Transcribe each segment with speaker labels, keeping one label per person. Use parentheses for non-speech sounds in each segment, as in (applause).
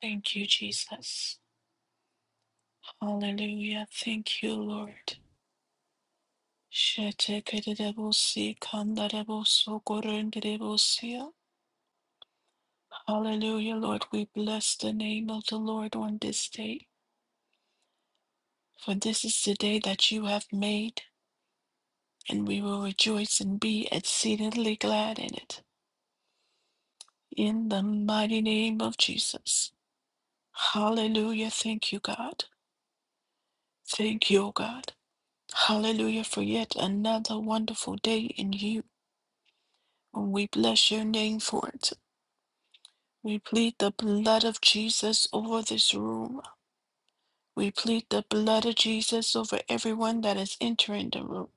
Speaker 1: Thank you, Jesus. Hallelujah. Thank you, Lord. Shetekerebosi, kandareboso, gorenderebosia. Hallelujah, Lord. We bless the name of the Lord on this day, for this is the day that you have made, and we will rejoice and be exceedingly glad in it. In the mighty name of Jesus. Hallelujah. Thank you, God. Thank you, O God. Hallelujah for yet another wonderful day in you. We bless your name for it. We plead the blood of Jesus over this room. We plead the blood of Jesus over everyone that is entering the room.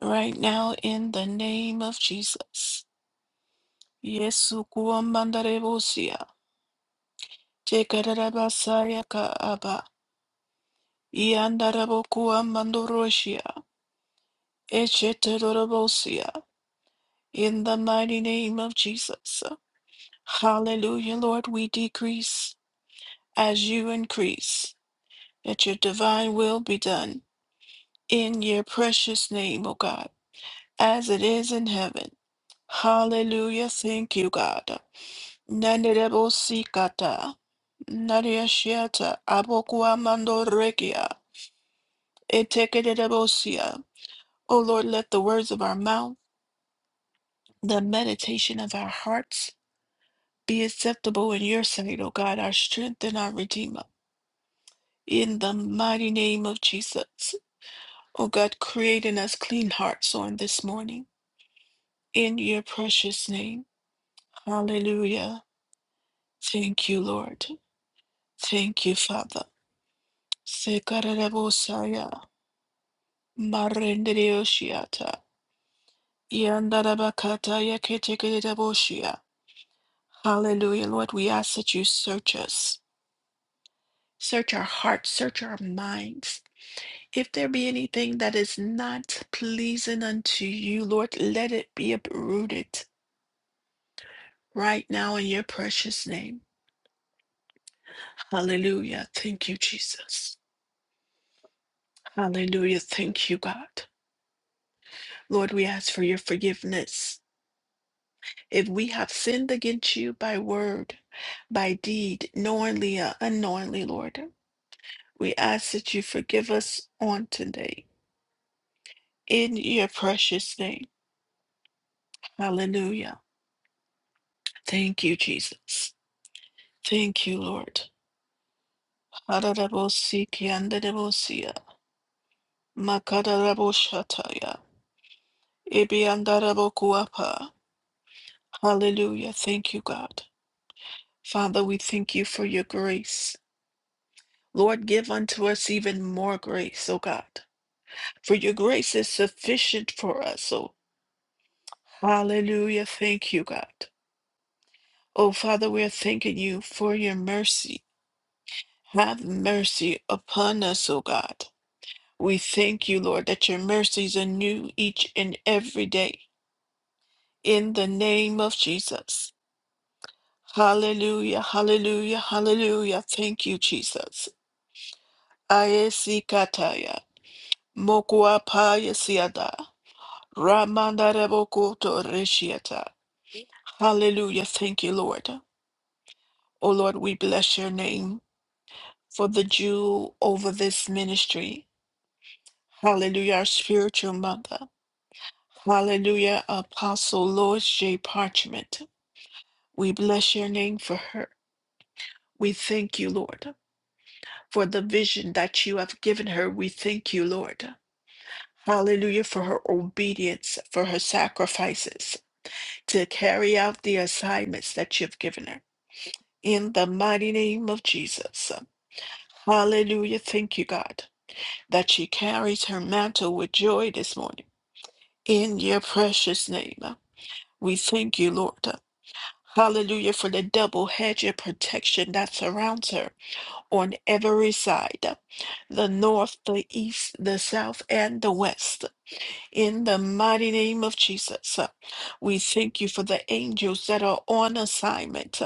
Speaker 1: Right now, in the name of Jesus. Yesu kuamandarebosia. Chekarabasaya kaaba. Yandarabo kuamandorosia. Echeterorobosia. In the mighty name of Jesus. Hallelujah, Lord, we decrease as you increase. that your divine will be done in your precious name, O God, as it is in heaven. Hallelujah. Thank you, God. Nanerebosikata, nariashiata, abokuamandorekia, etekedebosia. O Lord, let the words of our mouth, the meditation of our hearts, be acceptable in your sight, O God, our strength and our redeemer. In the mighty name of Jesus. O God, create in us clean hearts on this morning in your precious name. Hallelujah. Thank you, Lord. Thank you, Father. Sekarabosaya, marendereoshiata, yandarabakata yaketekereboshia. Hallelujah, Lord. We ask that you search us, search our hearts, search our minds. If there be anything that is not pleasing unto you, Lord, let it be uprooted right now in your precious name. Hallelujah. Thank you, Jesus. Hallelujah. Thank you, God. Lord, we ask for your forgiveness. If we have sinned against you by word, by deed, knowingly or unknowingly, Lord, we ask that you forgive us on today. In your precious name. Hallelujah. Thank you, Jesus. Thank you, Lord. Hararabosikiandarabosia, makararaboshataya, ibiandarabokuapa. Hallelujah. Thank you, God. Father, we thank you for your grace. Lord, give unto us even more grace, O God, for your grace is sufficient for us, O. Hallelujah. Thank you, God. O Father, we are thanking you for your mercy. Have mercy upon us, O God. We thank you, Lord, that your mercies are new each and every day. In the name of Jesus. Hallelujah, hallelujah, hallelujah. Thank you, Jesus. Ayesikataya. Mokuapaya siada. Ramandarebokoto reshiata. Hallelujah. Thank you, Lord. Oh Lord, we bless your name for the Jew over this ministry. Hallelujah, our spiritual mother. Hallelujah, Apostle Lois J. Parchment. We bless your name for her. We thank you, Lord, for the vision that you have given her. We thank you, Lord. Hallelujah, for her obedience, for her sacrifices to carry out the assignments that you've given her. in the mighty name of Jesus. Hallelujah. Thank you, God, that she carries her mantle with joy this morning. In your precious name, we thank you, Lord. Hallelujah for the double hedge of protection that surrounds her on every side the north, the east, the south, and the west. In the mighty name of Jesus, we thank you for the angels that are on assignment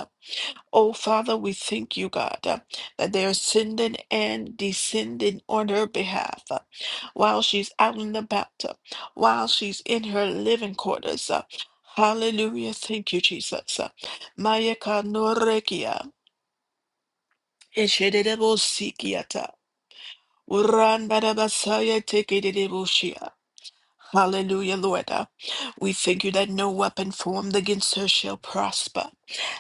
Speaker 1: Oh, Father, we thank you, God, uh, that they are sending and descending on her behalf uh, while she's out and about, uh, while she's in her living quarters. uh. Hallelujah. Thank you, Jesus. uh. Maya kanorekia, eshedebosikiata, urandadabasaya tekedeboshiya. Hallelujah, Lord. Uh, We thank you that no weapon formed against her shall prosper,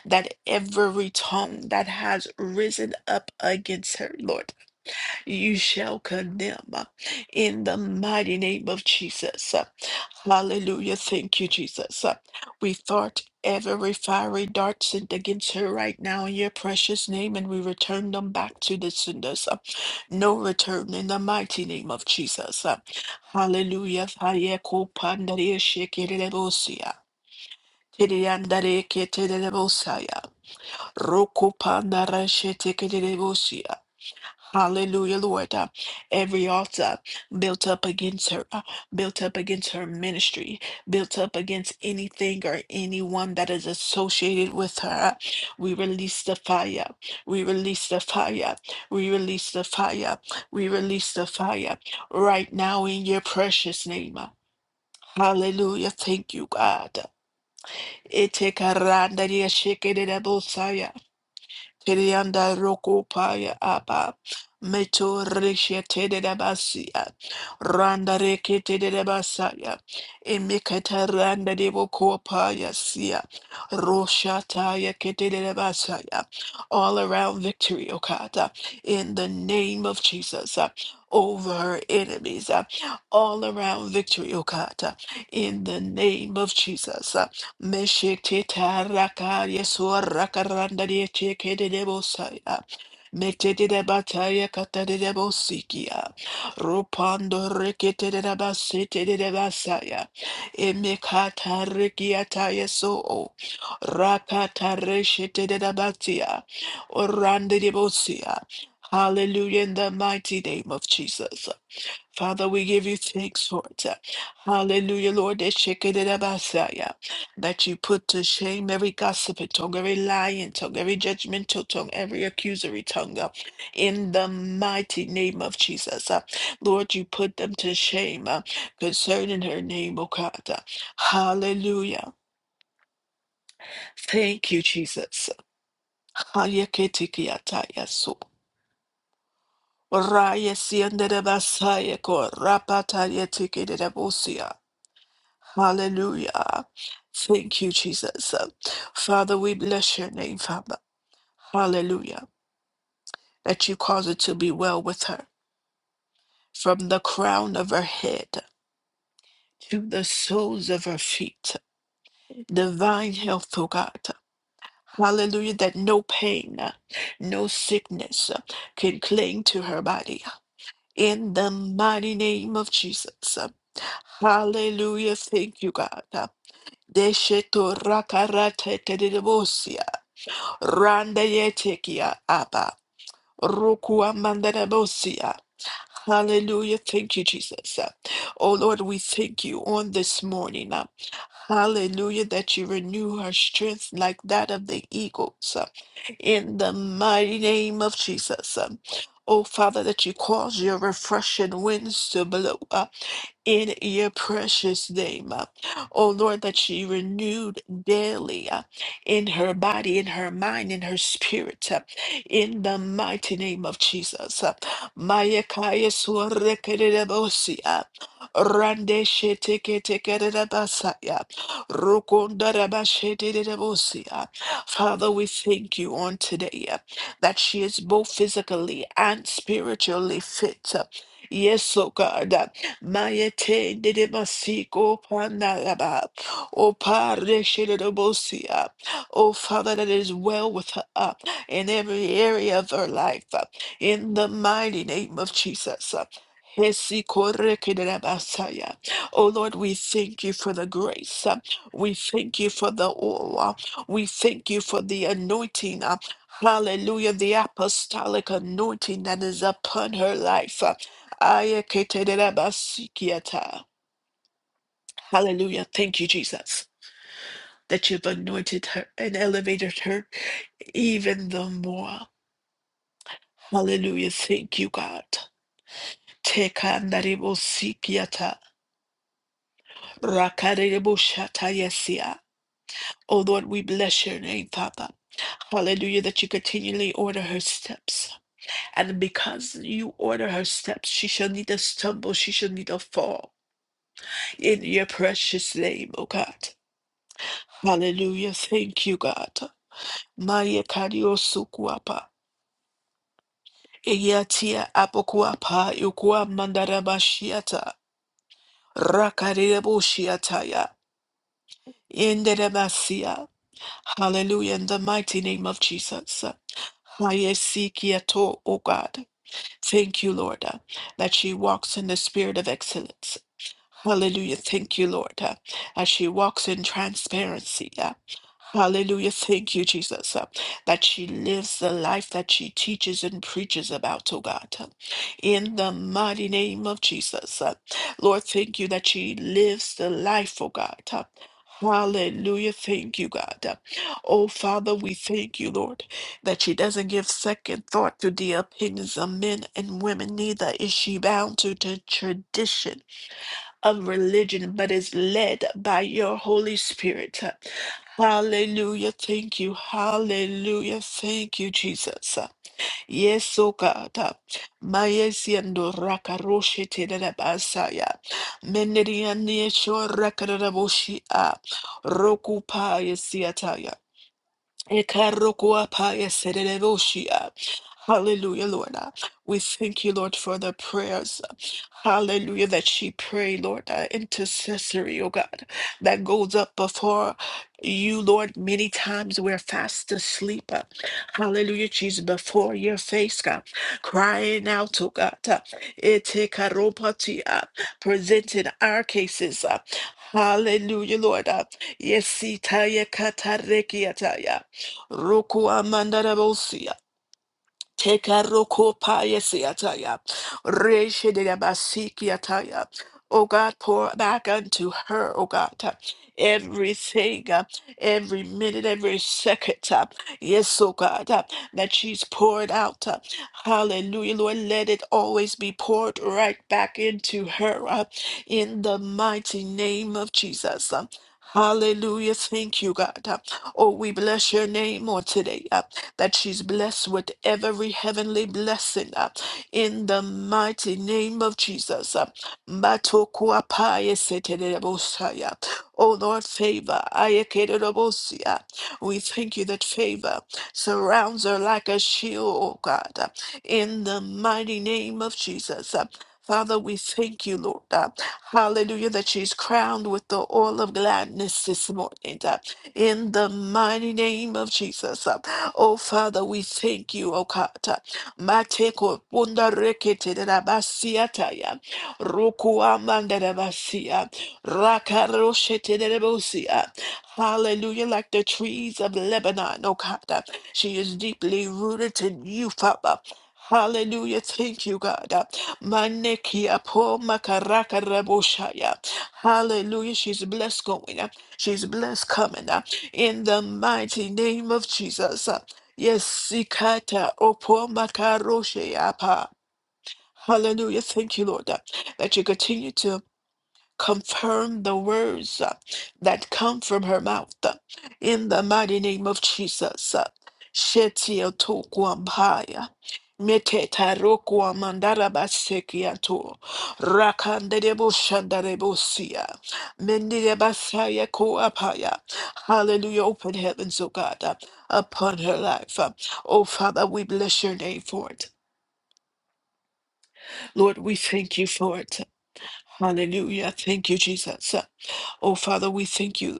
Speaker 1: that every tongue that has risen up against her, Lord you shall condemn uh, in the mighty name of Jesus. Uh, Hallelujah. Thank you, Jesus. Uh, We thought every fiery dart sent against her right now in your precious name, and we return them back to the senders. Uh, No return in the mighty name of Jesus. Uh, Hallelujah. Hayeko pandere shekerebosia. Tiriandare keterebosaya. Roku pandara shetekerebosia. Hallelujah, Lord. Uh, every altar built up against her, uh, built up against her ministry, built up against anything or anyone that is associated with her. uh, we release the fire. We release the fire. We release the fire. We release the fire right now in your precious name. uh, Hallelujah. Thank you, God. Ete karanda dia shekere da Tirianda rokopaya apa. Meto reshe tede da basia. Randa reke tede da basaya. Emekata randa devo kopaya sia. Rosha taya kete de da basaya. All around victory, Okata. In the name of Jesus. uh, Over her enemies. uh, All around victory, Okata. In the name of Jesus. Meshitita raka yesua raka randa de cheke de debosaya. Metete de bataya kata de debosikia. Rupando rekete de basete de basaya. Emekata rekiata yeso. Rakata reshete de batia. Orande debosia. Hallelujah in the mighty name of Jesus. Father, we give you thanks, Lord. Hallelujah, Lord. That shekinah-basaya, that you put to shame every gossiping tongue, every lying tongue, every judgmental tongue, every accusatory tongue. uh, In the mighty name of Jesus. uh, Lord, you put them to shame uh, concerning her name, O God. uh, Hallelujah. Thank you, Jesus. Hayeketikiataya so. Raya siendere basaya ko rapataya tikidere Hallelujah. Thank you, Jesus. Father, we bless your name, Father. Hallelujah. That you cause it to be well with her from the crown of her head to the soles of her feet. Divine health, O God. Hallelujah. That no pain, no sickness can cling to her body. In the mighty name of Jesus. Hallelujah. Thank you, God. Randa yetekia abba. Rukua mandarabosia. Hallelujah. Thank you, Jesus. Oh Lord, we thank you on this morning. uh, Hallelujah, that you renew her strength like that of the eagles. uh, In the mighty name of Jesus. Um, Oh Father, that you cause your refreshing winds to blow in your precious name. uh, Oh Lord, that she renewed daily uh, in her body, in her mind, in her spirit, uh, in the mighty name of Jesus. uh, Maya kaya suare kerere bosi, uh, Rande shete kete kerere basa, uh, Rukunda raba shete rere bosi, uh. Father, we thank you on today uh, that she is both physically and spiritually fit. uh, Yes, oh God. uh, Mayete de Masiko Panalaba, O Padre Shedebosia, O Father, that is well with her up in every area of her life, uh, in the mighty name of Jesus. uh, Hesi koreke de la basaya. Oh Lord, we thank you for the grace. uh, We thank you for the oil. uh, We thank you for the anointing. uh, Hallelujah, the apostolic anointing that is upon her life. uh. Ayeketedabasikiata. Hallelujah. Thank you, Jesus, that you've anointed her and elevated her even the more. Hallelujah. Thank you, God. Tekandaribosikiata. Rakaribosatayasia. Oh Lord, we bless your name, Father. Hallelujah, that you continually order her steps. And because you order her steps, she shall neither stumble, she shall neither fall. In your precious name, oh God. Hallelujah. Thank you, God. Maya kario sukuapa. Eyatia apokuapa yukua mandarabashiata. Rakareboshiataya. Inderabasia. Hallelujah. In the mighty name of Jesus. Hayesikiato, O God. Thank you, Lord, that she walks in the spirit of excellence. Hallelujah. Thank you, Lord, uh, as she walks in transparency. uh, Hallelujah. Thank you, Jesus, uh, that she lives the life that she teaches and preaches about, oh God. uh, in the mighty name of Jesus. uh, Lord, thank you that she lives the life, oh God. uh, Hallelujah. Thank you, God. uh, Oh, Father, we thank you, Lord, that she doesn't give second thought to the opinions of men and women, neither is she bound to the tradition of religion, but is led by your Holy Spirit. Hallelujah. Thank you. Hallelujah. Thank you, Jesus. Yes, oh God. Mayesiendo rakaroshe te de la basaya. Menerian yesho rakaraboshi a. Rokupa yesiataya. Ekarokuapaya serereboshia. Hallelujah, Lord. Uh, We thank you, Lord, for the prayers. uh, Hallelujah, that she prayed, Lord, uh, intercessory, oh God, that goes up before you, Lord, many times we're fast asleep. uh, Hallelujah, she's before your face, God, crying out, oh God, uh, etekaropati, uh, presenting our cases. uh, Hallelujah, Lord. uh, Yes, katarekiataya. Roku amanda da bo si. Tekaroko payesi ataya. Reshe de la basiki ataya. Oh God, pour back unto her, oh God, uh, everything, uh, every minute, every second. uh, Yes, oh God, uh, that she's poured out. uh, Hallelujah, Lord. Let it always be poured right back into her uh, in the mighty name of Jesus. uh, Hallelujah. Thank you, God. uh, Oh, we bless your name on today that she's blessed with every heavenly blessing uh, in the mighty name of Jesus. uh. Oh Lord, favor. Ayekelebosia. We thank you that favor surrounds her like a shield, oh God, uh, in the mighty name of Jesus. uh. Father, we thank you, Lord. uh, Hallelujah, that she's crowned with the oil of gladness this morning. uh, In the mighty name of Jesus. Uh, Oh, Father, we thank you, O God. Mateko punda rekete de la basiata ya. Roku amanda de basia. Raka roshete de la bosia. Hallelujah. Like the trees of Lebanon, O God. She is deeply rooted in you, Father. Hallelujah. Thank you, God. Manekia po makaraka raboshaya. Hallelujah. She's blessed going. She's blessed coming. In the mighty name of Jesus. Yes, Sikata Opo Makaroshe Apa. Hallelujah. Thank you, Lord, that, that you continue to confirm the words uh, that come from her mouth uh, in the mighty name of Jesus. uh, Shetia tokuambaya. Meteta rokwa mandara basekia to rakanderebo shandarebo sia mendire basaya koapaya. Hallelujah! Open heavens, O God, uh, upon her life. uh. Oh Father, we bless your name for it. Lord, we thank you for it. Hallelujah. Thank you, Jesus. Oh, Father, we thank you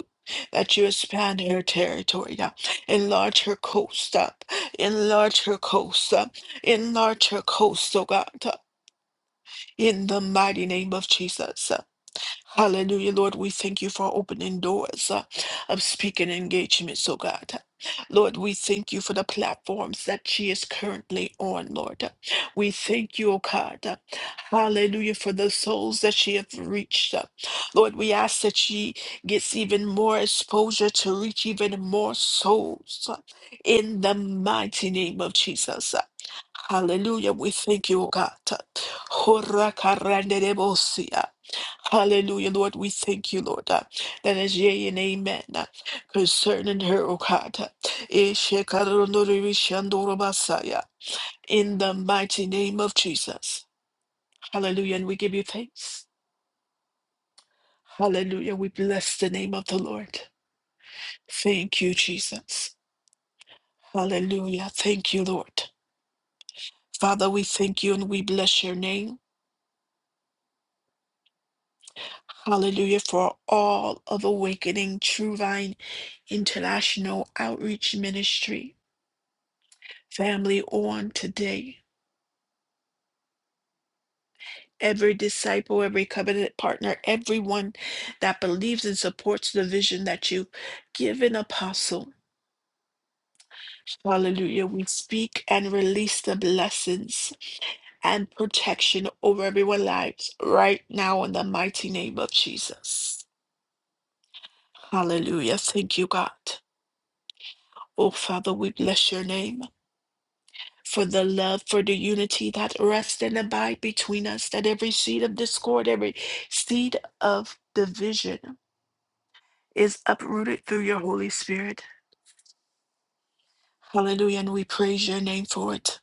Speaker 1: that you expand her territory, uh, enlarge her coast, uh, enlarge her coast, uh, enlarge her coast, oh God. uh, In the mighty name of Jesus. Hallelujah, Lord. We thank you for opening doors uh, of speaking engagements, oh God. Lord, we thank you for the platforms that she is currently on, Lord. We thank you, oh God. Hallelujah, for the souls that she has reached. Lord, we ask that she gets even more exposure to reach even more souls in the mighty name of Jesus. Hallelujah. We thank you, O God. Hallelujah, Lord. We thank you, Lord, uh, that is yea and amen uh, concerning her, O God. uh, Ishekaronoribishandorobasaya, In the mighty name of Jesus. Hallelujah. And we give you thanks. Hallelujah. We bless the name of the Lord. Thank you, Jesus. Hallelujah. Thank you, Lord. Father, we thank you and we bless your name. Hallelujah for all of awakening True Vine International Outreach Ministry. family on today. Every disciple, every covenant partner, everyone that believes and supports the vision that you give an apostle. Hallelujah. We speak and release the blessings and protection over everyone's lives right now in the mighty name of Jesus. Hallelujah. Thank you, God. Oh, Father, we bless your name. for the love, for the unity that rests and abide between us, that every seed of discord, every seed of division is uprooted through your Holy Spirit. Hallelujah. And we praise your name for it.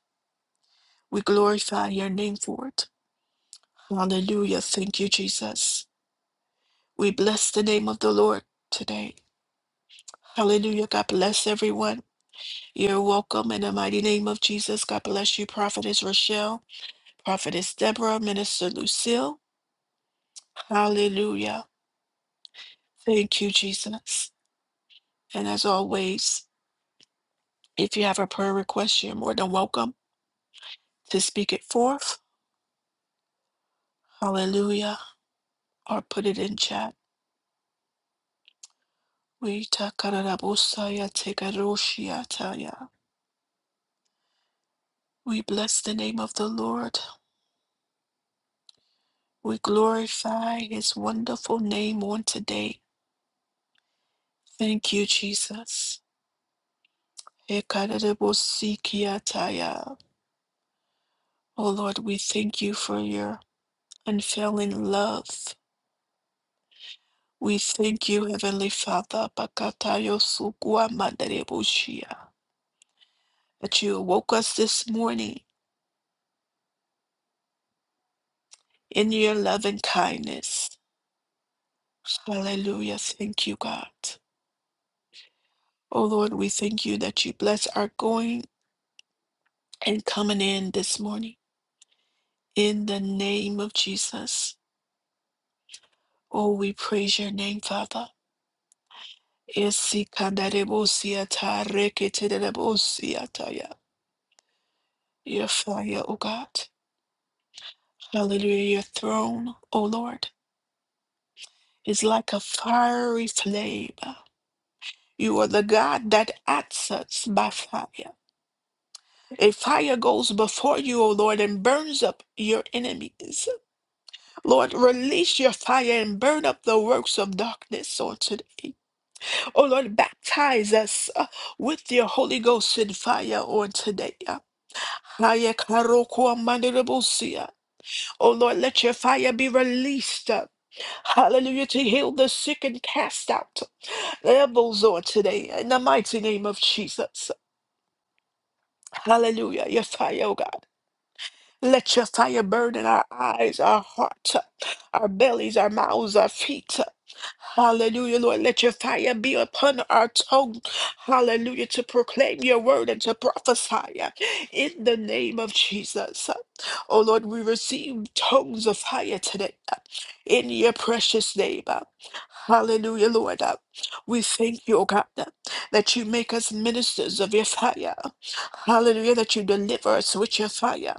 Speaker 1: We glorify your name for it. Hallelujah. Thank you, Jesus. We bless the name of the Lord today. Hallelujah. God bless everyone. You're welcome in the mighty name of Jesus. God bless you, Prophetess Rochelle, Prophetess Deborah, Minister Lucille. Hallelujah. Thank you, Jesus. And as always, if you have a prayer request, you're more than welcome to speak it forth. Hallelujah. Or put it in chat. We takarabosaya tekaroshiataya. We bless the name of the Lord. We glorify his wonderful name on today. Thank you, Jesus. Ekarabosikiataya. Oh Lord, we thank you for your unfailing love. We thank you, Heavenly Father, Bakatayo Sukua Mandarebushia, that you woke us this morning in your loving kindness. Hallelujah. Thank you, God. Oh Lord, we thank you that you bless our going and coming in this morning. In the name of Jesus. Oh, we praise your name, Father. Esi kandarebusia ta reketerebusia ta ya Your fire, O God. Hallelujah, your throne, O Lord. is like a fiery flame. You are the God that answers by fire. A fire goes before you, O Lord, and burns up your enemies. Lord, release your fire and burn up the works of darkness on today. O Lord, baptize us uh, with your Holy Ghost and fire on today. uh. Haya karoko amanderobosia. O Lord, let your fire be released. uh, Hallelujah, to heal the sick and cast out. Rebels on today in the mighty name of Jesus. Hallelujah. Your fire, oh God. Let your fire burn in our eyes, our heart, our bellies, our mouths, our feet. Hallelujah, Lord. Let your fire be upon our tongue. Hallelujah. To proclaim your word and to prophesy in the name of Jesus. Oh Lord, we receive tongues of fire today in your precious name. Hallelujah, Lord. We thank you, O God, that you make us ministers of your fire. Hallelujah, that you deliver us with your fire.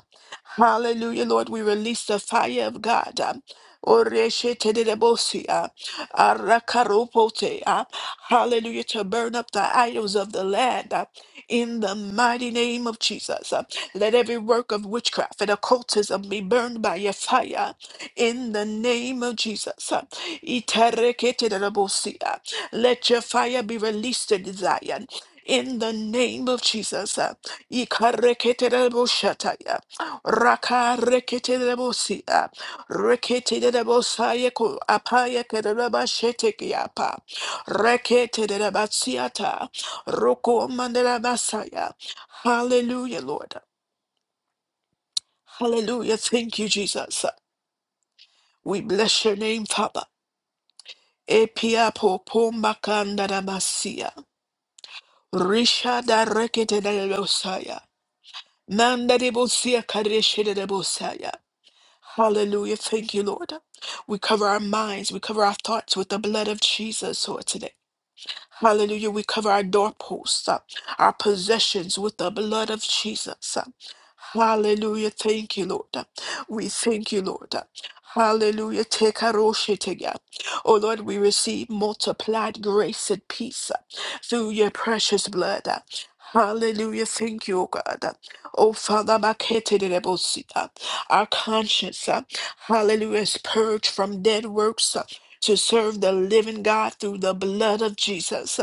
Speaker 1: Hallelujah, Lord. We release the fire of God. um, Oreshetelebosia, arakaropotea, Hallelujah, to burn up the idols of the land uh, in the mighty name of Jesus. uh, Let every work of witchcraft and occultism be burned by your fire um, in the name of Jesus. uh, Itereketelebosia. Let your fire be released in Zion. In the name of Jesus. uh, Ikareketeleboshataya. Raka rekete de bosia, rekete de bosaye ko apaya kereba sheteki apa, rekete de basiata, roko mandela basaya. Hallelujah, Lord. Hallelujah. Thank you, Jesus. We bless your name, Father. Epia po pombakanda da masia, risha da rekete de bosaya, manda de bosia kareshe de bosaya. Hallelujah. Thank you, Lord. We cover our minds, we cover our thoughts with the blood of Jesus, Lord, today. Hallelujah. We cover our doorposts, uh, our possessions with the blood of Jesus. uh. Hallelujah. Thank you, Lord. uh. We thank you, Lord. uh. Hallelujah. Take our Tekaroshetega. Oh Lord, we receive multiplied grace and peace uh, through your precious blood. uh. Hallelujah. Thank you, O God. uh. Oh Father, Maketerebosita. our conscience, uh, hallelujah, is purged from dead works to serve the living God through the blood of Jesus.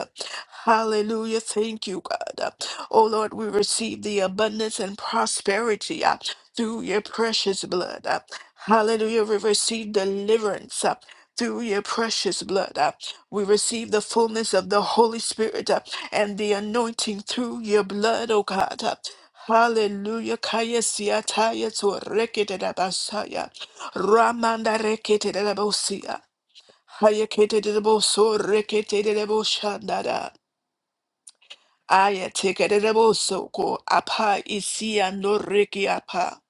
Speaker 1: Hallelujah. Thank you, God. Oh Lord, we receive the abundance and prosperity uh, through your precious blood. uh. Hallelujah. We receive deliverance. uh, Through your precious blood, uh. we receive the fullness of the Holy Spirit uh, and the anointing through your blood, O God. uh. Hallelujah. Kaya siataya to rekete da basaya. Ramanda rekete da bosia. Hayeketerebo so reketerebo shandada. Aya tekerebo soko apa isi ando reki apa.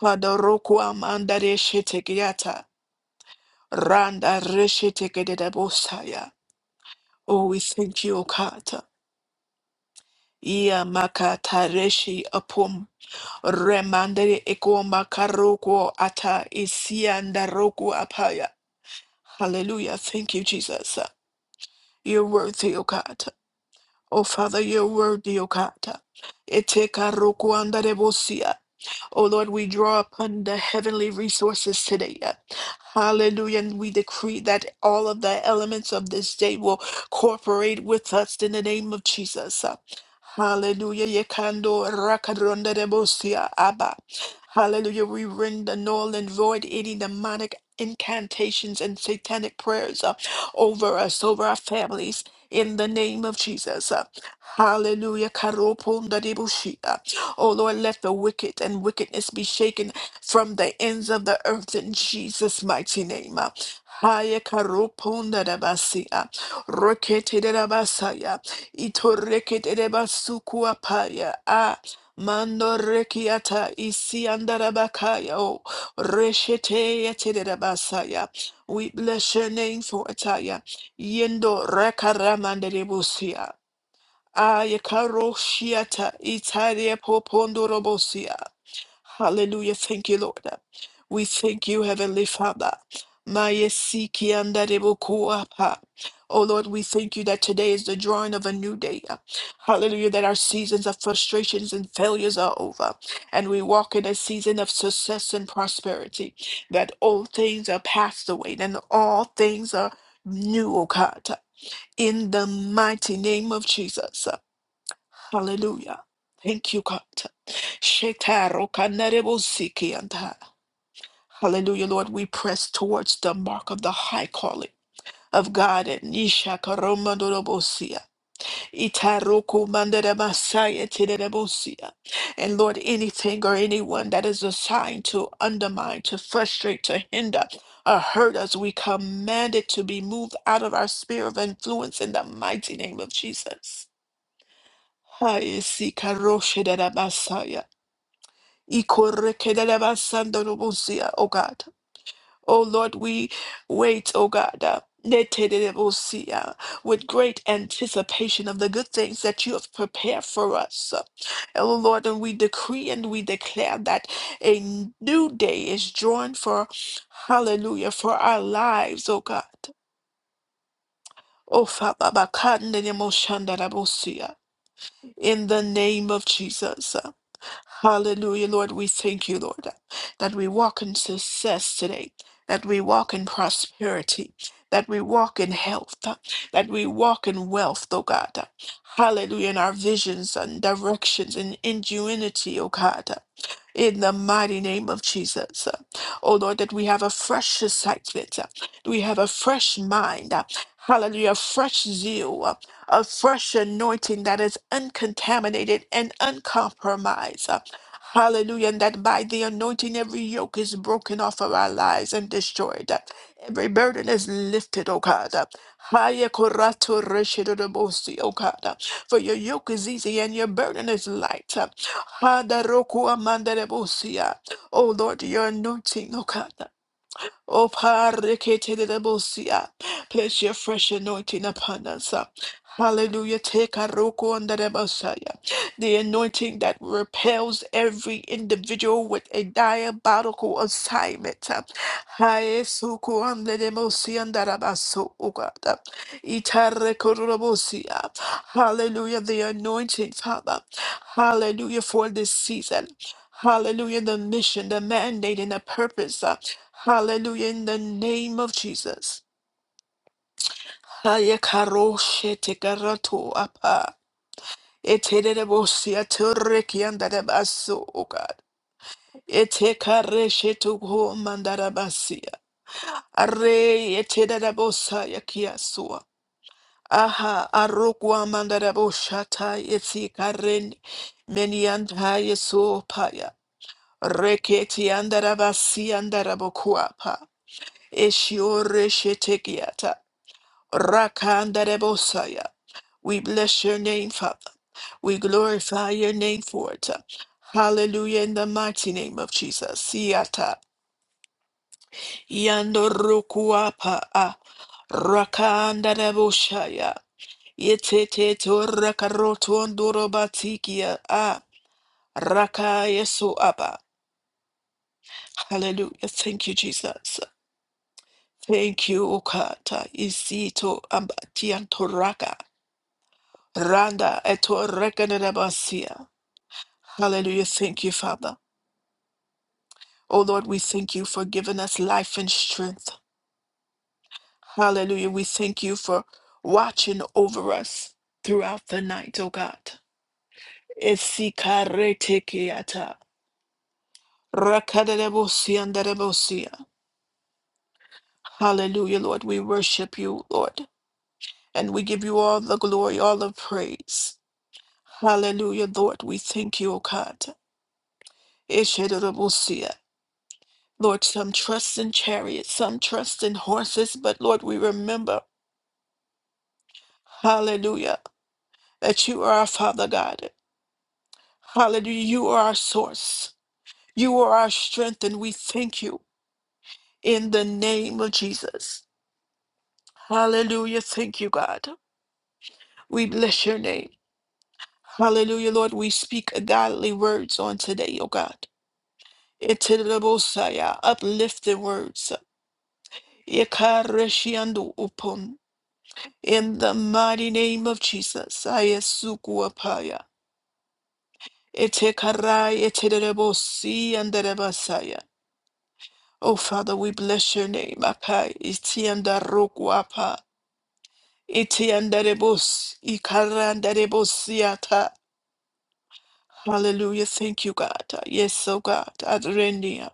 Speaker 1: Hadoroku amanda reshe tekiata. Randa reshe tekerebo saya. Oh, we thank you, O God. Ia makata reshi apum. Remandere eko makaroko ata isi andaroko apaya. Hallelujah. Thank you, Jesus. You're worthy, O God. Oh, Father, you're worthy, O God. Eteka roku andare bosia. Oh Lord, we draw upon the heavenly resources today. yeah. Hallelujah. And we decree that all of the elements of this day will cooperate with us in the name of Jesus. Hallelujah. Yekando rakadronda debosia abba. Hallelujah. We render null and void any demonic incantations and satanic prayers uh, over us, over our families, in the name of Jesus. Uh, Hallelujah. Karoponda debushi. Oh Lord, let the wicked and wickedness be shaken from the ends of the earth in Jesus' mighty name. Haya karoponda da basia, rokete da basaya, itorekete de basukua paya, ah, mando rekiata, isi andara oh, reshete yete da basaya. We bless your name for Ataya. Yendo rekaramande de busia. Aya karo shiata itaria popondo robosia. Hallelujah. Thank you, Lord. We thank you, Heavenly Father. Maya siki andarebo kuapa. Oh Lord, we thank you that today is the drawing of a new day. Hallelujah, that our seasons of frustrations and failures are over, and we walk in a season of success and prosperity, that old things are passed away and all things are new, O God, in the mighty name of Jesus. Hallelujah. Thank you, God. Shetaro kanarebo siki anta. Hallelujah, Lord. We press towards the mark of the high calling of God. And nisha karomandorobosia. Itaroku mandaremasaya tinerebosia. And Lord, anything or anyone that is assigned to undermine, to frustrate, to hinder, or hurt us, we command it to be moved out of our sphere of influence in the mighty name of Jesus. Hayesi karoshe da da basaya. Ikoreke da da basando no busia, O God. O Lord, we wait, O God. uh, nete de de busia, With great anticipation of the good things that you have prepared for us. O Lord, and we decree and we declare that a new day is drawn for, hallelujah, for our lives, O God. O Father, bakande de moshanda da busia. in the name of Jesus. Hallelujah, Lord. We thank you, Lord, that we walk in success today, that we walk in prosperity, that we walk in health, uh, that we walk in wealth, oh God. Hallelujah, in our visions and directions and ingenuity, oh God in the mighty name of Jesus. Oh Lord, that we have a fresh excitement, we have a fresh mind, hallelujah, fresh zeal, a fresh anointing that is uncontaminated and uncompromised. Hallelujah, and that by the anointing every yoke is broken off of our lives and destroyed. Every burden is lifted, O God. Haya korato reshido de bosi, O God. For your yoke is easy and your burden is light. Handa roku amanda de Oh Lord, your anointing, oh God. Oh, Parikitidebosia, place your fresh anointing upon us. uh. Hallelujah. Take a roko under the Messiah. The anointing that repels every individual with a diabolical assignment. uh. Hae suku under the Messiah under the Basso, oh God, uh. Itare kororobosia. Hallelujah. The anointing, Father. Hallelujah for this season. Hallelujah, the mission, the mandate, and the purpose. uh. Hallelujah, in the name of Jesus. Hayakaroshe tekarato apa. Eterebosia terekiandarabaso, O God. Etekareshe tuho mandarabasia. Are eterebosa yakiasua. Aha, arugwa mandaraboshata etikaren menianta yeso paya. Reketi andarabasi andarabokuapa. Eshiore Rakandarebosaya. We bless your name, Father. We glorify your name for it. Hallelujah in the mighty name of Jesus. Siata. Yandorukuapa. ah, Rakandarebosaya. Yetete to rakarotondorobatikia. Ah. Rakayesu Abba. Hallelujah. Thank you, Jesus. Thank you, Okata. Isito ambatiantoraka. Randa eto rekenerebasia. Hallelujah. Thank you, Father. Oh Lord, we thank you for giving us life and strength. Hallelujah. We thank you for watching over us throughout the night, oh God. Esikaretekeata. Rakaderebosianderebosia. Hallelujah, Lord. We worship you, Lord, and we give you all the glory, all the praise. Hallelujah, Lord. We thank you, O God. Lord, some trust in chariots, some trust in horses, but Lord, we remember, hallelujah, that you are our Father God. Hallelujah, you are our source, you are our strength, and we thank you in the name of Jesus. Hallelujah, thank you, God. We bless your name. Hallelujah, Lord, we speak godly words on today, O God. Itinerabosaya, Uplifting words. Ikareshiando In the mighty name of Jesus, Ayesukuapaya. Etekarai eterebosi anderebasaya. Oh Father, we bless your name. Akai itiandarokuapa. Itiandarebos ikarandarebosiata. Hallelujah. Thank you, God. Yes, oh God. Adrenia.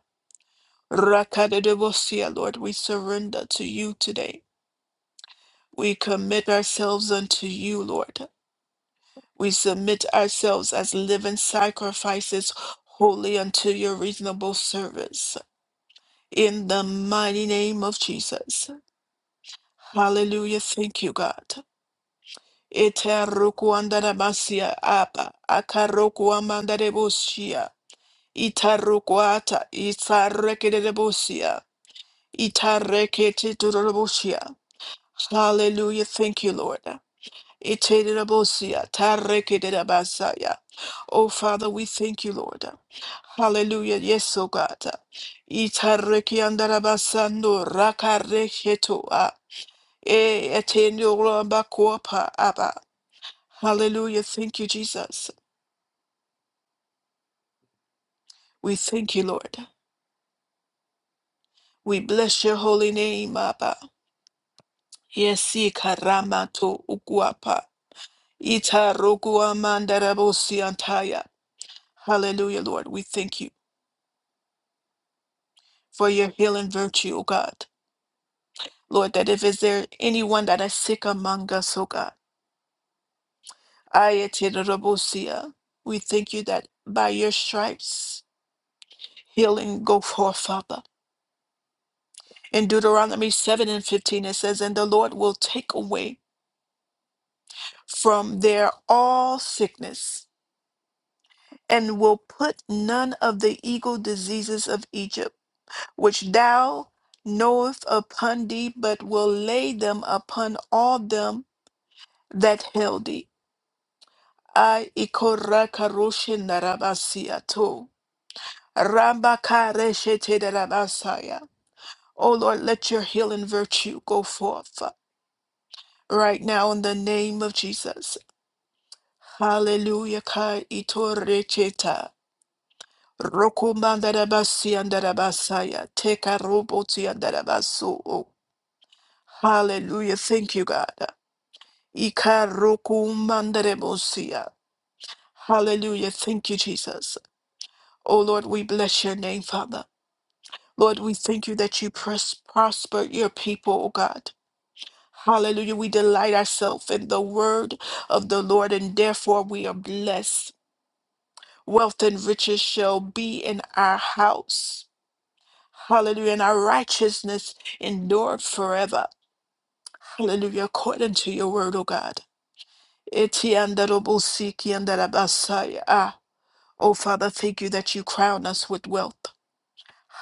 Speaker 1: Rakadadebosia, Lord, we surrender to you today. We commit ourselves unto you, Lord. We submit ourselves as living sacrifices, holy unto your reasonable service. In the mighty name of Jesus. Hallelujah. Thank you, God. Etaruku andarabasia apa akaruku amandarebosia itarukuata itarekedebosia itareketidorobosia. Hallelujah. Thank you, Lord. Itererabosia, tarekererabasaya. Oh, Father, we thank you, Lord. Hallelujah. Yes, oh God. Itarekiandarabasando rakarehetoa. E etenorambakoopa aba. Hallelujah. Thank you, Jesus. We thank you, Lord. We bless your holy name, Abba. Yes, ikaramato ukuapa. Itarokuamandarabosiantaya. Hallelujah, Lord. We thank you. for your healing virtue, O God. Lord, that if is there anyone that is sick among us, O God, Ayatirabosia, we thank you that by your stripes healing go forth, Father. In Deuteronomy 7 and 15 it says, And the Lord will take away from there all sickness, and will put none of the evil diseases of Egypt, which thou knoweth upon thee, but will lay them upon all them that held thee I ikora karoshe narabasiato. Ramba kareshe te darabasaya. Oh Lord, let your healing virtue go forth right now in the name of Jesus. Hallelujah ka itorecheta. Rokumandarabasia Teka roboti andarabaso. Hallelujah. Thank you, God. Ikarokumandarebosia. Hallelujah. Thank you, Jesus. Oh Lord, we bless your name, Father. Lord, we thank you that you pros- prosper your people, O God. Hallelujah. We delight ourselves in the word of the Lord, and therefore we are blessed. Wealth and riches shall be in our house. Hallelujah. And our righteousness endured forever. Hallelujah. According to your word, O God. Etiandarobosikiandarabasaya. Ah, Oh, Father, thank you that you crown us with wealth.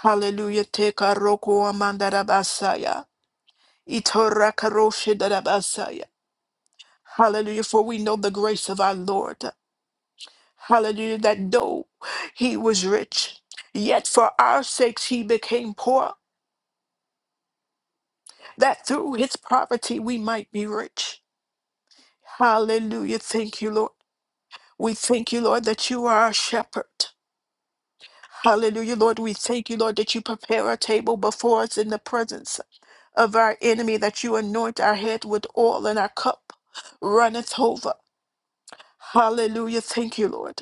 Speaker 1: Hallelujah. Teka roko Itorakaroshidarabasaya. Hallelujah. For we know the grace of our Lord. Hallelujah. That though he was rich, yet for our sakes he became poor, that through his poverty we might be rich. Hallelujah. Thank you, Lord. We thank you, Lord, that you are our shepherd. Hallelujah, Lord. We thank you, Lord, that you prepare a table before us in the presence of our enemy, that you anoint our head with oil and our cup runneth over. Hallelujah. Thank you, Lord.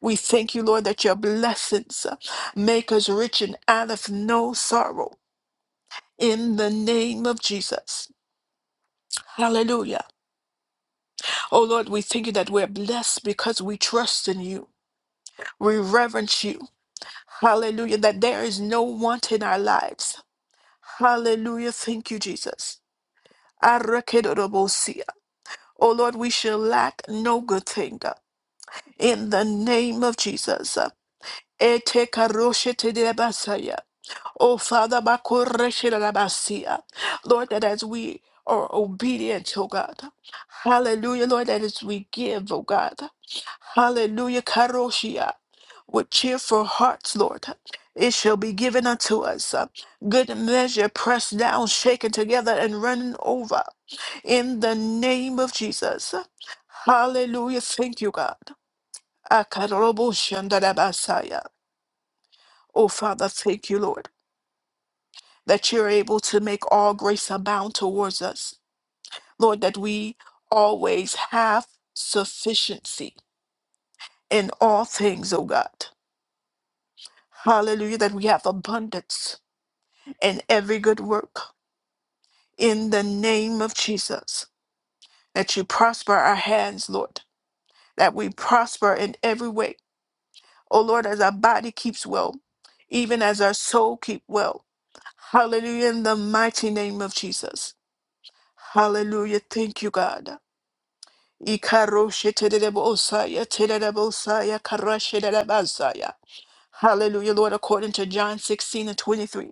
Speaker 1: We thank you, Lord, that your blessings uh, make us rich and out of no sorrow. In the name of Jesus. Hallelujah. Oh Lord, we thank you that we're blessed because we trust in you. We reverence you. Hallelujah. That there is no want in our lives. Hallelujah. Thank you, Jesus. Arakedorobosia. Oh Lord, we shall lack no good thing. In the name of Jesus. Etekaroshetedebasaya. Oh, Father, Makoreshirabasia. Lord, that as we are obedient, oh God. Hallelujah, Lord, that as we give, oh God. Hallelujah, Karoshia. With cheerful hearts, Lord, it shall be given unto us. Good measure, pressed down, shaken together, and running over. In the name of Jesus. Hallelujah, thank you, God. Akaroboshandarabasaya. Oh, Father, thank you, Lord. that you're able to make all grace abound towards us. Lord, that we always have sufficiency in all things, O God. Hallelujah, that we have abundance in every good work. In the name of Jesus, that you prosper our hands, Lord, that we prosper in every way. O Lord, as our body keeps well, even as our soul keep well. Hallelujah, in the mighty name of Jesus. Hallelujah. Thank you, God. Ikaroshe tererebosaya, tererebosaya, karashe terebasaya. Hallelujah, Lord, according to John 16 and 23.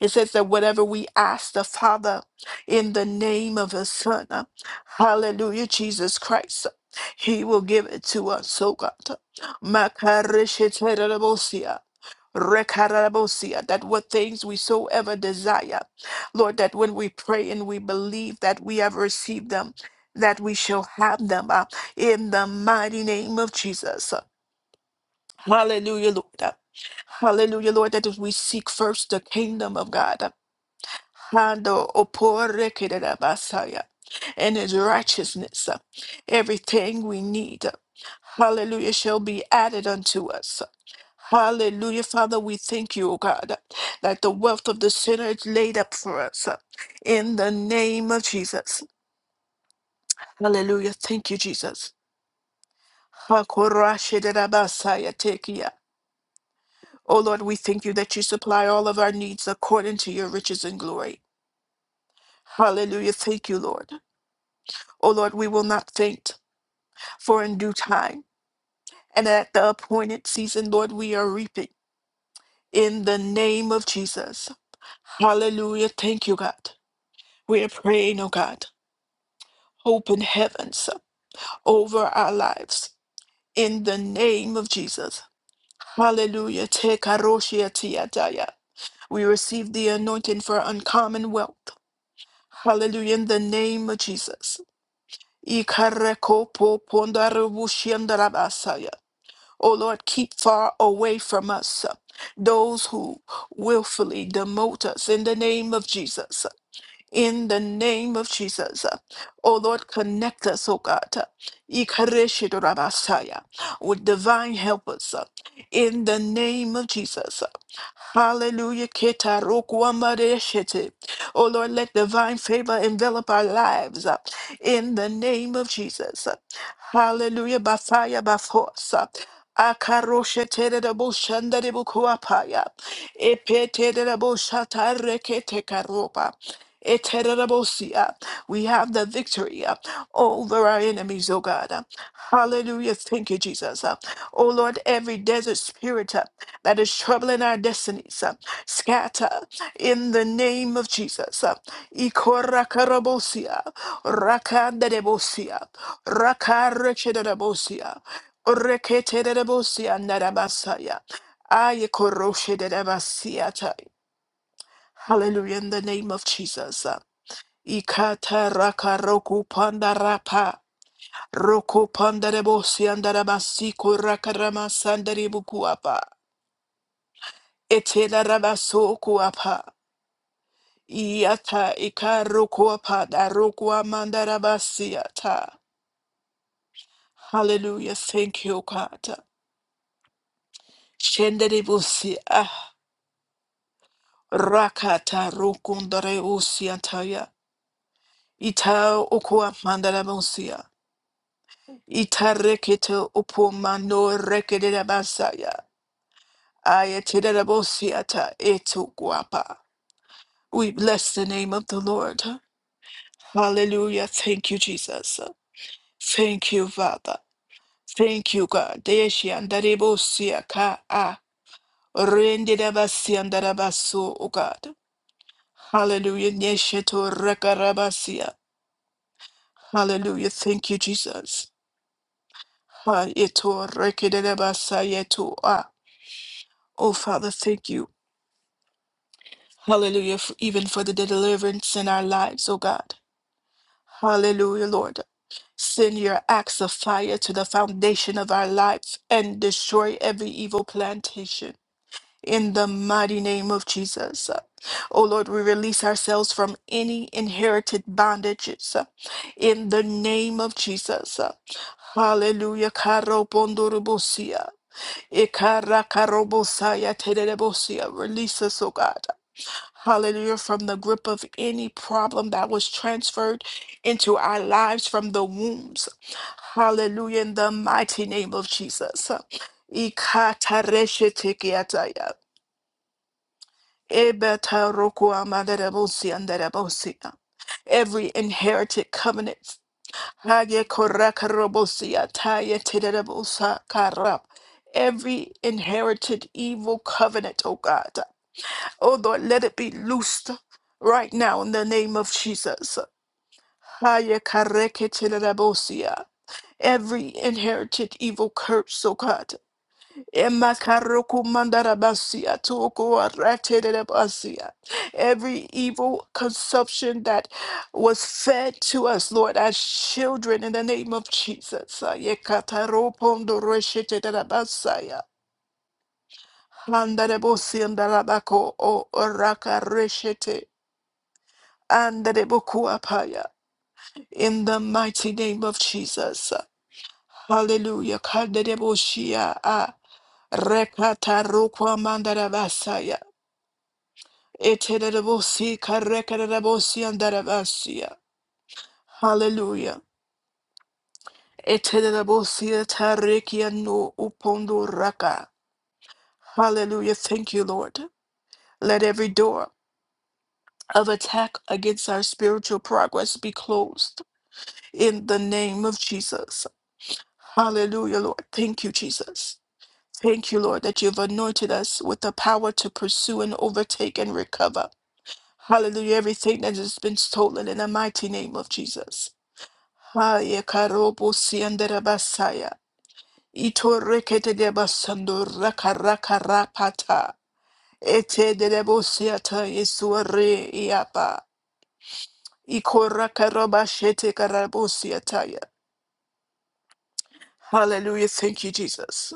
Speaker 1: It says that whatever we ask the Father in the name of His Son, uh, hallelujah, Jesus Christ, uh, He will give it to us, so God. Makarishiterabosia, rekarabosia, That what things we so ever desire, Lord, that when we pray and we believe that we have received them, that we shall have them uh, in the mighty name of Jesus. Hallelujah, Lord. Hallelujah, Lord, that if we seek first the kingdom of God. Hando opore kerera basaya. And his righteousness, uh, everything we need, uh, hallelujah, shall be added unto us. Hallelujah, Father, we thank you, O God, that the wealth of the sinner is laid up for us uh, in the name of Jesus. Hallelujah, thank you, Jesus. Hakorashidabasaya tekiya. O Lord, we thank you that you supply all of our needs according to your riches and glory. Hallelujah, thank you, Lord. O Lord, we will not faint, for in due time and at the appointed season, Lord, we are reaping in the name of Jesus. Hallelujah. Thank you, God. We are praying, oh God, open heavens over our lives in the name of Jesus. Hallelujah. Te karoshia tiataya. We receive the anointing for uncommon wealth. Hallelujah. In the name of Jesus. Ikareko po pondarubu shiandarabasaya. Oh Lord, keep far away from us uh, those who willfully demote us in the name of Jesus in the name of Jesus. Oh Lord, connect us, oh God, Ikareshitorabasaya, with divine helpers uh, in the name of Jesus. Hallelujah. Ketarokuamareshete. Oh Lord, let divine favor envelop our lives uh, in the name of Jesus. Hallelujah. By fire, by force. Akaroshetereboshandarebukuapaya. Epetereboshatarekaropa. Eterabos, yeah. We have the victory uh, over our enemies, oh God. uh. Hallelujah. Thank you, Jesus. uh. Oh Lord, every desert spirit uh, that is troubling our destinies, uh, scatter in the name of Jesus. uh. Ikorakarabos, yeah. Rakandadebos, yeah. Rakarechedabos, yeah. Oreketerabos, yeah, narabasa, yeah. Hallelujah, in the name of Jesus. uh. Ikata raka roku panda rapa. Roku panda rebosi andarabasi kuraka rama sandari bukuapa. Etela rabaso kuapa. Iata ika roku apa da roku amandarabasi ata. Hallelujah. Thank you, God. Shendere busi ah. Rakata rukundare usi antaya. Ita okua mandarabusia. Ita rekete upo mano rekete rabasaya. Ayatirabosiata etuguapa. We bless the name of the Lord. Hallelujah. Thank you, Jesus. Thank you, Father. Thank you, God. Deshi andarebosia ka a. Rendidabasi andarabaso, O God. Hallelujah. Nesheto rekarabasia. Hallelujah. Thank you, Jesus. Ha eto rekidabasa yeto a. Oh, Father, thank you. Hallelujah. For, even for the deliverance in our lives, O God. Hallelujah, Lord. Send your axe of fire to the foundation of our life and destroy every evil plantation. In the mighty name of Jesus. Oh Lord, we release ourselves from any inherited bondages. In the name of Jesus. Hallelujah. Karo pondurubusia. Ikara karobosaya terebosia. Release us, O God. Hallelujah, from the grip of any problem that was transferred into our lives from the wombs. Hallelujah, in the mighty name of Jesus. Ikatareshetekiataya. Ebetarokuamaderebosia. Every inherited covenant. Hayekorakarabosia, tayetiderebosakarab. Every inherited evil covenant, oh God. Oh Lord, let it be loosed right now in the name of Jesus. Haya kareketelerabosia. Every inherited evil curse, oh God. Emakarokumandarabasia, tokoaraterabasia. Every evil consumption that was fed to us, Lord, as children in the name of Jesus. Haya kataropondorosheterabasaya. Handarabosiandarabako, o orakaroshete. Anderebokuapaya. In the mighty name of Jesus. Hallelujah. Kandereboshia. ah. Rekata rukwa mandarabasaya. Eterebosi karekarebosi andarabasia. Hallelujah. Eterebosi tarekia no upondo raka. Hallelujah. Thank you, Lord. Let every door of attack against our spiritual progress be closed in the name of Jesus. Hallelujah, Lord. Thank you, Jesus. Thank you, Lord, that you've anointed us with the power to pursue and overtake and recover. Hallelujah, everything that has been stolen in the mighty name of Jesus. Haya karobo siandera basaya. Ito rekete de basando raka raka rapata. Ete de debo siata isuare iapa. Iko raka roba shete karabo siataya. Hallelujah, thank you, Jesus.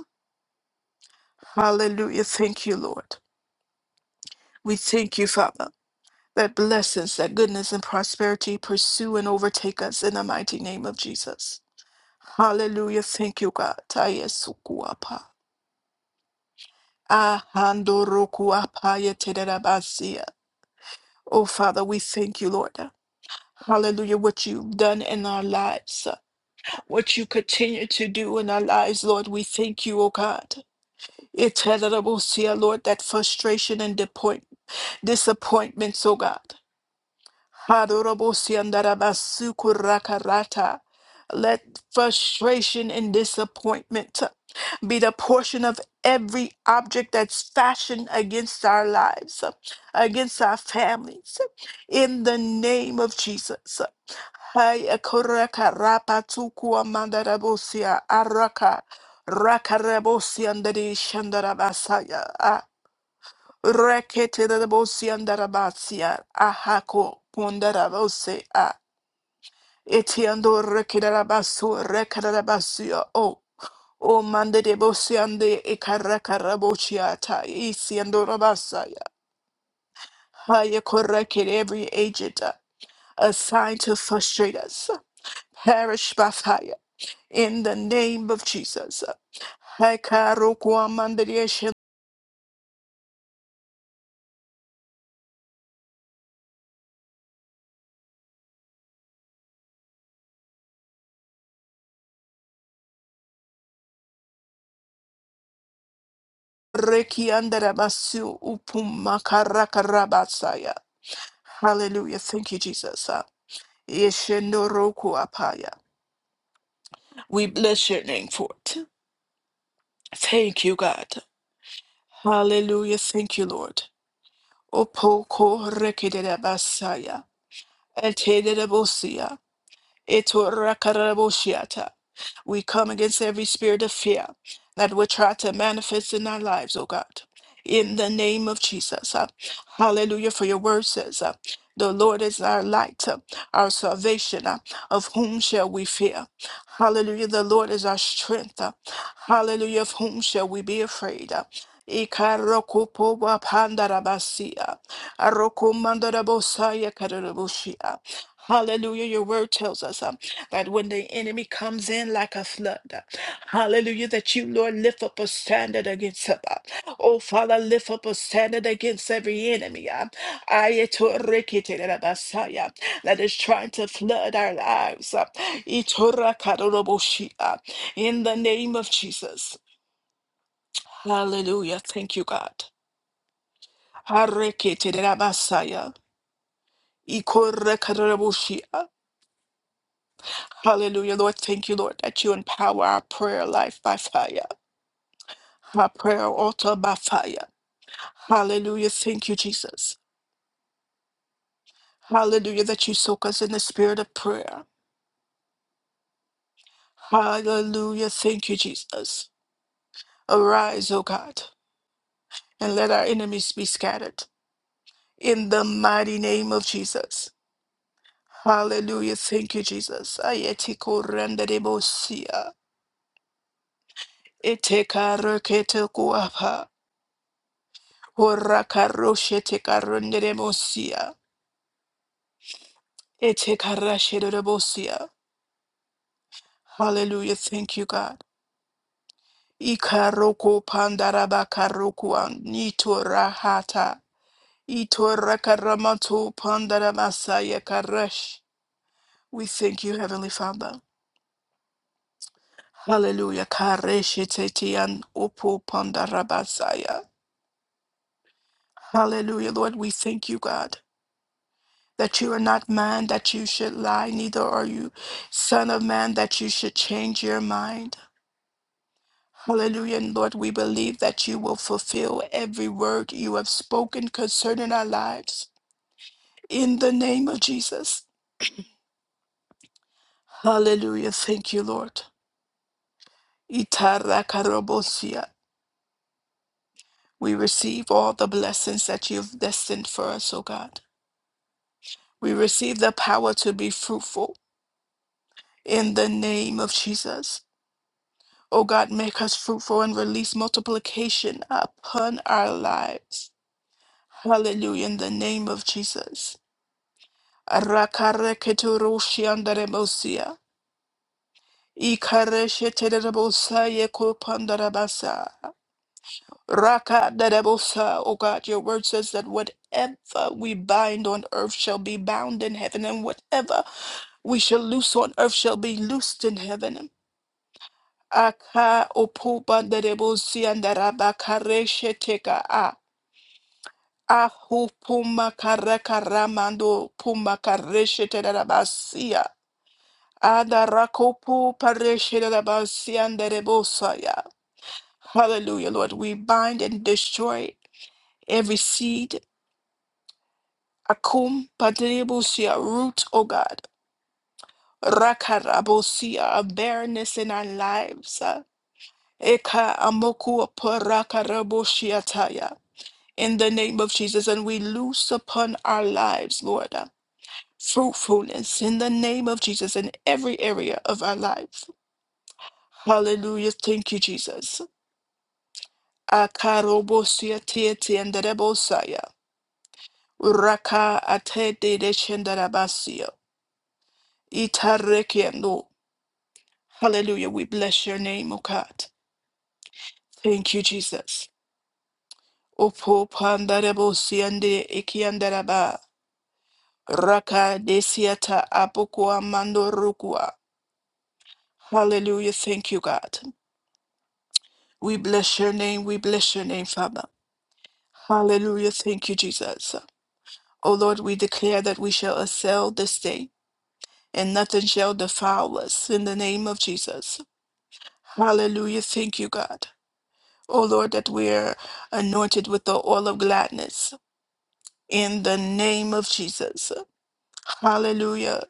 Speaker 1: Hallelujah, thank you, Lord. We thank you, Father, that blessings, that goodness and prosperity pursue and overtake us in the mighty name of Jesus. Hallelujah. Thank you, God. Tayesukuapa. Ahandorokuapayetederabasia. Oh, Father, we thank you, Lord. Hallelujah. What you've done in our lives, what you continue to do in our lives, Lord, we thank you, oh God. It's terrible, Lord, that frustration and disappoint- disappointments, oh God. Hadorobosiandarabasukorakarata. Let frustration and disappointment be the portion of every object that's fashioned against our lives, against our families, in the name of Jesus. Hayakorakarapatukuamandarabosia araka, rakarabosiandarishandarabasaya. Rekete de bosi andarabasia, ahako pondarabose a, etiando rekidarabasu, rekadarabasia o, o mande de bosi ande ekarakarabochiata, isiando rabasaya. Haya corrected every agent uh, assigned to frustrate us, uh, perish by fire, in the name of Jesus. Hakarokuamandaria Rekiandarabasu upumakarakarabatsaya. Hallelujah. Thank you, Jesus. Uh, Yeshendoroku apaya. We bless your name for it. Thank you, God. Hallelujah. Thank you, Lord. Opoko rekedere basaya. Etorakaraboshiata. We come against every spirit of fear that would try to manifest in our lives, oh God. In the name of Jesus. uh, hallelujah. For your word says, uh, the Lord is our light, uh, our salvation. uh, of whom shall we fear? Hallelujah. The Lord is our strength. uh, hallelujah. Of whom shall we be afraid? uh, Ikarokupo wapandarabasi, uh, arokumandarabosaya kararabushi, uh, Hallelujah. Your word tells us um, that when the enemy comes in like a flood, uh, hallelujah, that you, Lord, lift up a standard against him. uh. Oh, Father, lift up a standard against every enemy uh, Ayatorikiterabasaya, that is trying to flood our lives. uh, Itorakaroroboshi, uh, In the name of Jesus. Hallelujah. Thank you, God. Harikiterabasaya, Ikorakaroroboshi, uh. Hallelujah, Lord. Thank you, Lord, that you empower our prayer life by fire, our prayer altar by fire. Hallelujah. Thank you, Jesus. Hallelujah, that you soak us in the spirit of prayer. Hallelujah. Thank you, Jesus. Arise, O God, and let our enemies be scattered in the mighty name of Jesus. Hallelujah. Thank you, Jesus. Ayetiko renderebosia. Eteka rekete kuapa. Horaka roshe teka renderebosia. Etekarashedebosia. Hallelujah. Thank you, God. Ikaroko pandarabakarokuan nitorahata. Itorakaramato pandaramasaya karash. We thank you, Heavenly Father. Hallelujah. Kareshitetian upo pandarabasaya. Hallelujah, Lord. We thank you, God, that you are not man that you should lie, neither are you, Son of Man, that you should change your mind. Hallelujah. And Lord, we believe that you will fulfill every word you have spoken concerning our lives in the name of Jesus. Hallelujah. Thank you, Lord. Itarakarobosia. We receive all the blessings that you've destined for us, O God. We receive the power to be fruitful in the name of Jesus. O God, make us fruitful and release multiplication upon our lives. Hallelujah. In the name of Jesus. Rakare Rakareketurushi andarebosia. Ikaresheterebosa yekopandarabasa. Rakadarebosa. Oh God, your word says that whatever we bind on earth shall be bound in heaven, and whatever we shall loose on earth shall be loosed in heaven. Aka opobandarebosia andarabakaresheteka a. Ahu puma karaka ramando puma karesheterabasia. Adarakopu pareshirabasi Hallelujah, Lord. We bind and destroy every seed. Akum padrebusia, root, O God. Rakarabosia, of barrenness in our lives. Eka amoku parakaraboshiataya. In the name of Jesus, and we loose upon our lives, Lord, uh, fruitfulness in the name of Jesus in every area of our life. Hallelujah. Thank you, Jesus. Akarobosia tieti and rebosaya. Uraka atede de shendarabasio. Itarekiendo. Hallelujah. We bless your name, O God. Thank you, Jesus. Opo pandarebosia and de ikiandaraba. Raka desiata apokua mando rukua. Hallelujah. Thank you, God. We bless your name. We bless your name, Father. Hallelujah. Thank you, Jesus. O Lord, we declare that we shall excel this day and nothing shall defile us in the name of Jesus. Hallelujah. Thank you, God. Oh Lord, that we're anointed with the oil of gladness in the name of Jesus. Hallelujah.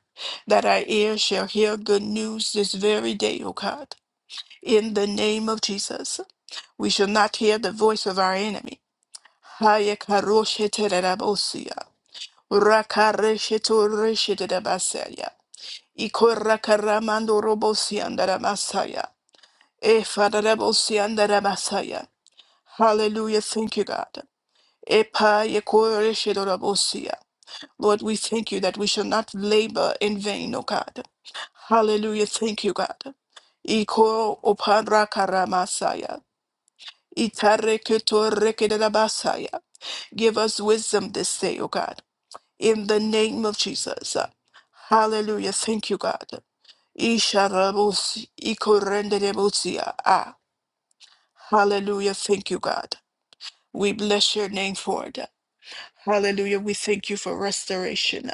Speaker 1: That our ears shall hear good news this very day, O God. In the name of Jesus, we shall not hear the voice of our enemy. Haya karoshe tererabosia, rakareshe toreshe terabasaya, ikorakaramandu robosiandaramashaya. E Father, Rebel Sianda Hallelujah. Thank you, God. Epa Yekore Lord, we thank you that we shall not labor in vain, O God. Hallelujah. Thank you, God. Iko Opandra Karamasaya. Itareketorrekedabasaya. Give us wisdom this day, O God. In the name of Jesus. Hallelujah. Thank you, God. Isharabos, ikorenderebosia. Ah. Hallelujah. Thank you, God. We bless your name for it. Hallelujah. We thank you for restoration.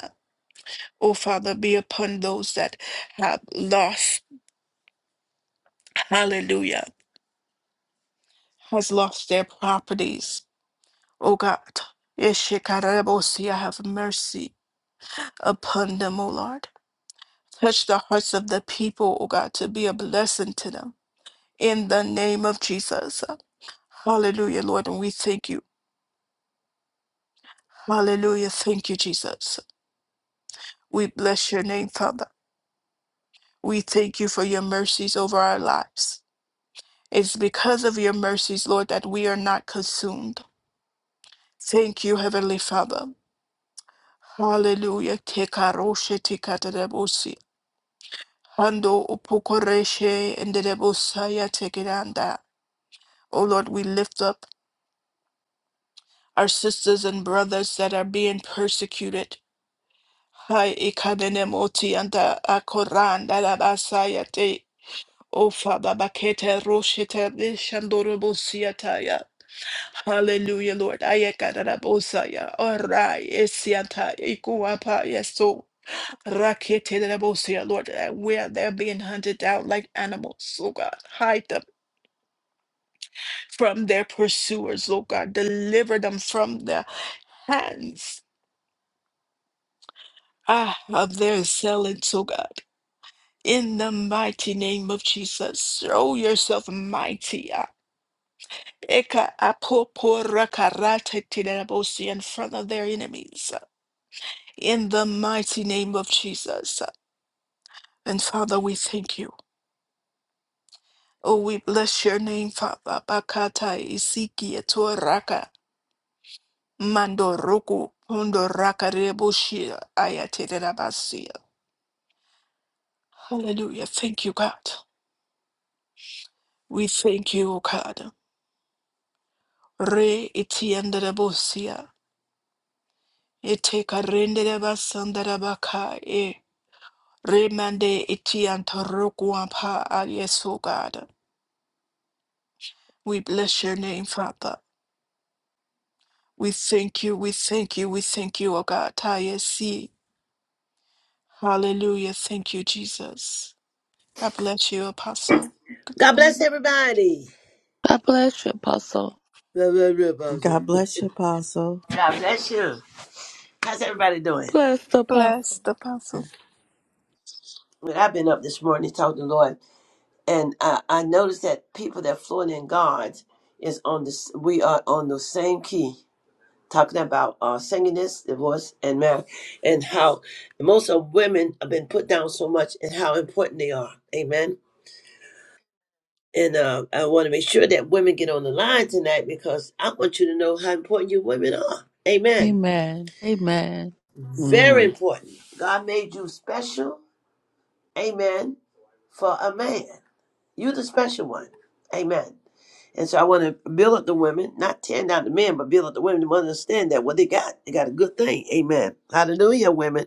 Speaker 1: Oh, Father, be upon those that have lost. Hallelujah. Has lost their properties. Oh, God. Yeshikarabosi, have mercy upon them, oh Lord. Touch the hearts of the people, oh God, to be a blessing to them. In the name of Jesus. Hallelujah, Lord. And we thank you. Hallelujah. Thank you, Jesus. We bless your name, Father. We thank you for your mercies over our lives. It's because of your mercies, Lord, that we are not consumed. Thank you, Heavenly Father. Hallelujah. Tekaroshe tikatadabosi. Hando upokoreshe ndedebosaya tekeranda. Oh Lord, we lift up our sisters and brothers that are being persecuted. Hai ikadenemoti anda akoranda labasaya te. Ofa babakete roshete bishandorobosiataya. Hallelujah, Lord. Ayakarabosaya. Orai esianta ikuapa yeso. Raketelebosia, Lord, that where they're being hunted down like animals, oh God. Hide them from their pursuers, oh God. Deliver them from the hands ah, of their assailants, oh God. In the mighty name of Jesus, show yourself mighty. ah. Eka apoporakaratetelebosia, In front of their enemies. in the mighty name of Jesus. And Father, we thank you. Oh, we bless your name, Father. Bakata isiki etoraka mandoroku pondoraka rebushia ayaterebasia. Hallelujah. Thank you, God. We thank you, O God. Re itiandarebusia. Eteka renderebasandarabaka e. Remande itiantoroku ampa. Ah, Yes, O God. We bless your name, Father. We thank you, we thank you, we thank you, O God. Taya see. Hallelujah. Thank you, Jesus. God bless you, Apostle.
Speaker 2: God bless
Speaker 1: Morning.
Speaker 2: everybody.
Speaker 3: God bless you, Apostle.
Speaker 2: Blah, blah, blah, Apostle.
Speaker 4: God bless you, Apostle.
Speaker 2: God bless you. How's everybody doing?
Speaker 3: Bless the Apostle.
Speaker 1: Bless the Apostle.
Speaker 2: Well, I've been up this morning talking to the Lord, and I, I noticed that people that flowing in God is on this. We are on the same key, talking about uh, singing this, divorce, and marriage, and how most of women have been put down so much, and how important they are. Amen. And uh, I want to make sure that women get on the line tonight because I want you to know how important you women are. Amen.
Speaker 3: Amen. Amen.
Speaker 2: Very
Speaker 5: Amen.
Speaker 2: important. God made you special. Amen. For a man. You the special one. Amen. And so I want to build up the women, not tear down the men, but build up the women to understand that what they got, they got a good thing. Amen. Hallelujah, women.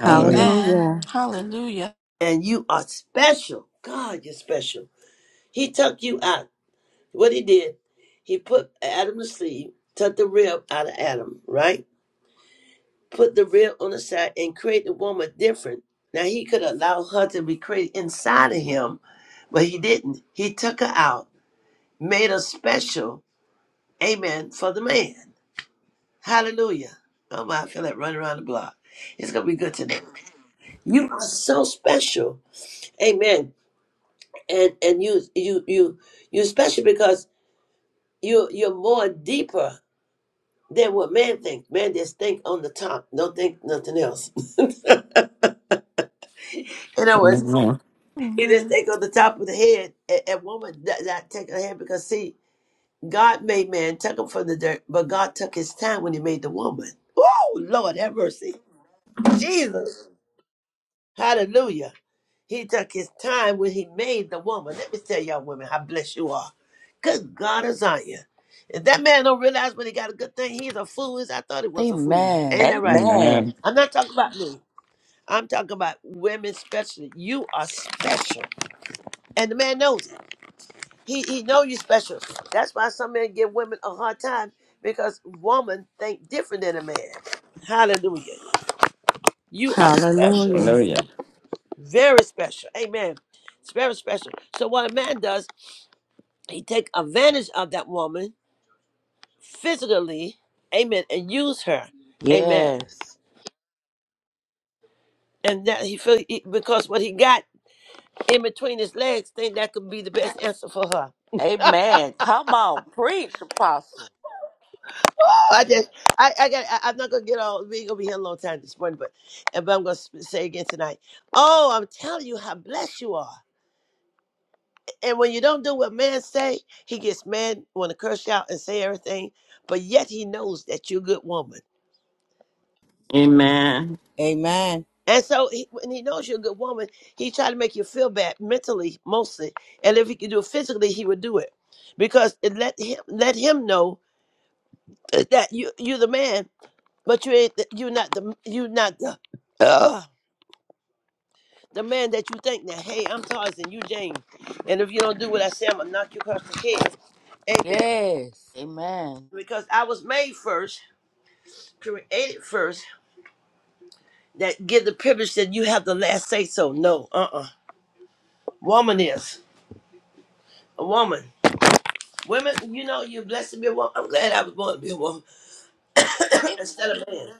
Speaker 5: Hallelujah.
Speaker 1: Amen.
Speaker 4: Hallelujah.
Speaker 1: Hallelujah.
Speaker 2: And you are special. God, you're special. He took you out. What he did, he put Adam to sleep, took the rib out of Adam, right? put the rib on the side and create the woman different. Now he could allow her to be created inside of him, but he didn't. He took her out, made her special, amen, for the man. Hallelujah. Oh my, I feel like running around the block. It's gonna be good today. You are so special. Amen. And and you you you you special because you you're more deeper than what man thinks. Man just think on the top, don't think nothing else. (laughs) In other words,
Speaker 5: Amen.
Speaker 2: He just
Speaker 1: Amen.
Speaker 2: take on the top of the head, and, and woman not, not take her head because see, God made man, took him from the dirt, but God took his time when he made the woman. Oh Lord, have mercy, Jesus, Hallelujah. He took his time when he made the woman. Let me tell y'all, women, how blessed you are. Good God is on you. If that man don't realize when he got a good thing, he's a fool. He's- I thought he was a fool.
Speaker 3: Amen.
Speaker 2: Ain't that right?
Speaker 3: Amen.
Speaker 5: Amen.
Speaker 2: I'm not talking about me. I'm talking about women, especially. You are special, and the man knows it. He he know you special. That's why some men give women a hard time because women think different than a man. Hallelujah. You are special.
Speaker 4: Hallelujah.
Speaker 5: Hallelujah.
Speaker 2: Very special. Amen. It's very special. So what a man does, he take advantage of that woman physically, amen, and use her. Amen.
Speaker 3: Yes.
Speaker 2: And that he feel he- because what he got in between his legs, think that could be the best answer for her.
Speaker 3: Amen. Come on, preach, apostle.
Speaker 2: I just, I, I got, I, I'm not gonna get all. We ain't gonna be here a long time this morning, but, but I'm gonna sp- say again tonight. Oh, I'm telling you how blessed you are. And when you don't do what man say, he gets mad, want to curse you out and say everything. But yet he knows that you're a good woman.
Speaker 5: Amen.
Speaker 6: Amen.
Speaker 2: And so he, when he knows you're a good woman, he try to make you feel bad mentally, mostly. And if he could do it physically, he would do it because it let him let him know that you you're the man, but you ain't the- you're not the you're not the. uh, the man that you think that, hey, I'm Tarzan, you Jane. And if you don't do what I say, I'm gonna knock you across the head. Amen.
Speaker 3: Yes. Amen.
Speaker 2: Because I was made first, created first, that give the privilege that you have the last say so. No, uh-uh. Woman is a woman. Women, you know, you're blessed to be a woman. I'm glad I was born to be a woman (coughs) instead of a man.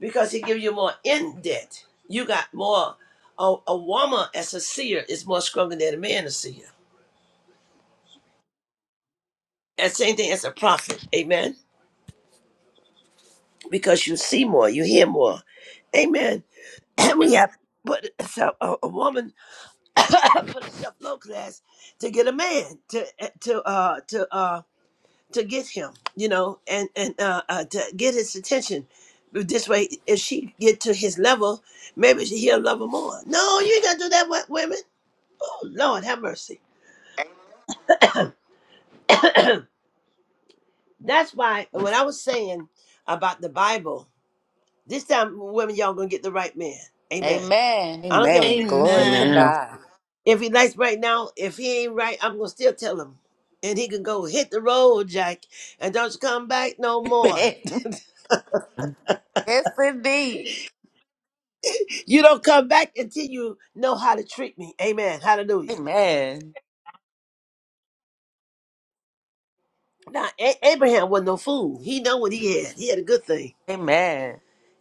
Speaker 2: Because he gives you more in debt. You got more a, a woman as a seer is more stronger than a man as a seer. And same thing as a prophet. Amen. because you see more, you hear more. Amen. (clears throat) And we have put herself, a, a woman (coughs) put herself low class to get a man to eh, to uh to uh to get him, you know, and and uh, uh to get his attention. But This way, if she get to his level, maybe she- he'll love her more. No, you ain't gotta do that, with women. Oh Lord, have mercy. That's why when I was saying about the Bible, this time, women, y'all gonna get the right man. Amen.
Speaker 3: Amen.
Speaker 2: I don't
Speaker 3: Amen.
Speaker 2: care.
Speaker 3: Glory to
Speaker 1: Amen.
Speaker 5: Amen.
Speaker 3: God.
Speaker 2: If he likes right now, if he ain't right, I'm gonna still tell him. And he can go hit the road, Jack, and don't you come back no more.
Speaker 3: Amen. (laughs) Yes, indeed.
Speaker 2: You don't come back until you know how to treat me. Amen. Hallelujah.
Speaker 3: Amen.
Speaker 2: Now A- Abraham wasn't no fool. He know what he had. He had a good thing.
Speaker 3: Amen.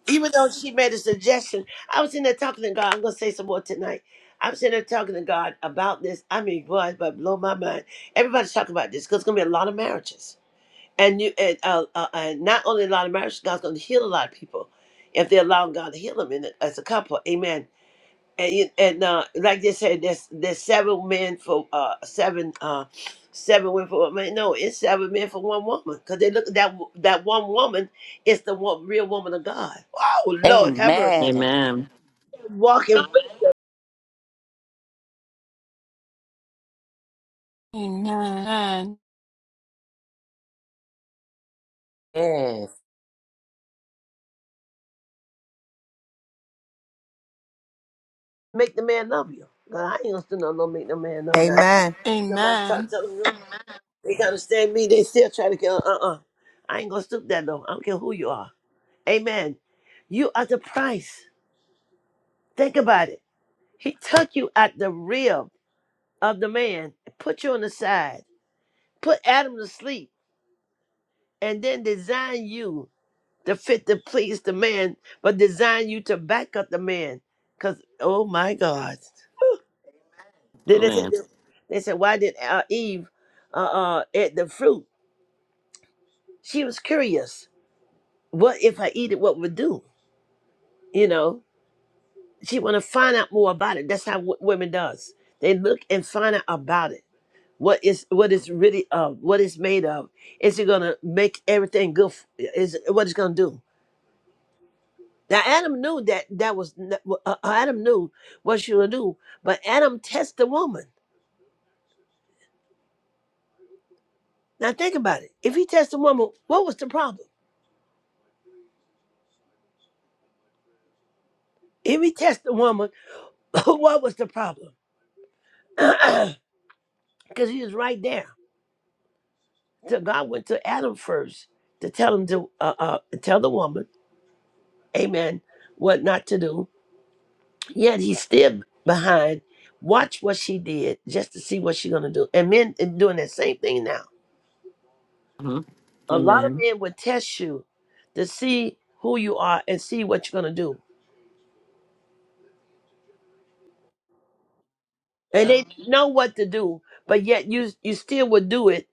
Speaker 2: Even though she made a suggestion, I was in there talking to God. I'm gonna say some more tonight. I'm sitting there talking to God about this. I mean, boy, but blow my mind. Everybody's talking about this because it's gonna be a lot of marriages and you and uh, uh, and not only a lot of marriage, God's going to heal a lot of people if they allow God to heal them in it as a couple. Amen. And you, and uh, like they said, there's there's seven men for uh seven uh seven women for one man. No, it's seven men for one woman because they look at that wo- that one woman is the one real woman of God. Oh Lord, have mercy.
Speaker 3: Amen.
Speaker 5: Amen.
Speaker 2: Walk and
Speaker 1: Amen.
Speaker 3: Yes.
Speaker 2: make the man love you. God, I ain't gonna stand on no make no man love that.
Speaker 6: Amen.
Speaker 2: Somebody talk
Speaker 1: Amen.
Speaker 2: to them. They gotta stand me. They still try to kill. Uh uh I ain't gonna stoop that low. I don't care who you are. Amen. You are the price. Think about it. He took you at the rib of the man, put you on the side, put Adam to sleep, and then designed you to fit to please the man, but designed you to back up the man. Cause oh my God. Then they said,
Speaker 5: Amen.
Speaker 2: they said, why did uh, Eve uh, uh, eat the fruit? She was curious. What if I eat it? What would do? You know. She want to find out more about it. That's how w- women does. They look and find out about it. What is what is really of? What it's made of? Is it gonna make everything good? f- Is what it's gonna do? Now Adam knew that that was n- uh, uh, Adam knew what she would do, but Adam tested the woman. Now think about it. If he tested the woman, what was the problem? If he tested the woman, (laughs) what was the problem? (clears throat) Because he was right there. So God went to Adam first to tell him to uh, uh, tell the woman amen, what not to do. Yet he's still behind. Watch what she did just to see what she's gonna do. And men are doing that same thing now.
Speaker 5: Mhm.
Speaker 2: A lot of
Speaker 5: Amen.
Speaker 2: men would test you to see who you are and see what you're gonna do. And they know what to do, but yet you you still would do it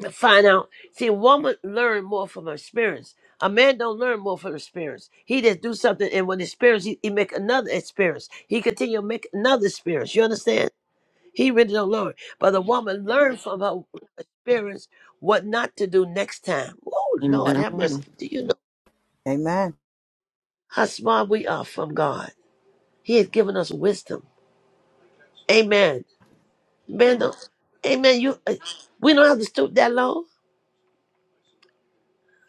Speaker 2: to find out. See, a woman learn more from her experience. A man don't learn more from experience. He just do something, and when experience, he, he make another experience. He continue to make another experience. You understand? He really don't know it. But the woman learned from her experience what not to do next time. Oh, Lord, have mercy.
Speaker 5: Amen.
Speaker 2: Do you know
Speaker 6: Amen.
Speaker 2: how smart we are from God? He has given us wisdom. Amen. Man, don't- amen. You, uh, we don't have to stoop that low.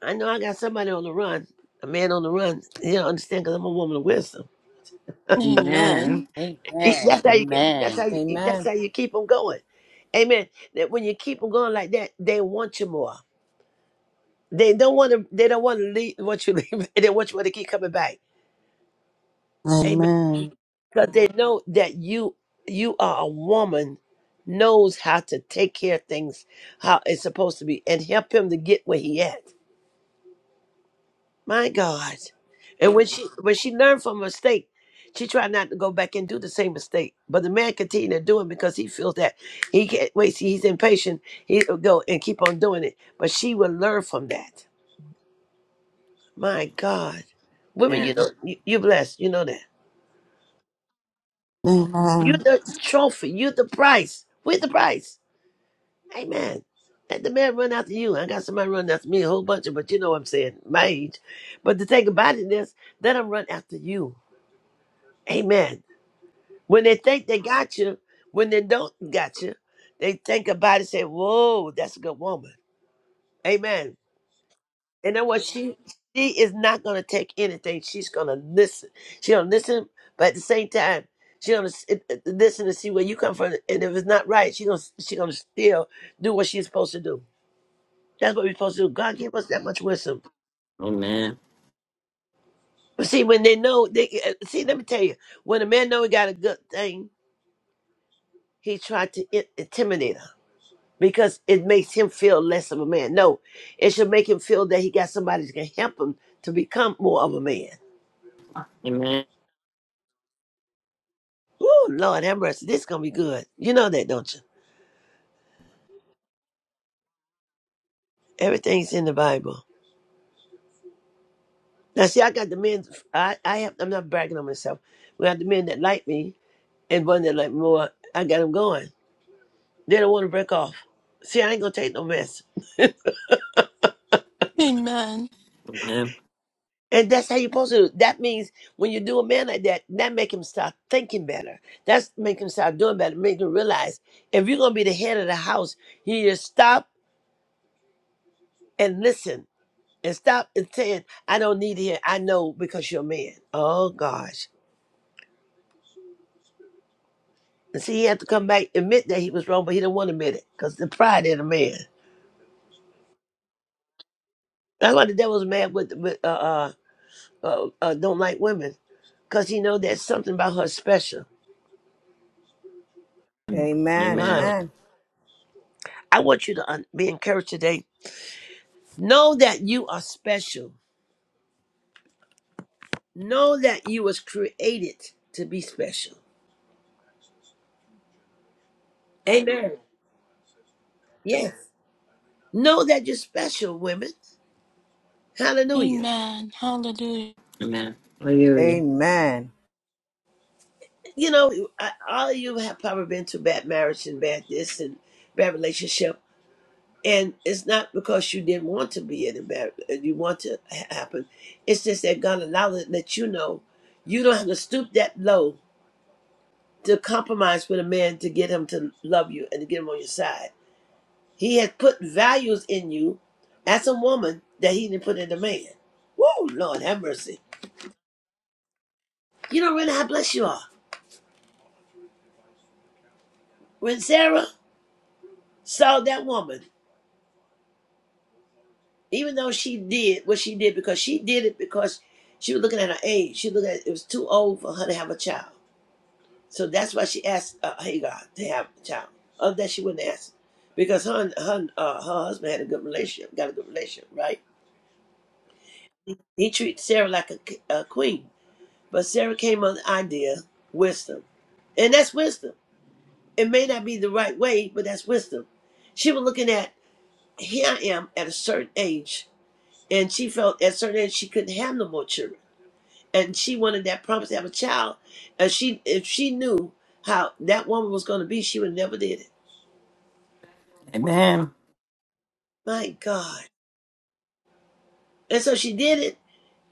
Speaker 2: I know I got somebody on the run, a man on the run. You don't understand because I'm a woman of wisdom.
Speaker 5: Amen.
Speaker 1: Amen.
Speaker 2: (laughs) He-
Speaker 3: Amen.
Speaker 2: That's how you get. That's
Speaker 3: Amen.
Speaker 2: how you. That's
Speaker 6: Amen.
Speaker 2: how you keep them going. Amen. That when you keep them going like that, they want you more. They don't want to. They don't want to leave. Want you leave. (laughs) and They want you to keep coming back. Amen.
Speaker 4: Amen.
Speaker 2: Because they know that you you are a woman, knows how to take care of things how it's supposed to be, and help him to get where he at. My God. And when she when she learned from her mistake, she tried not to go back and do the same mistake. But the man continued to do it because he feels that he can't wait. See, he's impatient. He'll go and keep on doing it. But she will learn from that. My God.
Speaker 5: Amen.
Speaker 2: Women, you
Speaker 5: Amen.
Speaker 2: know, you- you're blessed. You know that. You're
Speaker 4: Amen.
Speaker 2: the trophy. You're the prize. We're the prize. Amen. Let the man run after you. I got somebody running after me, a whole bunch of, but you know what I'm saying, my age. But the thing about it is, let them run after you. Amen. When they think they got you, when they don't got you, they think about it, say, whoa, that's a good woman. Amen. And know what? She she is not gonna take anything. She's gonna listen. She gonna listen, but at the same time, she gonna s- it- it- listen to see where you come from. And if it's not right, she gonna she gonna still do what she's supposed to do. That's what we're supposed to do. God give us that much wisdom. But see, when they know, they uh, see. Let me tell you, when a man know he got a good thing, he tried to in- intimidate her because it makes him feel less of a man. No, it should make him feel that he got somebody that can help him to become more of a man.
Speaker 5: Amen.
Speaker 2: Woo, Lord have mercy. This is gonna be good. You know that, don't you? Everything's in the Bible. Now, see, I got the men. I, I have. I'm not bragging on myself. We got the men that like me and one that like me more. I got them going. They don't want to break off. See, I ain't gonna take no mess.
Speaker 1: Amen.
Speaker 5: Amen.
Speaker 2: And that's how you're supposed to do. it. That means when you do a man like that, that make him start thinking better. That's make him start doing better. Make him realize if you're gonna be the head of the house, you just stop and listen and stop and saying, I don't need to hear, I know because you're a man. Oh gosh. And see, he had to come back, admit that he was wrong, but he didn't want to admit it because the pride in a man. That's why the devil's mad with, with uh, uh, uh, uh, don't like women because he know there's something about her special.
Speaker 6: Amen.
Speaker 5: Amen.
Speaker 2: Wow.
Speaker 6: Amen.
Speaker 2: I want you to un- be encouraged today. Know that you are special. Know that you was created to be special. Amen. Yes. Know that you're special, women. Hallelujah.
Speaker 1: Amen. Hallelujah.
Speaker 5: Amen. Hallelujah.
Speaker 6: Amen.
Speaker 2: you know, I, all of you have probably been through bad marriage and bad this and bad relationship. And it's not because you didn't want to be in a bad, you want to ha- happen. It's just that God allowed it, let you know you don't have to stoop that low to compromise with a man to get him to love you and to get him on your side. He has put values in you as a woman that he didn't put in a man. Woo, Lord, have mercy. You don't really know how blessed you are. When Sarah saw that woman, even though she did what she did because she did it because she was looking at her age. She looked at it was too old for her to have a child. So that's why she asked uh, Hagar to have a child. Other than she wouldn't ask because her her uh, her husband had a good relationship, got a good relationship, right? He treated Sarah like a a queen, but Sarah came on the idea wisdom, and that's wisdom. It may not be the right way, but that's wisdom. She was looking at here I am at a certain age, and she felt at a certain age she couldn't have no more children. and she wanted that promise to have a child. And she, if she knew how that woman was going to be, she would have never did it.
Speaker 5: Amen.
Speaker 2: My God! And so she did it,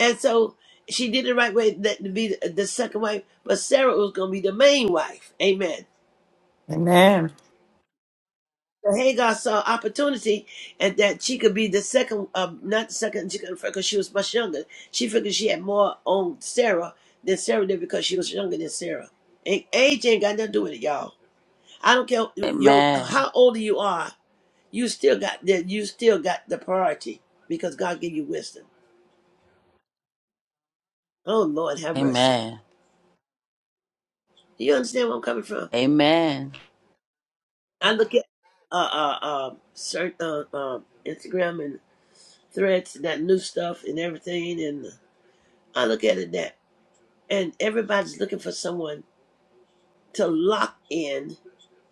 Speaker 2: and so she did it the right way that to be the, the second wife. But Sarah was going to be the main wife. Amen.
Speaker 5: Amen.
Speaker 2: So Hagar saw opportunity, and that she could be the second, uh, not the second, because she was much younger. She figured she had more on Sarah than Sarah did because she was younger than Sarah. And age ain't got nothing to do with it, y'all. I don't care your
Speaker 3: Amen.
Speaker 2: how old you are. You still got the you still got the priority because God gave you wisdom. Oh Lord, have mercy.
Speaker 3: Amen.
Speaker 2: Do you understand where I'm coming from?
Speaker 3: Amen.
Speaker 2: I look at uh uh uh, cert, uh, uh Instagram and threads and that new stuff and everything, and I look at it that, and everybody's looking for someone to lock in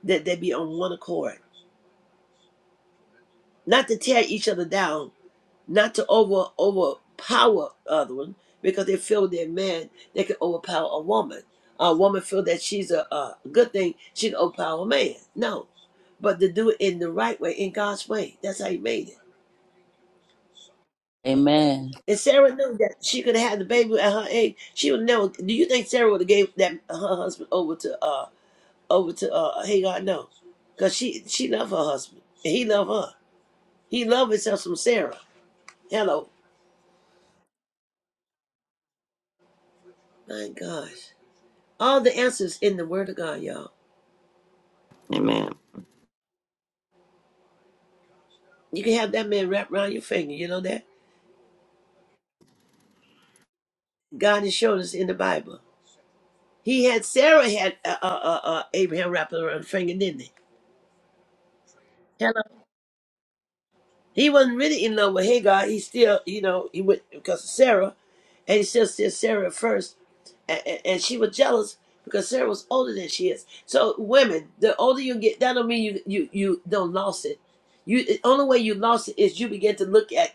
Speaker 2: that they be on one accord, not to tear each other down, not to over overpower other one because they feel their man they can overpower a woman. A woman feel that she's a, a good thing she can overpower a man. No, but to do it in the right way, in God's way. That's how He made it.
Speaker 3: Amen.
Speaker 2: And Sarah knew that she could have had the baby at her age. She would never. Do you think Sarah would have gave that her husband over to uh over to uh Hagar? No, because she she loved her husband and he loved her. He loved himself from Sarah. Hello, my gosh. All the answers in the Word of God, y'all.
Speaker 5: Amen.
Speaker 2: You can have that man wrapped around your finger. You know that God has shown us in the Bible. He had Sarah had uh, uh, uh, uh, Abraham wrapped around her finger, didn't he? He wasn't really in love with Hagar. He still, you know, he went because of Sarah, and he still said Sarah at first, and, and she was jealous because Sarah was older than she is. So women, the older you get, that don't mean you you you don't lost it. You the only way you lost it is you begin to look at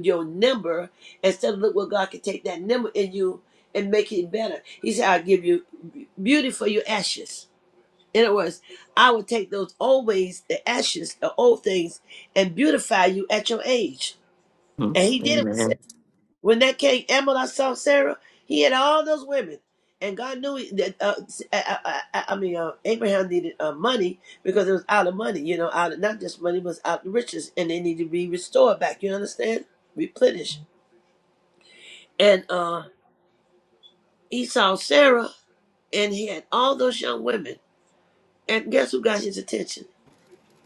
Speaker 2: your number instead of look what God can take that number in you and make it better. He said, "I'll give you beauty for your ashes." In other words, I will take those old ways, the ashes, the old things, and beautify you at your age.
Speaker 5: Mhm.
Speaker 2: And he did it with Sarah.
Speaker 5: Amen.
Speaker 2: when that king Amalek saw Sarah. He had all those women, and God knew that. Uh, I, I, I I mean, uh, Abraham needed uh, money because it was out of money. You know, out of not just money, it was out of riches, and they need to be restored back. You understand? Replenished. And uh, he saw Sarah, and he had all those young women. And guess who got his attention?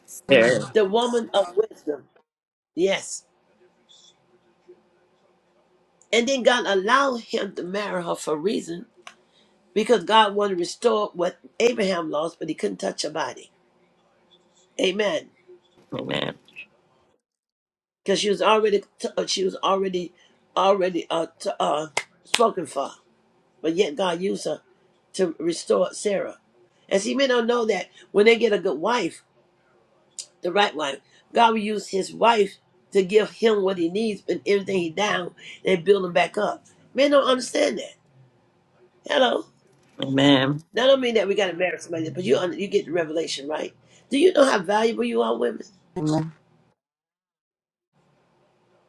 Speaker 5: Spirit.
Speaker 2: The woman of wisdom. Yes. And then God allowed him to marry her for a reason because God wanted to restore what Abraham lost, but he couldn't touch her body. Amen.
Speaker 5: Amen.
Speaker 2: Because she was already uh, she was already already uh, t- uh, spoken for, but yet God used her to restore Sarah. And see, men don't know that when they get a good wife, the right wife, God will use His wife to give him what he needs, but everything he down, they build him back up. Men don't understand that. Hello.
Speaker 5: Amen.
Speaker 2: Now, I don't mean that we got to marry somebody, but you un- you get the revelation, right? Do you know how valuable you are, women?
Speaker 4: Amen.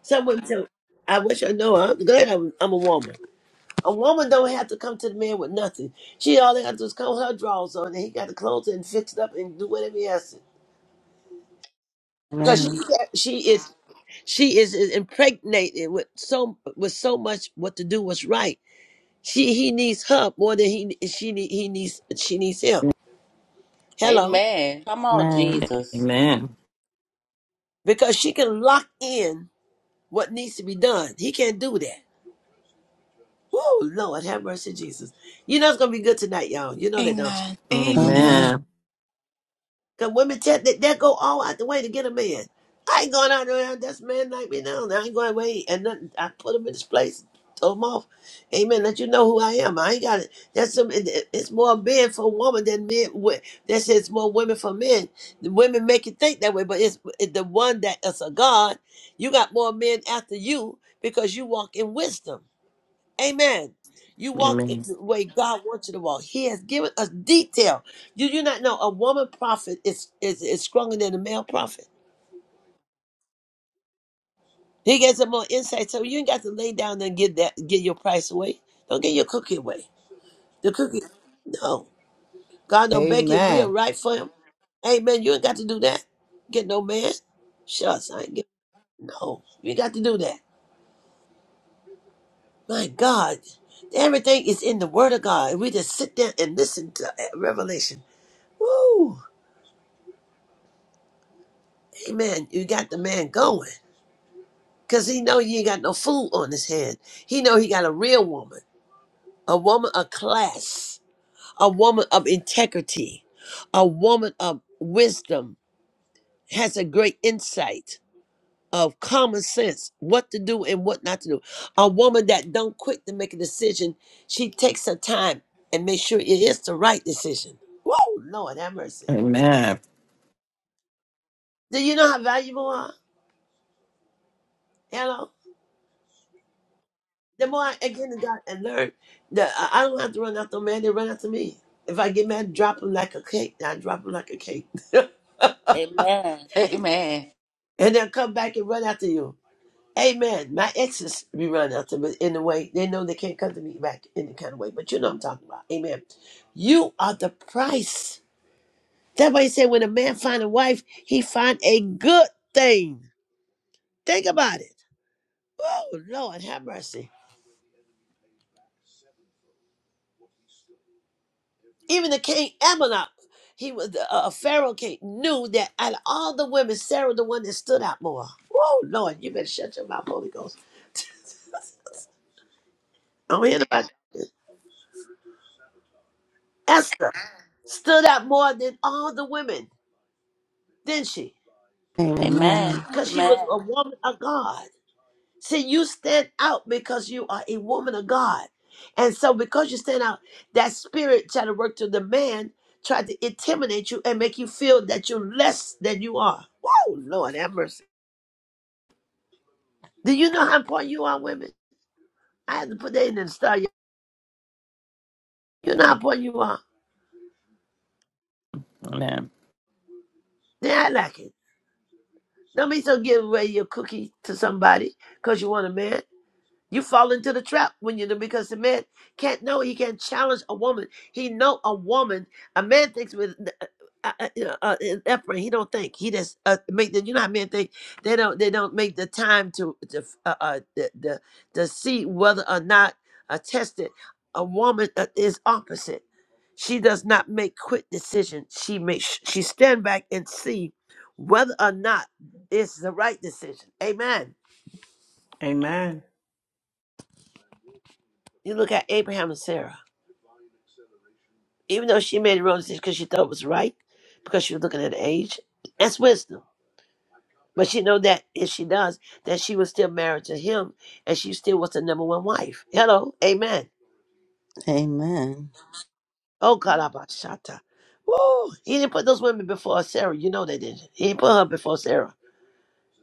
Speaker 2: Some women say, "I wish I know." I'm glad I'm, I'm a woman. A woman don't have to come to the man with nothing. She all they got to do is comb her drawers on, and he got the clothes and fixed up and do whatever he has to. Because she
Speaker 4: Amen.
Speaker 2: can't, she is she is, is impregnated with so with so much what to do what's right. She he needs her more than he she need- he needs she needs him. Hello,
Speaker 3: Amen. Come on, Jesus.
Speaker 5: Amen. Amen.
Speaker 2: because she can lock in. what needs to be done. He can't do that. Oh Lord, have mercy, Jesus. You know it's gonna be good tonight, y'all. You know that, don't you?
Speaker 1: Amen.
Speaker 4: Amen.
Speaker 1: Amen.
Speaker 4: Amen.
Speaker 5: Amen.
Speaker 2: Cause women tend that that go all out the way to get a man. I ain't going out there. That's man like me now. I ain't going away and nothing. I put him in this place, told him off. Amen. Let you know who I am. I ain't got it. That's some. it- it- It's more men for women than men. wi- That says more women for men. The women make you think that way, but it's it- the one that is a God. You got more men after you because you walk in wisdom. Amen. You walk
Speaker 5: Amen.
Speaker 2: the way God wants you to walk. He has given us detail. Do you not know a woman prophet is is, is stronger than a male prophet? He gets some more insight. So you ain't got to lay down and give that give your price away. Don't get your cookie away. The cookie no. God don't bake it real
Speaker 6: Amen.
Speaker 2: right for him. Amen. You ain't got to do that. Get no man. Shucks, I ain't get no. You ain't got to do that. My God. Everything is in the word of God. We just sit there and listen to revelation. Woo! Amen. You got the man going. Cause he know you ain't got no food on his hand. He know he got a real woman, a woman of class, a woman of integrity, a woman of wisdom, has a great insight of common sense, what to do and what not to do. A woman that don't quick to make a decision, she takes her time and make sure it is the right decision. Whoa, Lord have mercy. Do you know how valuable I are? Hello? The more I get in God and learn, the I I don't have to run after a man; they run after me. If I get mad, drop them like a cake. I drop them like a cake, (laughs) and
Speaker 3: Amen. Amen.
Speaker 2: they'll come back and run after you. Amen. My exes be running after me in a way they know they can't come to me back in the kind of way, but you know what I'm talking about. Amen. You are the price. That's why he said when a man find a wife, he find a good thing. Think about it. Oh Lord, have mercy. Even the king Amonok, he was a uh, Pharaoh king, knew that out of all the women, Sarah the one that stood out more. Oh Lord, you better shut your mouth, Holy Ghost. I'm hearing about this. Esther stood out more than all the women, didn't she?
Speaker 3: Amen.
Speaker 4: Amen.
Speaker 2: Because she was
Speaker 3: Amen.
Speaker 2: a woman of God. See, you stand out because you are a woman of God. And so because you stand out, that spirit tried to work through the man, tried to intimidate you and make you feel that you're less than you are. Oh Lord, have mercy. Do you know how important you are, women? I had to put that in the star. You You know how important you are.
Speaker 5: Amen.
Speaker 2: They act like it. Don't be so give away your cookie to somebody because you want a man. You fall into the trap when you do because the man can't know. He can't challenge a woman. He know a woman. A man thinks with uh, uh, uh, uh, effort. He don't think. He just uh, make the. You know how men think they don't. They don't make the time to to uh, uh, the, the to see whether or not uh, tested. A woman uh, is opposite. She does not make quick decisions. She makes. She stand back and see whether or not it's the right decision. Amen.
Speaker 6: Amen.
Speaker 2: You look at Abraham and Sarah. Even though she made her own decision because she thought it was right, because she was looking at age, that's wisdom. But she know that if she does, that she was still married to him, and she still was the number one wife. Hello, Amen.
Speaker 4: Amen.
Speaker 2: Oh God, Abashata. Woo! He didn't put those women before Sarah. You know they didn't. He didn't put her before Sarah,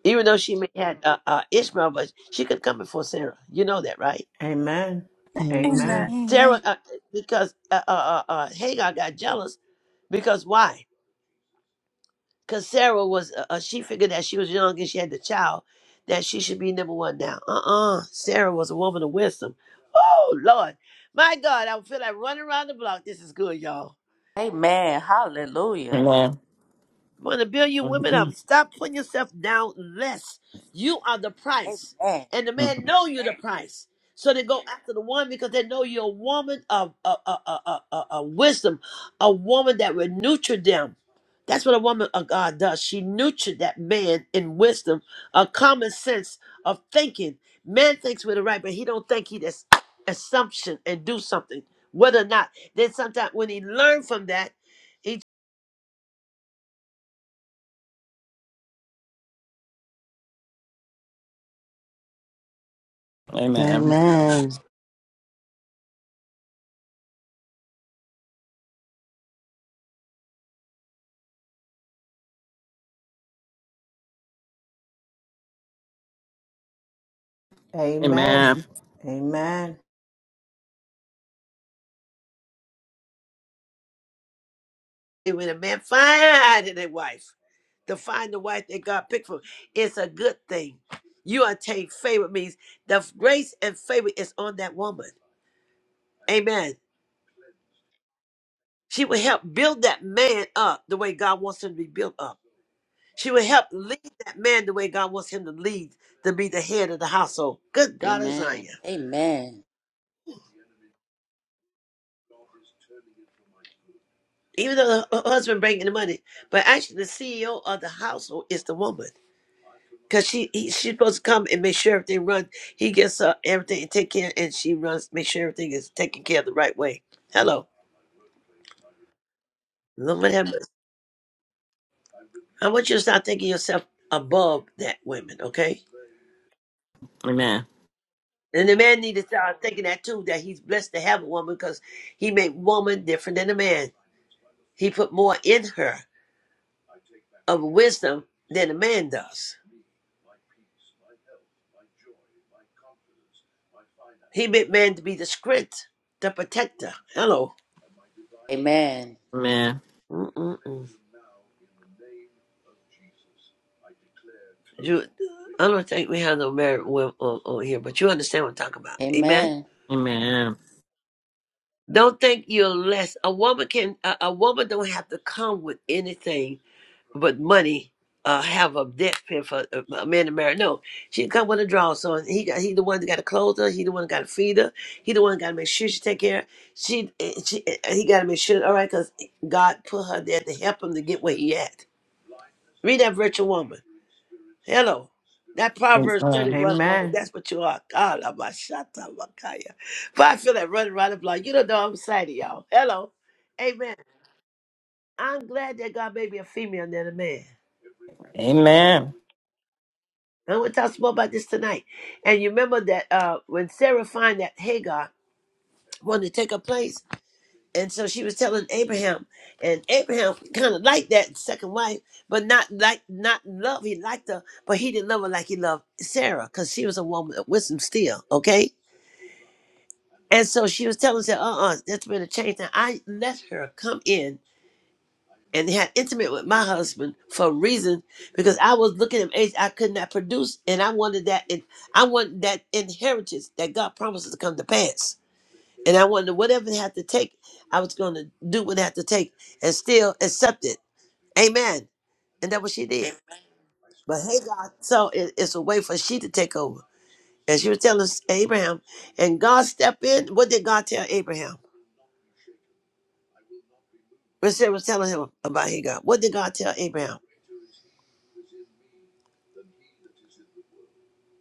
Speaker 2: even though she may had uh, uh, Ishmael, but she could come before Sarah. You know that, right?
Speaker 6: Amen. Amen.
Speaker 4: Amen.
Speaker 6: Amen.
Speaker 2: Sarah,
Speaker 1: Amen.
Speaker 2: uh, because uh, uh, uh, uh, Hagar got jealous because why? because Sarah was uh, uh, she figured that she was young and she had the child that she should be number one now. Uh uh Sarah was a woman of wisdom. Oh Lord, my God, I feel like running around the block. This is good, y'all.
Speaker 3: Amen. Hallelujah.
Speaker 5: Amen.
Speaker 2: I want to build you women up.
Speaker 5: Amen.
Speaker 2: Stop putting yourself down less. You are the price.
Speaker 3: Amen.
Speaker 2: And the man
Speaker 5: Amen.
Speaker 2: know you're the price. So they go after the one because they know you're a woman of, a a a a a wisdom, a woman that will nurture them. That's what a woman of God does. She nurtured that man in wisdom, a common sense of thinking. Man thinks with the right, but he don't think he just assumption and do something, whether or not. Then sometimes when he learn from that,
Speaker 4: Amen.
Speaker 5: Amen.
Speaker 6: Amen.
Speaker 5: Amen.
Speaker 6: Amen.
Speaker 2: when a man find a wife, to find the wife that God picked for, him, it's a good thing. You attain favor means the grace and favor is on that woman. Amen. She will help build that man up the way God wants him to be built up. She will help lead that man the way God wants him to lead, to be the head of the household. Good God of
Speaker 3: Amen.
Speaker 2: Zion.
Speaker 3: Amen.
Speaker 2: Even though the hu- husband bringing the money, but actually the CEO of the household is the woman. Cause she he, she's supposed to come and make sure everything runs. He gets up everything and take care, and she runs, make sure everything is taken care of the right way. Hello, Lord have mercy. I want you to start thinking yourself above that woman, okay?
Speaker 5: Amen.
Speaker 2: And the man need to start thinking that too, that he's blessed to have a woman, because he made woman different than a man. He put more in her of wisdom than a man does. He made man to be the strength, the protector. Hello.
Speaker 3: Amen.
Speaker 5: Amen.
Speaker 2: Mm-mm-mm. You, I don't think we have no married women on, here, but you understand what I'm talking about. Amen.
Speaker 3: Amen.
Speaker 5: Amen.
Speaker 2: Don't think you're less. A woman can. A, a woman don't have to come with anything but money. Uh, have a debt pin for a a man to marry. No, she can come with a draw. So he got he the one that got to clothe her. He the one that got to feed her. He the one that got to make sure she take care. She, eh, she eh, eh, he got to make sure. All right, because God put her there to help him to get where he at. Read that virtual woman. Hello. That Proverbs 31 woman, that's what you are. God, I'm a shatta makaya. But I feel that running around the block. You don't know I'm excited, y'all. Hello. Amen. I'm glad that God made me a female than a man.
Speaker 5: Amen.
Speaker 2: And we'll talk some more about this tonight. And you remember that uh, when Sarah found that Hagar wanted to take her place, and so she was telling Abraham, and Abraham kind of liked that second wife, but not like not love. He liked her, but he didn't love her like he loved Sarah, because she was a woman with some steel, okay? And so she was telling us, uh uh-uh, that's been a change. Now I let her come in and had intimate with my husband for a reason because I was looking at age I could not produce and I wanted that and I wanted that inheritance that God promises to come to pass. And I wanted whatever it had to take, I was gonna do what it had to take and still accept it. Amen. And that's what she did. But hey God, so it, it's a way for she to take over. And she was telling us Abraham, and God stepped in. What did God tell Abraham? When Sarah was telling him about Hagar, what did God tell Abraham?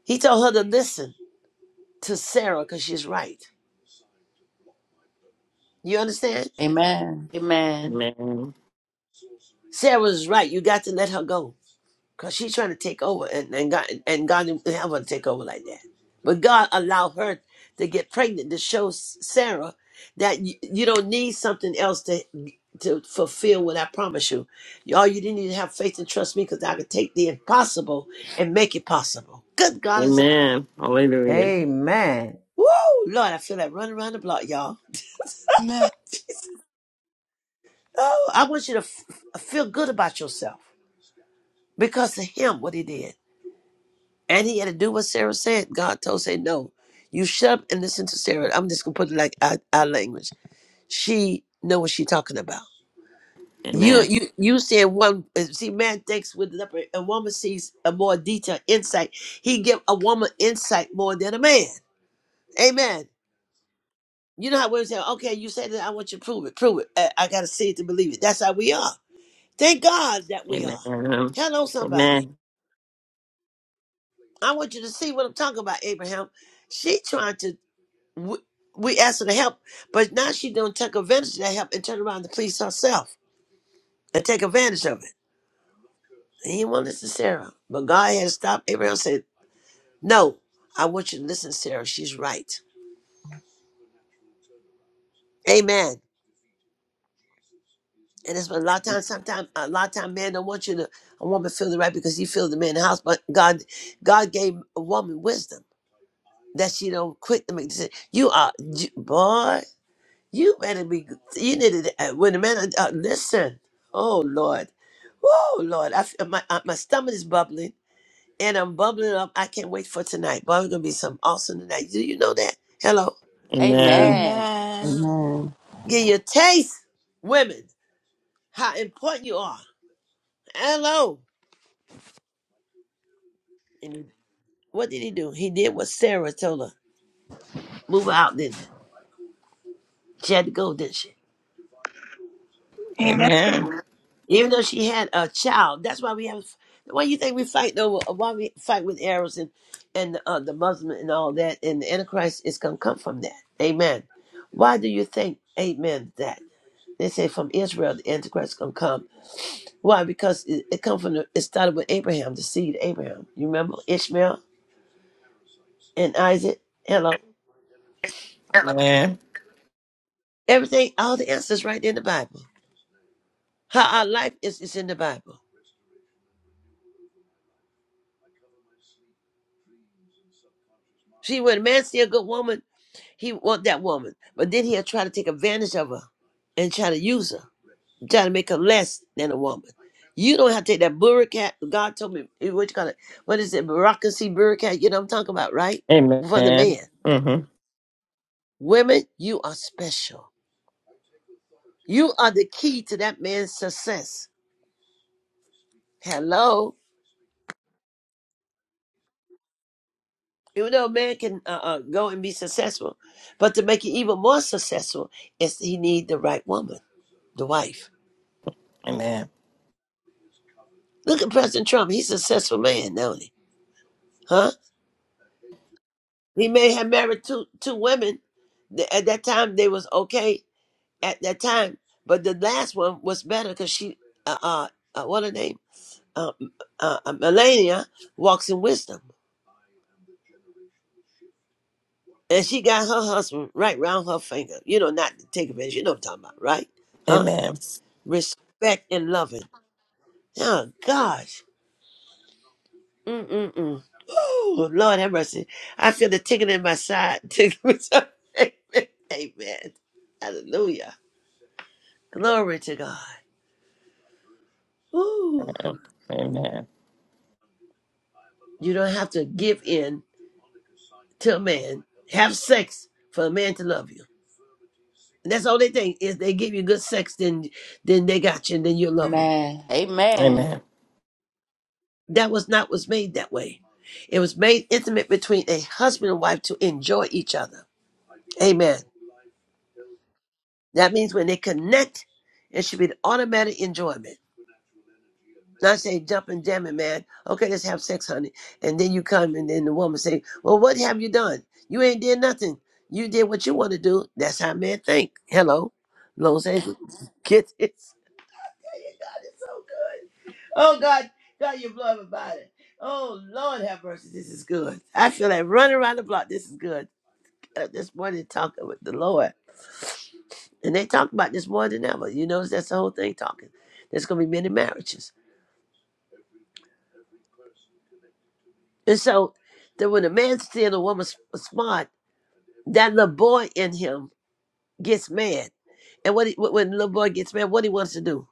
Speaker 2: He told her to listen to Sarah because she's right. You understand?
Speaker 3: Amen. Amen.
Speaker 5: Amen.
Speaker 2: Sarah Sarah's right. You got to let her go because she's trying to take over, and, and God and God didn't have her to take over like that. But God allowed her to get pregnant to show S- Sarah that you, you don't need something else to to fulfill what I promise you. Y'all, you didn't even have faith and trust me because I could take the impossible and make it possible. Good God is
Speaker 5: Amen. Hallelujah.
Speaker 6: Amen.
Speaker 2: Woo! Lord, I feel that running around the block, y'all.
Speaker 1: Amen.
Speaker 2: Oh, I want you to f- feel good about yourself because of him, what he did. And he had to do what Sarah said. God told say no. You shut up and listen to Sarah. I'm just gonna put it like our, our language. She know what she talking about. You
Speaker 5: Amen.
Speaker 2: you you said one uh, see man thinks with the upper a woman sees a more detailed insight. He give a woman insight more than a man. Amen. You know how women say, okay, you said that I want you to prove it, prove it. Uh, I gotta see it to believe it. That's how we are. Thank God that we
Speaker 5: Amen.
Speaker 2: are. Hello, somebody.
Speaker 5: Amen.
Speaker 2: I want you to see what I'm talking about, Abraham. She tried to, we, we asked her to help, but now she don't take advantage of that help and turn around to please herself and take advantage of it. And he won't listen to Sarah. But God had stopped. Abraham said, no, I want you to listen to Sarah. She's right. Amen. And that's what a lot of times, sometimes, a lot of time men don't want you to, a woman feel the right because he feels the man in the house. But God, God gave a woman wisdom that she don't quick to make decisions. You are, you, boy. You better be. You need to. uh, When the man uh, uh, listen. Oh Lord. Oh Lord. I feel my uh, my stomach is bubbling and I'm bubbling up. I can't wait for tonight. Boy, it's gonna be some awesome tonight. Do you know that? Hello.
Speaker 5: Amen.
Speaker 3: Amen.
Speaker 1: Amen.
Speaker 4: Amen.
Speaker 2: Get your taste, women. How important you are. Hello. And what did he do? He did what Sarah told her. Move out, didn't he? She had to go, didn't she? Amen.
Speaker 5: Amen.
Speaker 2: even though she had a child. That's why we have. Why you think we fight over? Why we fight with arrows and and uh, the Muslim and all that? And the Antichrist is gonna come from that. Amen. Why do you think? Amen. That they say from Israel the Antichrist gonna come. Why? Because it, it come from. The, it started with Abraham, the seed of Abraham. You remember Ishmael and Isaac. Hello.
Speaker 5: Amen.
Speaker 2: Everything. All the answers right in the Bible. How our life is is in the Bible. See, when a man see a good woman. He want that woman, but then he'll try to take advantage of her and try to use her, try to make her less than a woman. You don't have to take that burkat. God told me eh, what you call it. What is it? Bureaucracy, burkat. You know what I'm talking about, right? From the
Speaker 5: Amen.
Speaker 2: man.
Speaker 5: Mhm.
Speaker 2: Women, you are special. You are the key to that man's success. Hello. Even though a man can uh, uh, go and be successful, but to make it even more successful is he need the right woman, the wife.
Speaker 5: Amen.
Speaker 2: Look at President Trump. He's a successful man, don't he? Huh? He may have married two two women. Th- At that time, they was okay. At that time, but the last one was better because she, uh, uh, uh, what her name, uh, uh, uh, Melania, walks in wisdom, and she got her husband right round her finger. You know, not to take advantage. You know what I'm talking about, right? Huh?
Speaker 5: Amen.
Speaker 2: Respect and loving. Oh gosh. Mm mm mm. Oh Lord have mercy. I feel the ticking in my side. (laughs) Amen. Amen. Hallelujah. Glory to God. Woo.
Speaker 5: Amen.
Speaker 2: You don't have to give in to a man. Have sex for a man to love you. And that's all they think is they give you good sex, then then they got you, and then you love them.
Speaker 3: Amen. Amen.
Speaker 5: Amen. Amen.
Speaker 2: That was not was made that way. It was made intimate between a husband and wife to enjoy each other. Amen. That means when they connect, it should be an automatic enjoyment. Not say jump and damn it, man. Okay, let's have sex, honey. And then you come and then the woman say, Well, what have you done? You ain't did nothing. You did what you want to do. That's how men think. Hello. Los Angeles. (laughs) Get this. God, it's so good. Oh God, God, you blow about it. Oh Lord have mercy. This is good. I feel like running around the block. This is good. Get This morning talking with the Lord. And they talk about this more than ever. You notice that's the whole thing talking. There's gonna be many marriages And so that when a man seeing a woman's smart, that little boy in him gets mad. And what he, wh- when the little boy gets mad, what he wants to do?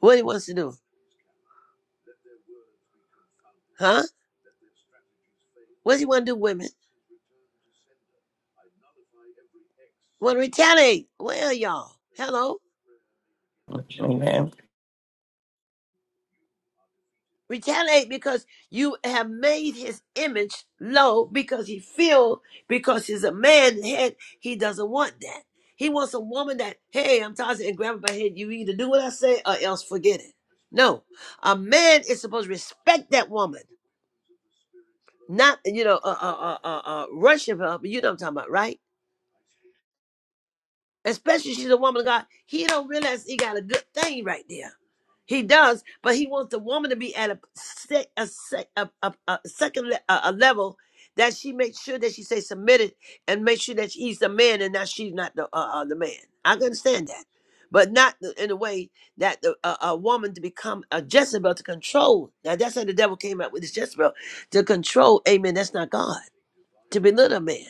Speaker 2: What he wants to do? Huh? What does he want to do, women? Want to retaliate? Well, y'all, hello. retaliate because you have made his image low because he feel because he's a man head he doesn't want that he wants a woman that hey i'm tossing and grab her my head you either do what i say or else forget it no a man is supposed to respect that woman not you know uh uh uh, uh, uh worship her but you know what i'm talking about right especially she's a woman of God, he don't realize he got a good thing right there. He does, but he wants the woman to be at a se- a, se- a, a, a second le- a, a level that she makes sure that she stays submitted and make sure that he's the man and that she's not the uh, uh, the man. I can understand that, but not the- in a way that the, uh, a a woman to become a Jezebel to control. Now that's how the devil came out with this Jezebel to control. Amen. That's not God to belittle a man.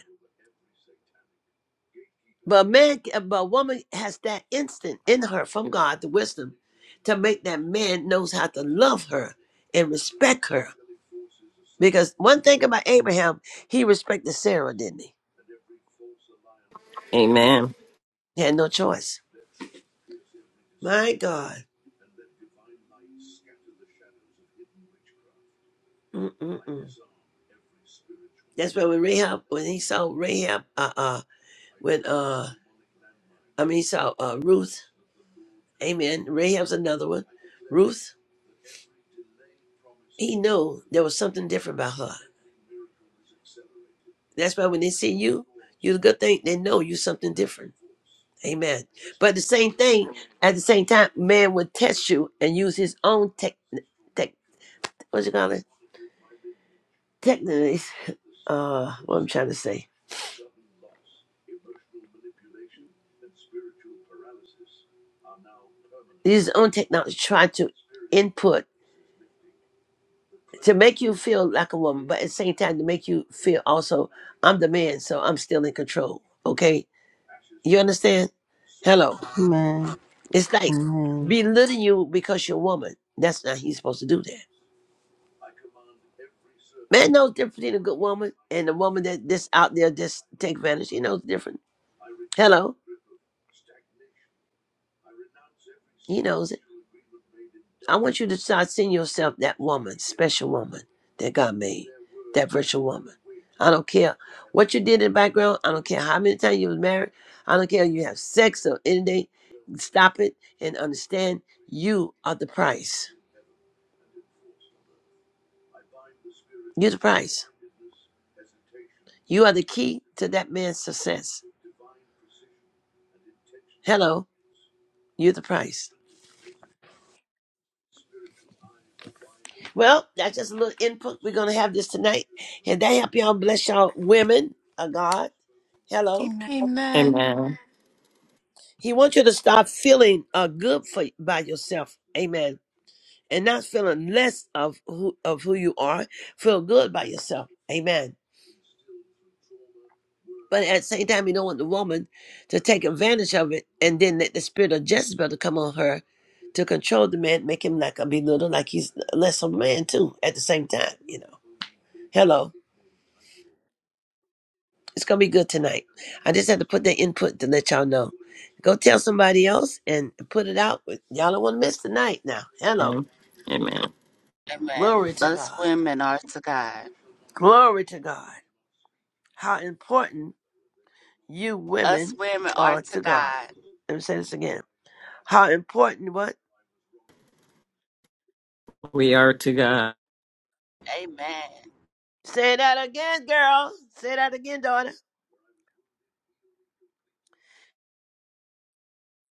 Speaker 2: But a man, but a woman has that instant in her from God, the wisdom, to make that man knows how to love her and respect her. Because one thing about Abraham, he respected Sarah, didn't he?
Speaker 5: Amen.
Speaker 2: He had no choice. My God, Mm-mm-mm. that's why when Rahab, when he saw Rahab, uh, uh, when uh, I mean, he saw uh, Ruth. Amen. Rahab's another one. Ruth, he knew there was something different about her. That's why when they see you, you're the good thing. They know you something different. Amen. But the same thing, at the same time, man would test you and use his own tech, tech what you call Techniques. Uh, what I'm trying to say. Use his own technology, to try to input to make you feel like a woman, but at the same time to make you feel also, I'm the man, so I'm still in control. Okay? You understand? Hello.
Speaker 4: Amen.
Speaker 2: It's like
Speaker 4: Amen.
Speaker 2: belittling you because you're a woman. That's not how he's supposed to do that. Man knows the difference between a good woman and a woman that that's out there just take advantage. He knows the difference. Hello. He knows it. I want you to start seeing yourself that woman, special woman that God made, that virtual woman. I don't care what you did in the background. I don't care how many times you was married. I don't care if you have sex or anything. Stop it and understand you are the price. You're the price. You are the key to that man's success. Hello. You're the price. Well, that's just a little input. We're going to have this tonight. And that help y'all bless y'all women of God.
Speaker 1: Amen.
Speaker 2: Hello.
Speaker 1: Amen. Amen.
Speaker 5: Amen.
Speaker 2: He wants you to stop feeling uh, good for by yourself. Amen. And not feeling less of who of who you are. Feel good by yourself. Amen. But at the same time, you don't want the woman to take advantage of it and then let the spirit of Jezebel to come on her to control the man, make him like a belittle, like he's less of a man too, at the same time, you know. Hello. It's gonna be good tonight. I just had to put that input to let y'all know. Go tell somebody else and put it out. Y'all don't want to miss tonight now. Hello.
Speaker 5: Amen. Amen.
Speaker 3: Amen.
Speaker 2: Glory to
Speaker 3: Us
Speaker 2: God.
Speaker 3: women are to God.
Speaker 2: Glory to God. How important you
Speaker 3: Us
Speaker 2: women
Speaker 3: women are
Speaker 2: are
Speaker 3: to
Speaker 2: to God.
Speaker 3: God.
Speaker 2: Let me say this again. How important what?
Speaker 5: We are to God.
Speaker 3: Amen.
Speaker 2: Say that again, girl. Say that again, daughter.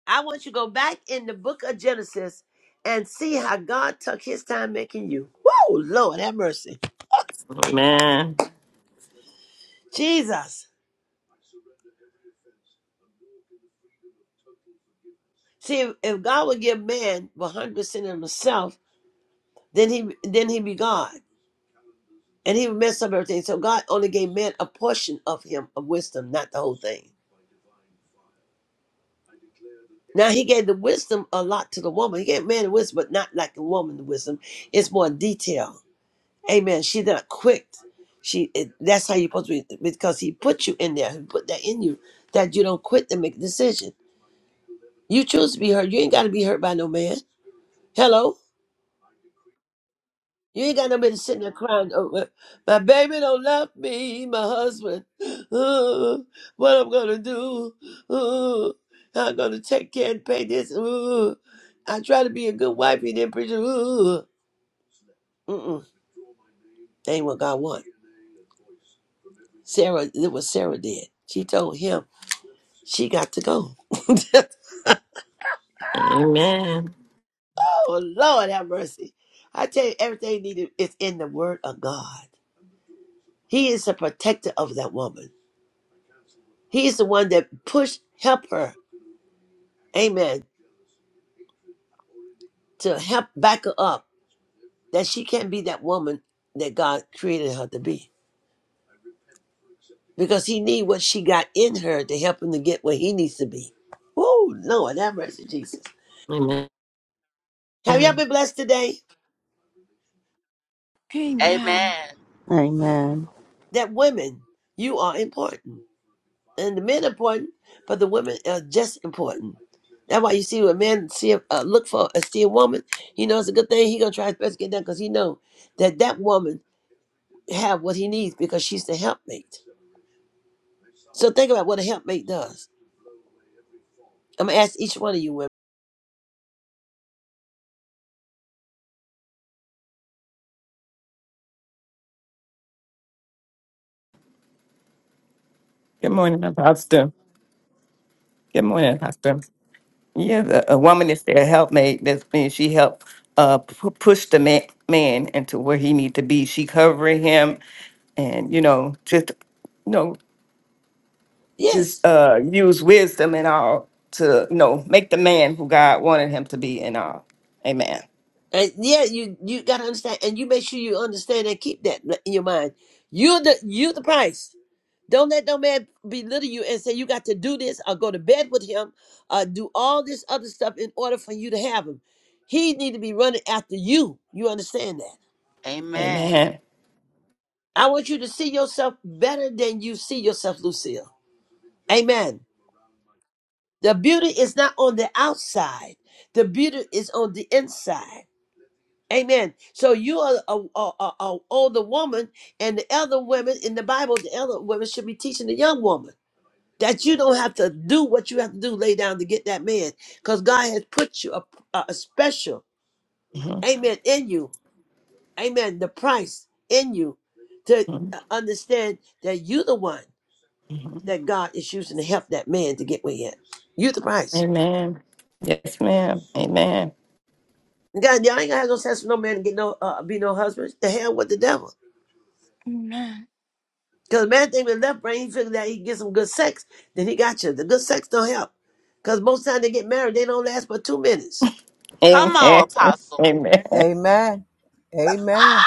Speaker 2: I want you to go back in the book of Genesis and see how God took his time making you. Whoa, Lord, have mercy.
Speaker 5: Amen.
Speaker 2: Jesus. See, if God would give man 100% of himself, then he then he'd be God. And he would mess up everything. So God only gave man a portion of him, of wisdom, not the whole thing. Now he gave the wisdom a lot to the woman. He gave man the wisdom, but not like the woman the wisdom. It's more detail. Amen. She's not quick. She it, that's how you're supposed to be because he put you in there. He put that in you that you don't quit to make a decision. You choose to be hurt. You ain't got to be hurt by no man. Hello. You ain't got nobody sitting there crying over my baby don't love me, my husband. (sighs) Ooh, what I'm gonna do? (sighs) Ooh, how I'm gonna take care and pay this. (sighs) Ooh, I try to be a good wife and then preacher. Ooh, (sighs) mm-mm, that ain't what God want. Sarah, it was Sarah did. She told him she got to go. (laughs)
Speaker 5: Amen.
Speaker 2: oh Lord, have mercy. I tell you, everything needed is in the Word of God. He is the protector of that woman. He is the one that pushed, help her. amen, to help back her up that she can't be that woman that God created her to be. Because he need what she got in her to help him to get where he needs to be. Oh, Lord, have mercy, Jesus.
Speaker 5: Amen.
Speaker 2: Have y'all
Speaker 5: Good
Speaker 2: been blessed today?
Speaker 1: Amen.
Speaker 3: Amen.
Speaker 4: Amen.
Speaker 2: That women, you are important. And the men are important, but the women are just important. That's why you see when men see a, uh, look for a see a woman, he knows it's a good thing. He gonna try his best to get that because he know that that woman have what he needs because she's the helpmate. So think about what a helpmate does. I'm gonna ask each one of you women.
Speaker 5: morning, Pastor. Good morning, Pastor. Yeah, the, a woman is their helpmate. That means she helped uh, pu- push the man, man into where he need to be. She covering him, and you know, just you know, just
Speaker 2: Yes,
Speaker 5: uh, use wisdom and all to you know make the man who God wanted him to be and all. Amen.
Speaker 2: and yeah, you you gotta understand, and you make sure you understand and keep that in your mind. You're the you the price. Don't let no man belittle you and say you got to do this or go to bed with him or do all this other stuff in order for you to have him. He need to be running after you. You understand that?
Speaker 3: Amen.
Speaker 5: Amen.
Speaker 2: I want you to see yourself better than you see yourself, Lucille. Amen. The beauty is not on the outside. The beauty is on the inside. Amen. So you are a, a, a, a older woman, and the elder women in the Bible, the elder women should be teaching the young woman that you don't have to do what you have to do, lay down to get that man, because God has put you a, a, a special,
Speaker 5: Mhm,
Speaker 2: Amen, in you, Amen, the price in you to
Speaker 5: mhm,
Speaker 2: uh, understand that you the one
Speaker 5: mhm.
Speaker 2: that God is using to help that man to get where he at. You the price.
Speaker 5: Amen. Yes, ma'am. Amen.
Speaker 2: God, y'all ain't gonna have no sense for no man to get no uh, be no husband. The hell with the devil.
Speaker 1: Amen.
Speaker 2: Because the man think with left brain, he figured that he get some good sex, then he got you. The good sex don't help. Because most time they get married, they don't last but two minutes.
Speaker 5: Amen.
Speaker 3: Come on,
Speaker 5: (laughs)
Speaker 3: apostle.
Speaker 5: Amen.
Speaker 6: Amen. Amen.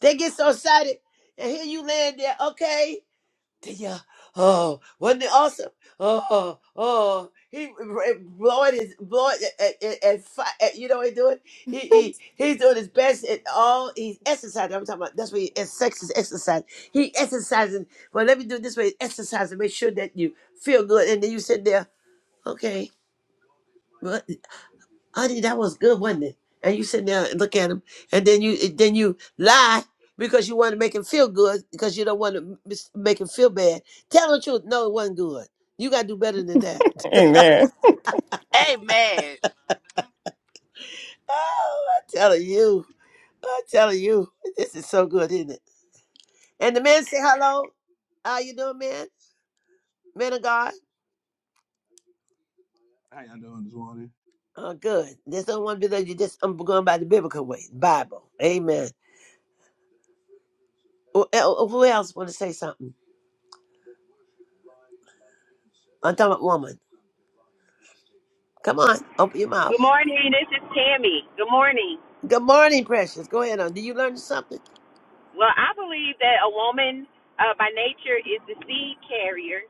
Speaker 2: They get so excited, and here you land there, okay. Then you, oh, wasn't it awesome? Oh, oh, he blowing his, blowing, and, and, and, fi- and you know what he doing? He, he, he's doing his best at all, he's exercising. I'm talking about, that's what he, and sex is exercise. He exercising, well, let me do it this way, exercise and make sure that you feel good. And then you sit there okay, well, honey, that was good, wasn't it? And you sit down and look at him, and then you then you lie because you want to make him feel good because you don't want to mis- make him feel bad. Tell the truth. No, it wasn't good. You gotta do better than that. (laughs)
Speaker 5: (laughs) Amen.
Speaker 3: Amen.
Speaker 2: Oh, I'm telling you, I'm telling you, this is so good, isn't it? And the man say hello. How you doing, man? Man of God.
Speaker 7: How y'all doing this morning?
Speaker 2: Oh, good. Just do one want like you. Just I'm going by the biblical way, Bible. Amen. Who who else want to say something? I'm talking about woman. Come on, open your mouth.
Speaker 8: Good morning. This is Tammy. Good morning.
Speaker 2: Good morning, precious. Go ahead on. Did you learn something?
Speaker 8: Well, I believe that a woman uh, by nature is the seed carrier,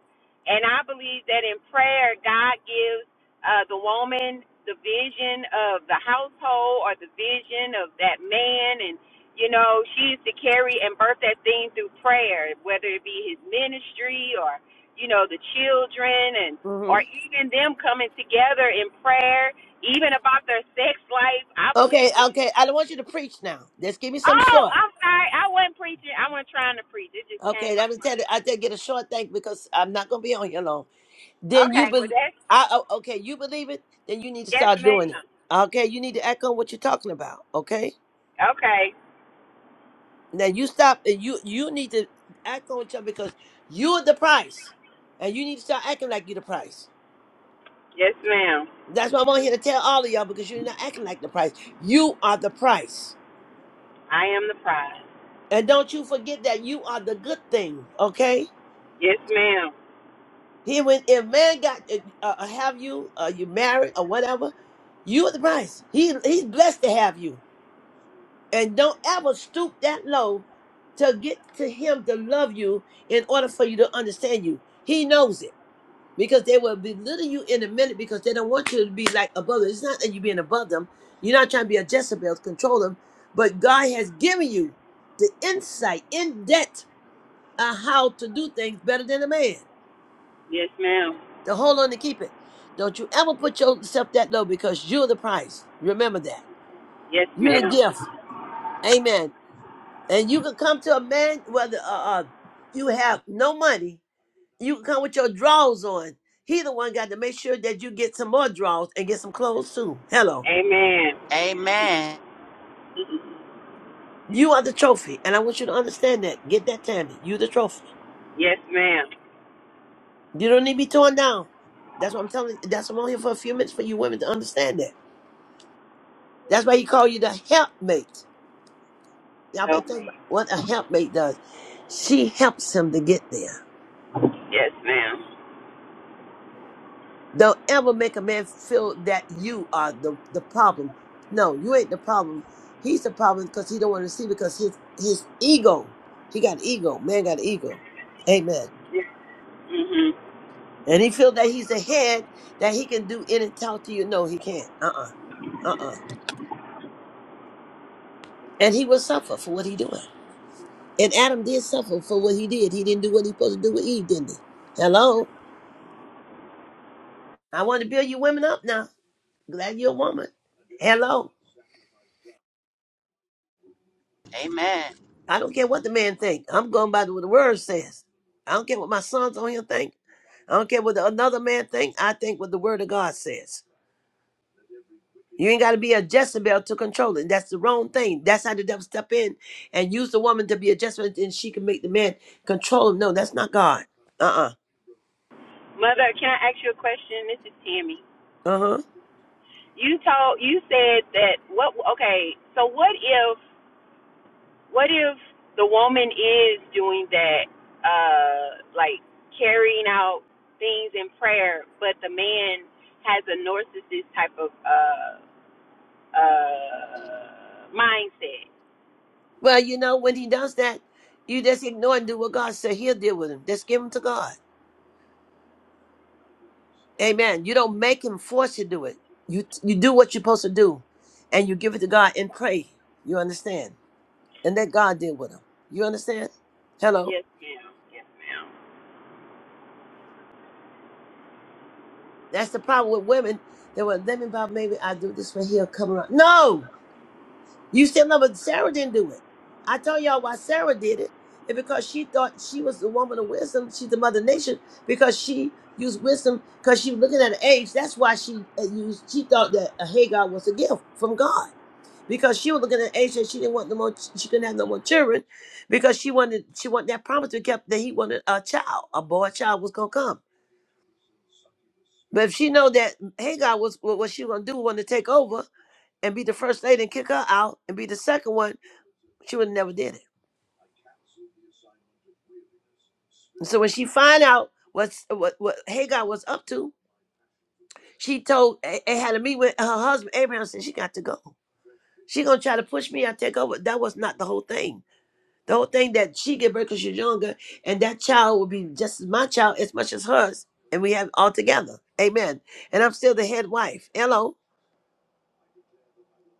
Speaker 8: and I believe that in prayer, God gives uh, the woman the vision of the household or the vision of that man, and you know she's to carry and birth that thing through prayer, whether it be his ministry or you know the children and
Speaker 2: hmm
Speaker 8: or even them coming together in prayer even about their sex life. I believe
Speaker 2: Okay, okay. I don't want you to preach now. Just give me some
Speaker 8: Oh,
Speaker 2: short.
Speaker 8: I'm sorry. I wasn't preaching. I wasn't trying to preach. It just
Speaker 2: Okay,
Speaker 8: came
Speaker 2: that
Speaker 8: out
Speaker 2: was
Speaker 8: my.
Speaker 2: tell you. I tell you get a short thing because I'm not gonna be on here long. Then
Speaker 8: Okay,
Speaker 2: you
Speaker 8: well
Speaker 2: be,
Speaker 8: that's
Speaker 2: I oh, okay. You believe it. Then you need to
Speaker 8: yes,
Speaker 2: start doing it.
Speaker 8: ma'am.
Speaker 2: Okay, you need to act on what you're talking about. Okay.
Speaker 8: Okay,
Speaker 2: Now you stop and you you need to act on each other because you're the price, and you need to start acting like you're the price.
Speaker 8: yes, ma'am.
Speaker 2: That's what I'm on here to tell all of y'all because you're not acting like the price. You are the price.
Speaker 8: I am the prize.
Speaker 2: And don't you forget that you are the good thing, okay?
Speaker 8: Yes, ma'am.
Speaker 2: He when if man got uh, uh, have you, uh, you married or whatever, you are the price. He he's blessed to have you, and don't ever stoop that low to get to him to love you in order for you to understand you. He knows it because they will belittle you in a minute because they don't want you to be like above them. It's not that you're being above them. You're not trying to be a Jezebel to control them, but God has given you the insight in depth uh, how to do things better than a man.
Speaker 8: Yes, ma'am.
Speaker 2: To hold on to keep it. Don't you ever put yourself that low because you're the price. Remember that.
Speaker 8: Yes,
Speaker 2: You're the
Speaker 8: ma'am.
Speaker 2: gift. Amen. And you can come to a man, whether uh, uh, you have no money, you can come with your drawers on. He the one got to make sure that you get some more draws and get some clothes too. Hello.
Speaker 8: Amen.
Speaker 3: Amen.
Speaker 8: (laughs)
Speaker 2: You are the trophy. And I want you to understand that. Get that, Tammy. You the trophy.
Speaker 8: Yes, ma'am.
Speaker 2: You don't need to be torn down. That's what I'm telling you. That's what I'm on here for a few minutes for you women to understand that. That's why he called you the helpmate. Y'all better
Speaker 8: Help
Speaker 2: think
Speaker 8: me.
Speaker 2: about what a helpmate does. She helps him to get there.
Speaker 8: Yes, ma'am.
Speaker 2: Don't ever make a man feel that you are the, the problem. No, you ain't the problem. He's the problem because he don't want to see because his his ego. He got an ego. Man got an ego. Amen.
Speaker 8: Mhm.
Speaker 2: And he feel that he's the head that he can do in and talk to you. No, he can't. Uh-uh. Uh-uh. And he will suffer for what he doing. And Adam did suffer for what he did. He didn't do what he supposed to do with Eve, didn't he? Hello? I want to build you women up now. Glad you're a woman. Hello.
Speaker 3: Amen.
Speaker 2: I don't care what the man think. I'm going by what the word says. I don't care what my sons on here think. I don't care what the- another man think. I think what the word of God says. You ain't got to be a Jezebel to control it. That's the wrong thing. That's how the devil step in and use the woman to be a Jezebel, and she can make the man control him. No, that's not God. Uh-uh.
Speaker 8: Mother, can I ask you a question? This is Tammy.
Speaker 2: Uh-huh.
Speaker 8: You told you said that what? Okay, so what if What if the woman is doing that, uh, like carrying out things in prayer, but the man has a narcissist type of uh, uh, mindset?
Speaker 2: Well, you know, when he does that, you just ignore and do what God said. He'll deal with him. Just give him to God. Amen. You don't make him force you to do it. You you do what you're supposed to do, and you give it to God and pray. You understand? And let God deal with him. You understand? Hello.
Speaker 8: Yes, ma'am. Yes, ma'am.
Speaker 2: That's the problem with women. They were let me about maybe I do this way. He'll come around. No, you still love it. Sarah didn't do it. I tell y'all why Sarah did it. It because she thought she was the woman of wisdom, she's the mother of nation because she used wisdom because she was looking at her age. That's why she uh, used. She thought that a Hagar was a gift from God. because she was looking at age and she didn't want no more. She couldn't have no more children because she wanted she wanted that promise to be kept that he wanted a child, a boy child was gonna come. But if she know that Hagar was what what she was gonna do, wanted to take over and be the first lady and kick her out and be the second one, she would have never did it. And so when she find out what's, what what Hagar was up to, she told A- had to meet with her husband Abraham. Said she got to go. She gonna try to push me. I take over. That was not the whole thing. The whole thing that she gave birth because she's younger, and that child will be just as my child as much as hers, and we have it all together. Amen. And I'm still the head wife. Hello.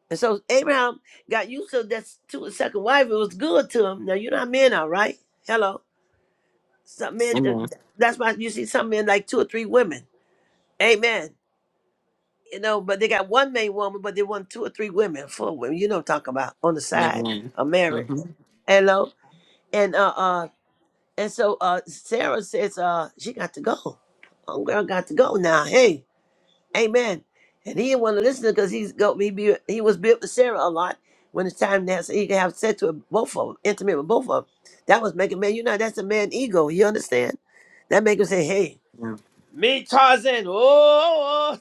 Speaker 2: And so Abraham got used to that to his second wife. It was good to him. Now you know how men are, right? Hello. Some men.
Speaker 5: Amen.
Speaker 2: uh, That's why you see some men like two or three women. Amen. You know, but they got one main woman, but they want two or three women, four women. You know, what I'm talking about on the side
Speaker 5: Amen.
Speaker 2: of marriage.
Speaker 5: Mm-hmm.
Speaker 2: Hello. And uh, uh, And so uh, Sarah says uh, she got to go. Homegirl got to go now. Hey, amen. And he didn't want to listen because he's go he be, he was built with Sarah a lot when it's time now so he could have sex with both of them, intimate with both of them. That was making man, you know, that's a man ego. You understand? That make him say, "Hey,
Speaker 5: Yeah.
Speaker 2: me Tarzan." Oh, oh,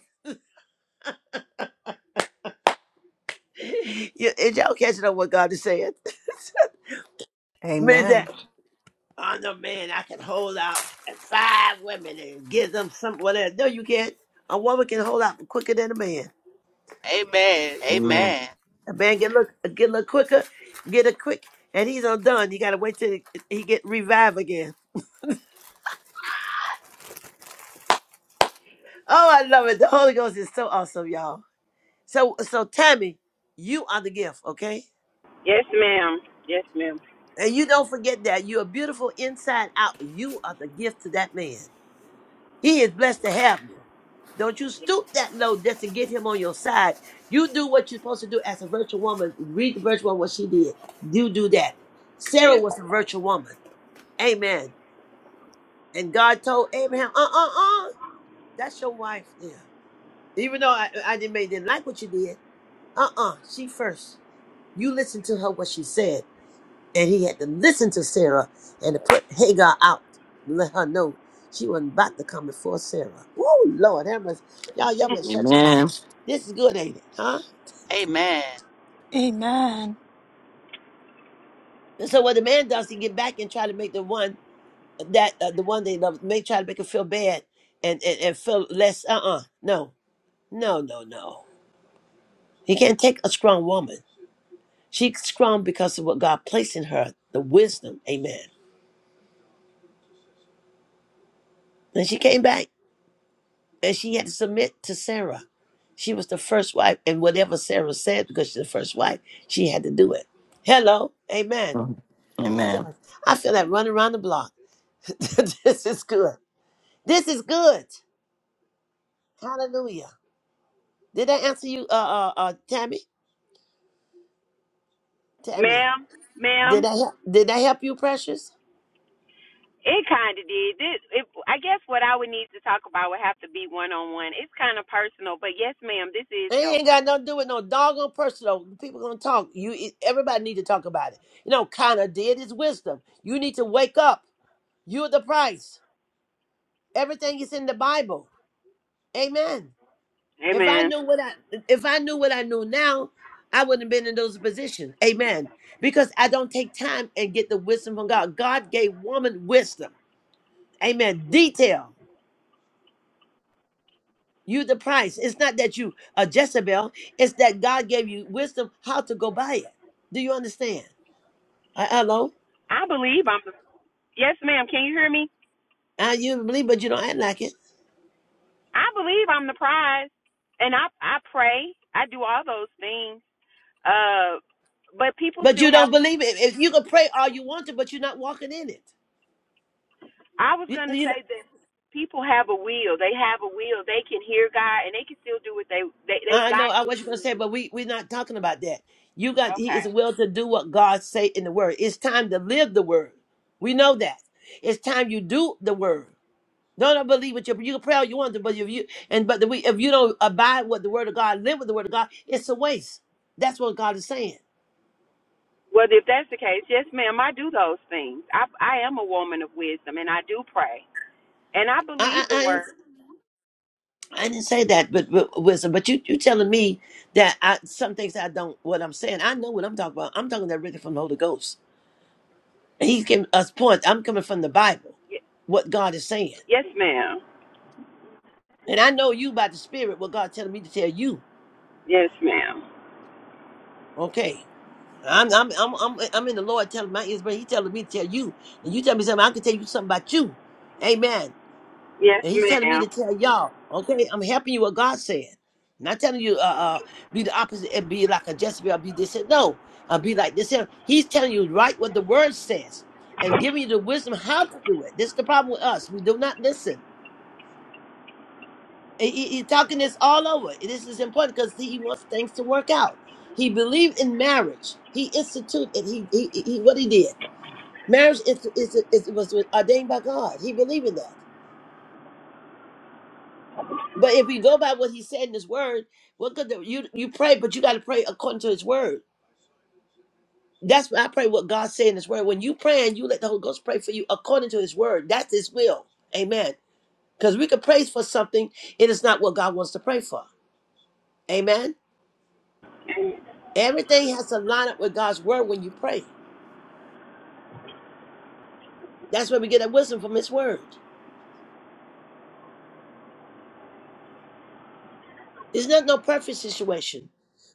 Speaker 2: oh. (laughs) you, y'all catching up what God is saying? (laughs)
Speaker 6: Amen.
Speaker 2: I'm the man I can hold out five women and give them some whatever. No, you can't. A woman can hold out quicker than a man.
Speaker 3: Amen.
Speaker 5: Amen.
Speaker 3: Amen.
Speaker 2: A man get look get a little quicker, get it quick, and he's undone. You gotta wait till he he get revived again. Oh, I love it. The Holy Ghost is so awesome, y'all. So so Tammy, you are the gift, okay?
Speaker 8: Yes, ma'am. Yes, ma'am.
Speaker 2: And you don't forget that. You are beautiful inside out. You are the gift to that man. He is blessed to have you. Don't you stoop that low just to get him on your side. You do what you're supposed to do as a virtual woman. Read the virtual woman what she did. You do that. Sarah
Speaker 8: Yes,
Speaker 2: was a virtual woman. Amen. And God told Abraham, uh uh uh, that's your wife there. Even though I, I didn't, may didn't like what you did, uh uh, she first. You listen to her, what she said. And he had to listen to Sarah and to put Hagar out, let her know she wasn't about to come before Sarah. Oh Lord, that was y'all, y'all better shut your mouth.
Speaker 5: Amen.
Speaker 2: This is good, ain't it? Huh?
Speaker 3: Amen.
Speaker 1: Amen.
Speaker 2: And so what the man does, he get back and try to make the one that uh, the one they love, make try to make her feel bad and and, and feel less. Uh uh no, no, no, no. He can't take a strong woman. She's strong because of what God placed in her, the wisdom. Amen. And she came back. and she had to submit to Sarah. She was the first wife, and whatever Sarah said, because she's the first wife, she had to do it. Hello, amen.
Speaker 5: Mhm. Amen.
Speaker 2: Shucks, I feel like running around the block. (laughs) this is good. This is good. Hallelujah. Did I answer you, uh, uh, uh, Tammy? Tammy,
Speaker 8: ma'am.
Speaker 2: did
Speaker 8: Ma'am.
Speaker 2: I help? Did I help you, Precious?
Speaker 8: It kind of did. This, it, I guess what I would need to talk about would have to be one on one. It's kind of personal, but yes, ma'am, this is
Speaker 2: It ain't
Speaker 8: helping.
Speaker 2: got nothing to do with no doggone person. Though. People gonna talk. You, it- everybody need to talk about it. You know, kind of did is wisdom. You need to wake up. You're the price. Everything is in the Bible. Amen. If I
Speaker 8: Amen.
Speaker 2: knew what I if I knew what I know now, I wouldn't have been in those positions. Amen. Because I don't take time and get the wisdom from God. God gave woman wisdom. Amen. Detail. You the price. It's not that you a Jezebel. It's that God gave you wisdom how to go by it. Do you understand? Uh, hello.
Speaker 8: I believe I'm Yes, ma'am. Can you hear me?
Speaker 2: Uh, you believe, but you don't act like it.
Speaker 8: I believe I'm the prize, and I I pray. I do all those things. Uh, but people
Speaker 2: But
Speaker 8: still
Speaker 2: you
Speaker 8: have.
Speaker 2: don't believe it. If you can pray all you want to, but you're not walking in it.
Speaker 8: I was
Speaker 2: You
Speaker 8: gonna
Speaker 2: you-
Speaker 8: say that people have a will. They have a will. They can hear God, and they can still do what they they they
Speaker 2: I know
Speaker 8: God
Speaker 2: I
Speaker 8: gives
Speaker 2: was
Speaker 8: them.
Speaker 2: gonna
Speaker 8: to
Speaker 2: say,
Speaker 8: do.
Speaker 2: but we we're not talking about that. You got he
Speaker 8: Okay.
Speaker 2: is will to do what God say in the word. It's time to live the word. We know that. It's time you do the word. Don't I believe what you you can pray all you want to, but if you and but the, we if you don't abide with the word of God, live with the word of God, it's a waste. That's what God is saying.
Speaker 8: Well, if that's the case, yes, ma'am. I do those things. I I am a woman of wisdom, and I do pray, and I
Speaker 2: I
Speaker 8: believe the
Speaker 2: I, I, didn't,
Speaker 8: word.
Speaker 2: I didn't say that, but, but wisdom. But you you telling me that I some things I don't what I'm saying. I know what I'm talking about. I'm talking directly from the Holy Ghost. And He's giving us points. I'm coming from the Bible,
Speaker 8: Y-
Speaker 2: what God is saying,
Speaker 8: yes, ma'am.
Speaker 2: and I know you by the Spirit what God's telling me to tell you.
Speaker 8: Yes, ma'am.
Speaker 2: Okay, I'm I'm I'm I'm, I'm in the Lord telling my ears, but He's telling me to tell you, and you tell me something. I can tell you something about you. Amen.
Speaker 8: Yes,
Speaker 2: And He's telling me
Speaker 8: ma'am.
Speaker 2: to tell y'all. Okay, I'm helping you what God said. Not telling you uh, uh be the opposite and be like a Jezebel, be this and no, uh, be like this. And no. he's telling you right what the word says and giving you the wisdom how to do it. This is the problem with us. We do not listen. He- he- He's talking this all over. This is important because he wants things to work out. He believed in marriage. He instituted. He he, he what he did. Marriage is, is, is was ordained by God. He believed in that. But if we go by what he said in his word, what could the, you you pray? But you got to pray according to his word. That's why I pray what God said in his word. When you pray and you let the Holy Ghost pray for you according to his word, that's his will. Amen. Because we could pray for something, it is not what God wants to pray for. Amen.
Speaker 8: And
Speaker 2: Everything has to line up with God's word when you pray. That's where we get that wisdom from His word. It's not no perfect situation,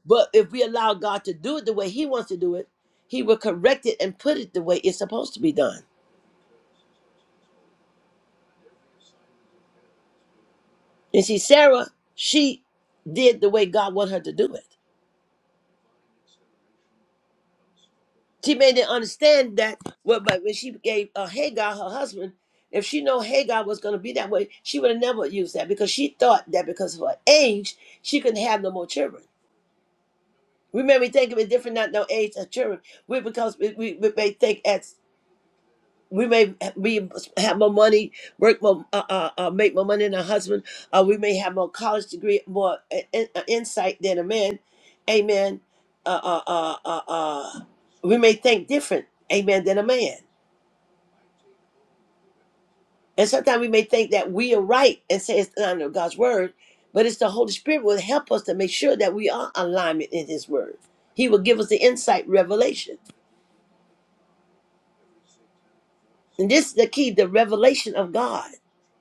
Speaker 2: but if we allow God to do it the way He wants to do it, He will correct it and put it the way it's supposed to be done. And see, Sarah, she did the way God wanted her to do it. She made them understand that. Well, but when she gave uh, Hagar her husband, if she know Hagar was going to be that way, she would have never used that because she thought that because of her age, she couldn't have no more children. We may think of it different, not no age as children. We because we, we, we may think as we may be have more money, work more, uh, uh, uh, make more money than a husband. Uh, we may have more college degree, more uh, in, uh, insight than a man. Amen. Uh, uh, uh, uh, uh, we may think different, amen, than a man. And sometimes we may think that we are right and say it's not under God's word, but it's the Holy Spirit will help us to make sure that we are alignment in His word. He will give us the insight, revelation. And this is the key, the revelation of God,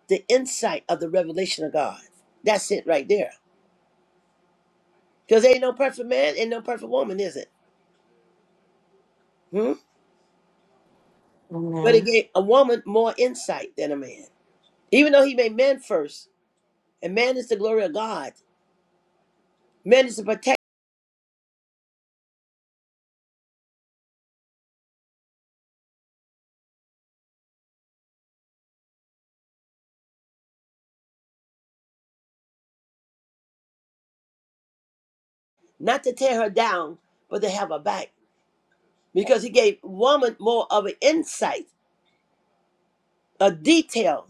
Speaker 2: the insight of the revelation of God. That's it right there. Because ain't no perfect man, ain't no perfect woman, is it? Hmm? But it
Speaker 5: Amen.
Speaker 2: gave a woman more insight than a man. Even though he made man first, and man is the glory of God, man is to protect, not to tear her down, but to have her back. Because he gave woman more of an insight, a detail.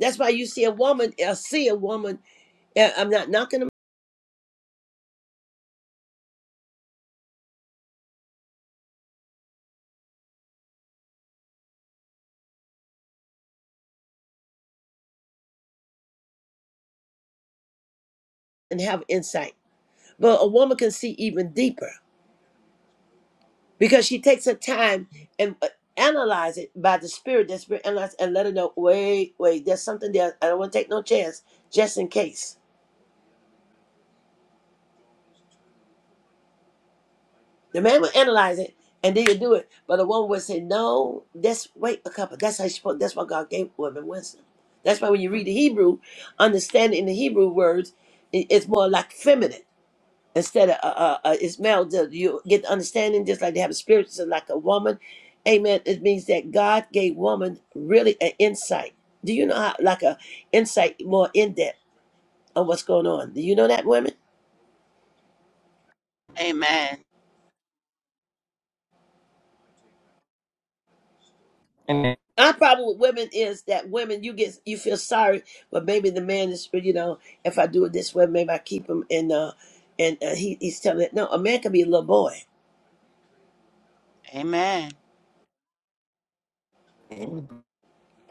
Speaker 2: That's why you see a woman, I see a woman, uh, I'm not knocking them and have insight, but a woman can see even deeper. because she takes her time and uh, analyze it by the spirit that spirit analyze and let her know wait wait there's something there i don't want to take no chance just in case the man will analyze it and then you do it but the woman would say no that's wait a couple that's how she spoke that's why god gave women wisdom that's why when you read the hebrew understanding the hebrew words i- it's more like feminine instead of uh, uh, uh, Ismail, the- you get the understanding just like they have a spirit, so like a woman. Amen. It means that God gave woman really an insight. Do you know how, like a insight more in depth on what's going on? Do you know that women?
Speaker 3: Amen.
Speaker 5: Amen. Amen.
Speaker 2: Our problem with women is that women you get you feel sorry, but maybe the man is you know if I do it this way, maybe I keep him and uh and uh, he he's telling it. No, a man can be a little boy.
Speaker 3: Amen.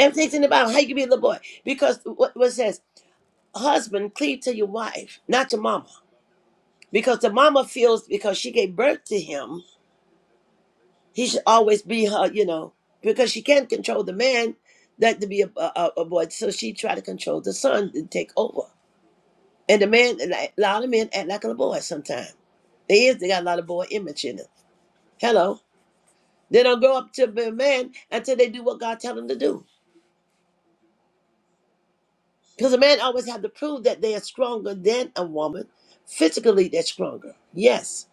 Speaker 2: And thinking about how you can be a little boy because what what it says husband cleave to your wife, not your mama. because the mama feels because she gave birth to him, he should always be her, you know, because she can't control the man that to be a, a, a boy. So she tried to control the son and take over. And the man, a lot of men act like a boy sometimes. They is, they got a lot of boy image in them. Hello. They don't grow up to be a man until they do what God tell them to do. Because a man always have to prove that they are stronger than a woman. Physically, they're stronger. Yes.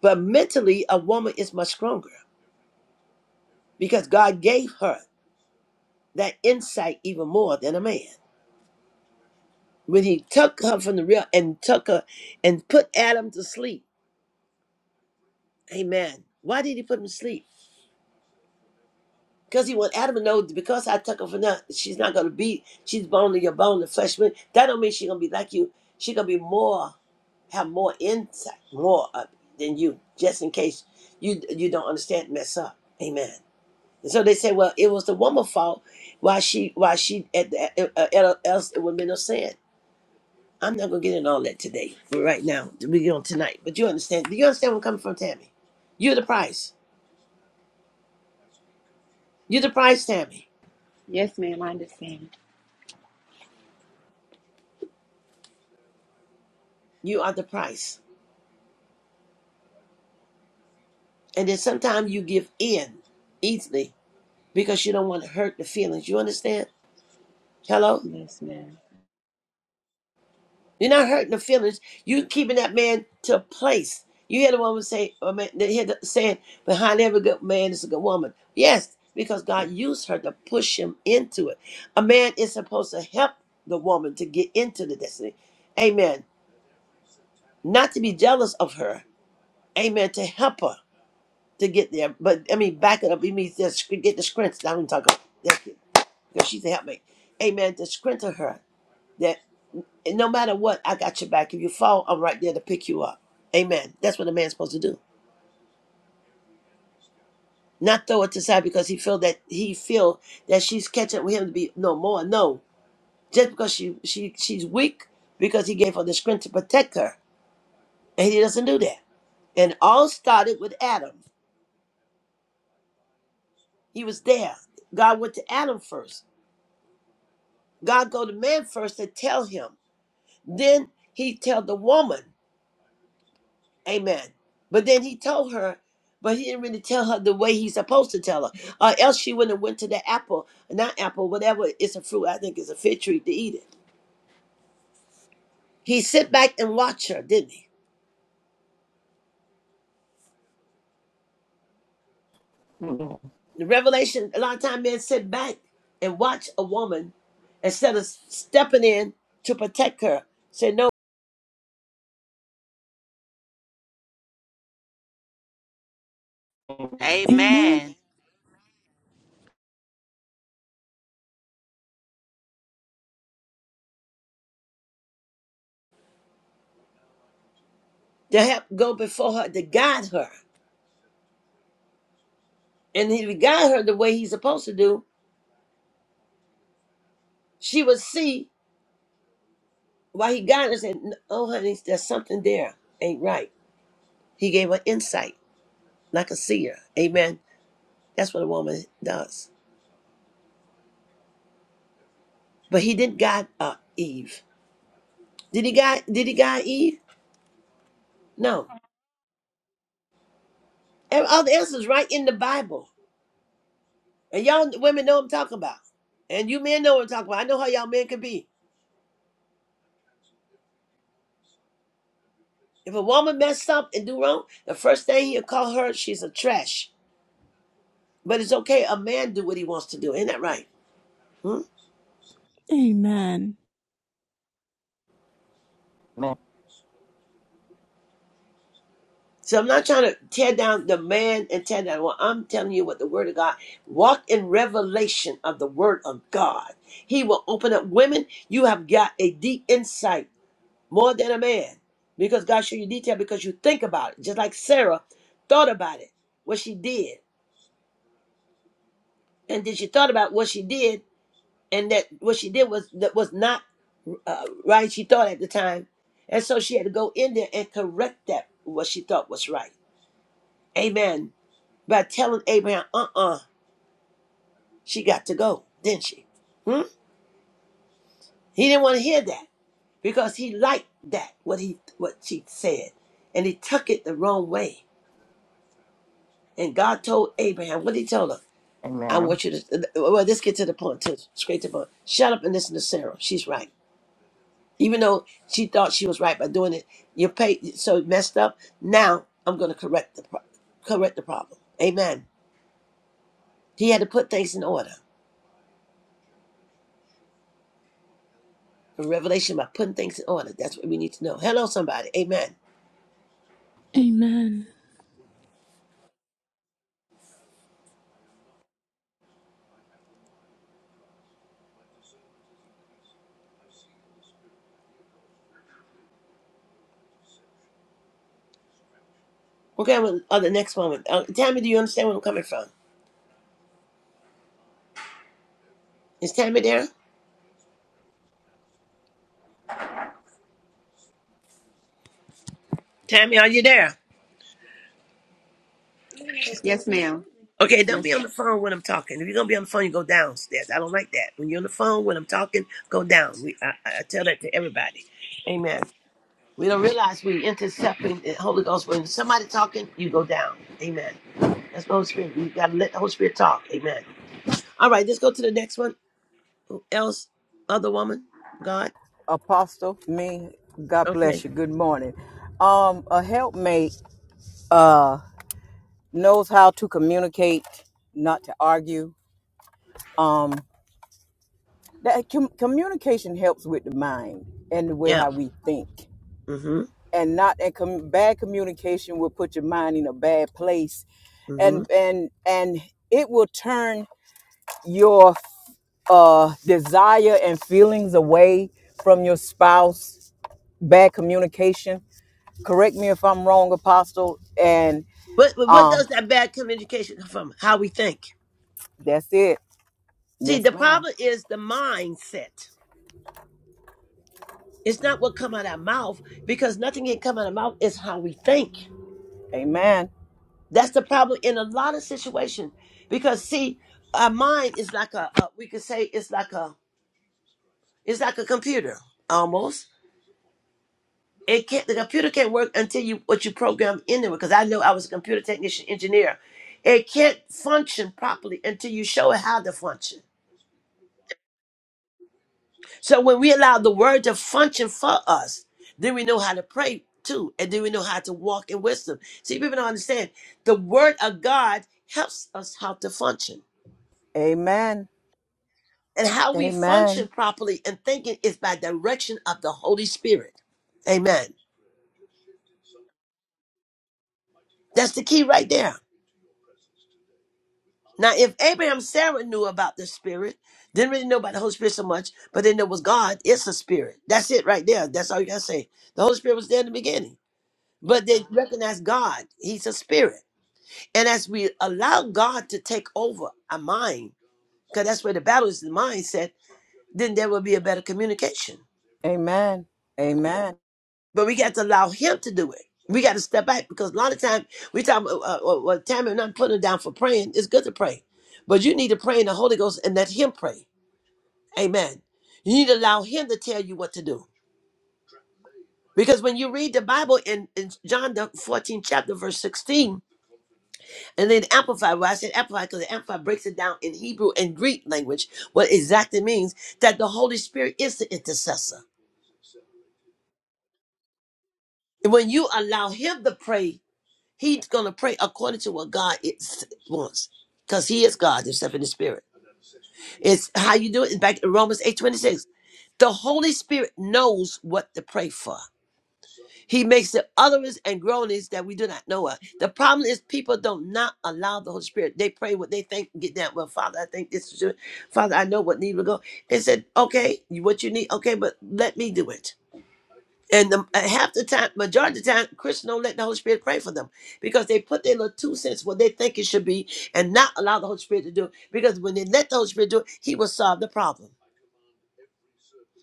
Speaker 2: But mentally, a woman is much stronger because God gave her. that insight even more than a man. When he took her from the real and took her and put Adam to sleep. Amen. Why did he put him to sleep? Because he want Adam to know that because I took her from now she's not gonna be, she's bone to your bone the flesh. with- That don't mean she's gonna be like you. She gonna be more, have more insight, more of it than you, just in case you you don't understand, mess up. Amen. And so they say, well, it was the woman's fault. Why she, why she, at the, uh, uh, else it would have been no sin I'm not gonna get into all that today. For right now, we get on tonight. But you understand? Do you understand where I'm coming from, Tammy? You're the price. You're the price, Tammy.
Speaker 8: Yes, ma'am, I understand.
Speaker 2: You are the price. And then sometimes you give in easily because you don't want to hurt the feelings. You understand? Hello. You're not hurting the feelings. You're keeping that man to a place. You hear the woman say, or man, they hear the saying, behind every good man is a good woman. Yes, because God used her to push him into it. A man is supposed to help the woman to get into the destiny. Amen. Not to be jealous of her. Amen. To help her to get there. But I mean, back it up. It means just get the strength. I don't talk about. Thank you. Because she's a helpmate. Amen. To strengthen her. And no matter what, I got your back. If you fall, I'm right there to pick you up. Amen. That's what a man's supposed to do. Not throw it to side because he feel that he feel that she's catching up with him to be no more. No. Just because she she she's weak because he gave her the strength to protect her. And he doesn't do that. And all started with Adam. He was there. God went to Adam first. God go to man first to tell him. Then he tell the woman. Amen. But then he told her, but he didn't really tell her the way he's supposed to tell her. Or else she wouldn't have went to the apple, not apple, whatever it's a fruit, I think it's a fig tree to eat it. He sit back and watch her, didn't he?
Speaker 5: Amen.
Speaker 2: The revelation, a lot of time men sit back and watch a woman instead of stepping in to protect her. Say no,
Speaker 1: Amen.
Speaker 3: Amen.
Speaker 2: to help go before her, to guide her. And if he guide her the way he's supposed to do, she would see why he guided her and said, Oh honey, there's something there. Ain't right. He gave her insight, like a seer. Amen. That's what a woman does. But he didn't guide uh, Eve. Did he guide? Did he guide Eve? No. And all the answers right in the Bible. And y'all women know what I'm talking about. And you men know what I'm talking about. I know how y'all men could be. If a woman messed up and do wrong, the first thing he'll call her, she's a trash. But it's okay. A man do what he wants to do. Ain't that right? Hmm.
Speaker 1: Amen.
Speaker 5: Amen.
Speaker 2: So I'm not trying to tear down the man and tear down. Well, I'm telling you what the word of God. Walk in revelation of the word of God. He will open up women. You have got a deep insight more than a man because God showed you detail because you think about it. Just like Sarah thought about it, what she did, and then she thought about what she did, and that what she did was that was not uh, right. She thought at the time, and so she had to go in there and correct that what she thought was right. Amen by telling Abraham, uh uh she got to go, didn't she? Hmm? He didn't want to hear that because he liked that, what he what she said. And he took it the wrong way. And God told Abraham, what did he tell her? I
Speaker 5: Amen.
Speaker 2: want you to well, let's get to the point too. Straight to the point. Shut up and listen to Sarah. She's right. Even though she thought she was right by doing it, you paid so it messed up. Now I'm gonna correct the pro- correct the problem. Amen. He had to put things in order. and revelation by putting things in order. That's what we need to know. Hello, somebody. Amen.
Speaker 1: Amen. Amen.
Speaker 2: Okay, are on the next one. Uh, Tammy, do you understand where I'm coming from? Is Tammy there? Tammy, are you there? Okay, don't be on the phone when I'm talking. If you're gonna be on the phone, you go downstairs. I don't like that. When you're on the phone when I'm talking, go down. We, I, I tell that to everybody. Amen. We don't realize we intercepting the Holy Ghost when somebody talking. You go down. Amen. That's the Holy Spirit. We gotta let the Holy Spirit talk. Amen. All right, let's go to the next one. Who else? Other woman. God.
Speaker 6: Apostle, me, God
Speaker 2: Okay.
Speaker 6: bless you. Good morning. Um, a helpmate uh knows how to communicate, not to argue. Um. that uh, com- communication helps with the mind and the way
Speaker 2: Yeah.
Speaker 6: how we think
Speaker 2: hmm
Speaker 6: and not and com- bad communication will put your mind in a bad place
Speaker 2: hmm
Speaker 6: and and and it will turn your uh desire and feelings away from your spouse bad communication correct me if i'm wrong apostle and
Speaker 2: But, but what
Speaker 6: um
Speaker 2: does that bad communication come from? How we think.
Speaker 6: that's it
Speaker 2: See,
Speaker 6: yes
Speaker 2: the
Speaker 6: ma'am
Speaker 2: problem is the mindset. It's not what come out our mouth because nothing can come out of mouth. It's how we think.
Speaker 6: amen
Speaker 2: That's the problem in a lot of situations. Because see, our mind is like a, a we could say it's like a it's like a computer almost. It can't the computer can't work until you what you program into it. Because I know I was a computer technician engineer. It can't function properly until you show it how to function. So when we allow the word to function for us, then we know how to pray too, and then we know how to walk in wisdom. See, people don't understand the word of God helps us how to function.
Speaker 6: amen
Speaker 2: And how we function
Speaker 6: amen
Speaker 2: properly and thinking is by direction of the Holy Spirit. Amen. That's the key right there. Now, if Abraham and Sarah knew about the Spirit, didn't really know about the Holy Spirit so much, but they knew it was God, it's a spirit. That's it right there. That's all you gotta say. The Holy Spirit was there in the beginning. But they recognized God. He's a spirit. And as we allow God to take over our mind, because that's where the battle is the mindset, then there will be a better communication.
Speaker 6: amen amen
Speaker 2: But we got to allow Him to do it. We got to step back because a lot of time we talk. Uh, uh, uh, well, Tammy and I'm putting it down for praying. It's good to pray, but you need to pray in the Holy Ghost and let Him pray. Amen. You need to allow Him to tell you what to do. Because when you read the Bible in, in John the 14th chapter, verse 16, And then amplify why I said Amplify because the amplify breaks it down in Hebrew and Greek language, what exactly means that the Holy Spirit is the intercessor. And when you allow Him to pray, He's going to pray according to what God is, wants, because He is God Himself in the Spirit. It's how you do it. Back in Romans eight twenty six, the Holy Spirit knows what to pray for. He makes the utterance and groanings that we do not know of. The problem is people don't not allow the Holy Spirit. They pray what they think and get down. Well, Father, I think this is your Father, I know what need to go. They said, okay, you- what you need, okay, but let me do it. And the, uh, half the time, majority of the time, Christians don't let the Holy Spirit pray for them because they put their little two cents what they think it should be and not allow the Holy Spirit to do it. Because when they let the Holy Spirit do it, He will solve the problem.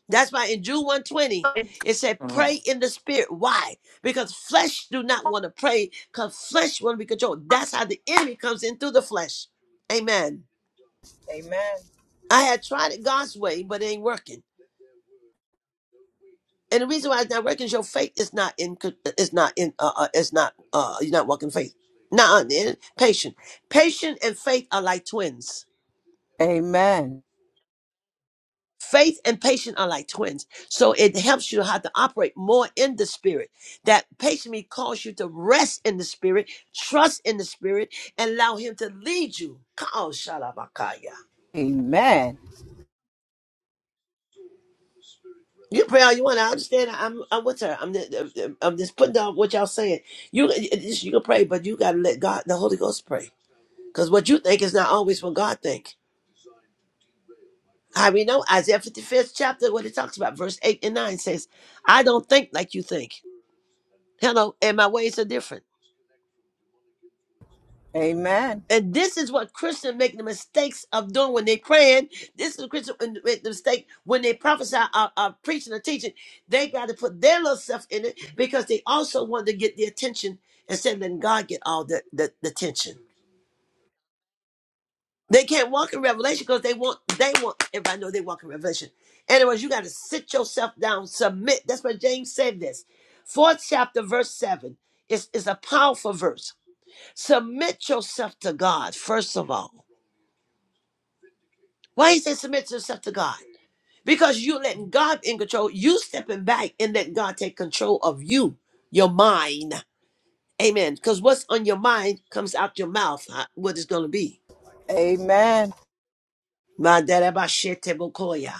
Speaker 2: That's why in Jude 120, it said, pray in the spirit. Why? Because flesh do not want to pray, because flesh want to be controlled. That's how the enemy comes in through the flesh. Amen.
Speaker 6: amen
Speaker 2: I had tried it God's way, but it ain't working. And the reason why it's not working is your faith is not in, it's not in, uh, uh, it's not, uh, you're not walking faith. Not patient. Patient and faith are like twins.
Speaker 6: Amen.
Speaker 2: Faith and patience are like twins. So it helps you how to operate more in the spirit. That patience may cause you to rest in the spirit, trust in the spirit, and allow him to lead you. Oh, shalabakaya.
Speaker 6: Amen.
Speaker 2: You pray all you want. I understand. I'm, I'm with her. I'm, I'm just putting down what y'all saying. You, you can pray, but you got to let God, the Holy Ghost pray. Because what you think is not always what God think. How we know Isaiah 55th chapter, what it talks about, verse 8 and 9 says, I don't think like you think. Hello, and my ways are different.
Speaker 6: Amen.
Speaker 2: And this is what Christians make the mistakes of doing when they're praying. This is Christian when- make the mistake when they prophesy or, or preaching or teaching. They got to put their little stuff in it because they also want to get the attention instead of letting God get all the, the, the attention. They can't walk in revelation because they want they want everybody know they walk in revelation. Anyways, you got to sit yourself down, submit. That's what James said this. Fourth chapter, verse seven is, is a powerful verse. Submit yourself to God, first of all. Why he say submit yourself to God? Because you letting God in control, you stepping back and letting God take control of you, your mind. Amen. Because what's on your mind comes out your mouth, uh, what it's gonna be.
Speaker 6: Amen. Amen.
Speaker 2: My dad about shit bokoya.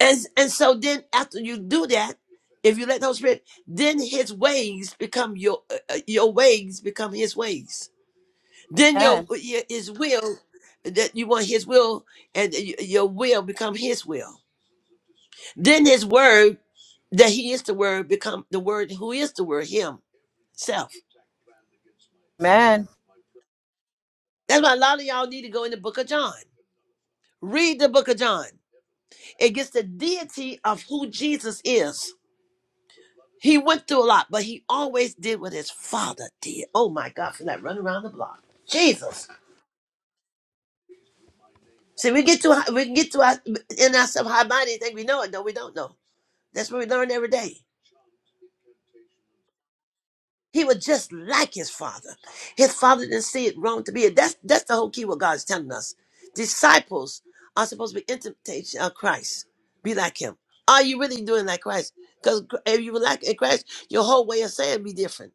Speaker 2: And and so then after you do that, if you let the Holy Spirit, then his ways become your uh, uh, your ways become his ways. Then your your- his will that you want his will and y- your will become his will. Then his word that he is the word become the word who is the word himself
Speaker 6: Amen.
Speaker 2: that's why a lot of y'all need to go in the book of john read the book of john it gets the deity of who jesus is he went through a lot but he always did what his father did oh my god for that run around the block jesus see we get to we can get to our in ourselves high minded and think we know it no we don't know that's what we learn every day He was just like his father. His father didn't see it wrong to be it. That's that's the whole key what God's telling us. Disciples are supposed to be imitation of Christ. Be like him. Are you really doing like Christ? Because if you were like eh, Christ, your whole way of saying be different.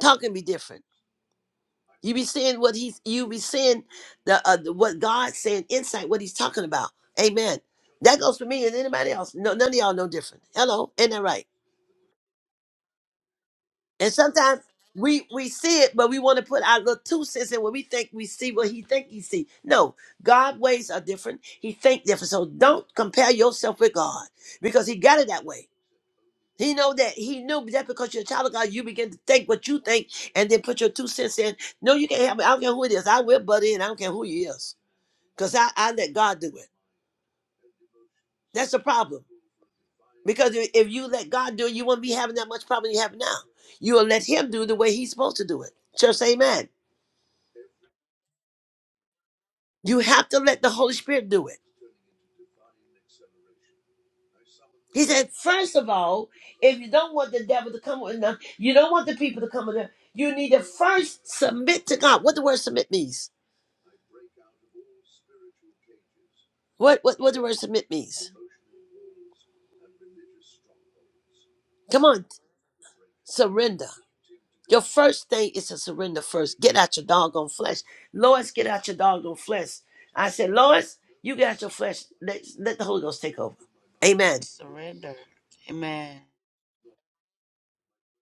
Speaker 2: Talking be different. You be seeing what he's you be seeing the uh, the- what God's saying, insight, what he's talking about. Amen. That goes for me and anybody else. No, none of y'all no different. Hello, ain't that right? And sometimes we we see it, but we want to put our little two cents in when we think we see what he think he see. No, God ways are different. He think different. So don't compare yourself with God because he got it that way. He know that he knew that because you're a child of God, you begin to think what you think and then put your two cents in. No, you can't help me. I don't care who it is. I will butt in. I don't care who he is. Because I, I let God do it. That's the problem. Because if if you let God do it, you won't be having that much problem you have now. You will let him do the way he's supposed to do it. Just amen. You have to let the Holy Spirit do it. He said, first of all, if you don't want the devil to come with them, you don't want the people to come with them, you need to first submit to God. What the word submit means? What what what the word submit means? Come on, surrender. Your first thing is to surrender first. Get out your doggone flesh. Lois, get out your doggone flesh. I said, Lois, you get out your flesh. Let, let the Holy Ghost take over. Amen.
Speaker 3: Surrender. Amen.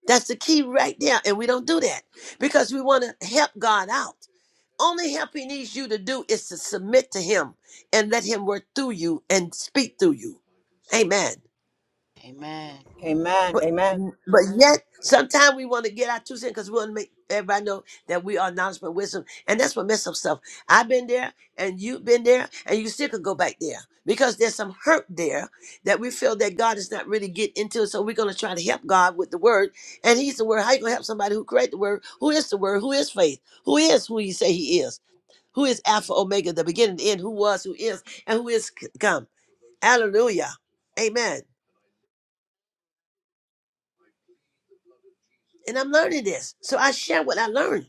Speaker 2: That's the key right there. And we don't do that because we want to help God out. only help he needs you to do is to submit to him and let him work through you and speak through you. Amen.
Speaker 3: Amen.
Speaker 6: Amen.
Speaker 2: But
Speaker 6: Amen.
Speaker 2: but yet sometimes we want to get our two cents because we want to make everybody know that we are knowledge and wisdom. And that's what mess up stuff. I've been there and you've been there and you still could go back there because there's some hurt there that we feel that God is not really getting into. So we're gonna try to help God with the word. And he's the word. How you gonna help somebody who created the word, who is the word, who is faith, who is who you say he is? who is Alpha Omega, the beginning, the end, who was, who is, and who is c- come. Hallelujah. Amen. And I'm learning this. So I share what I learned.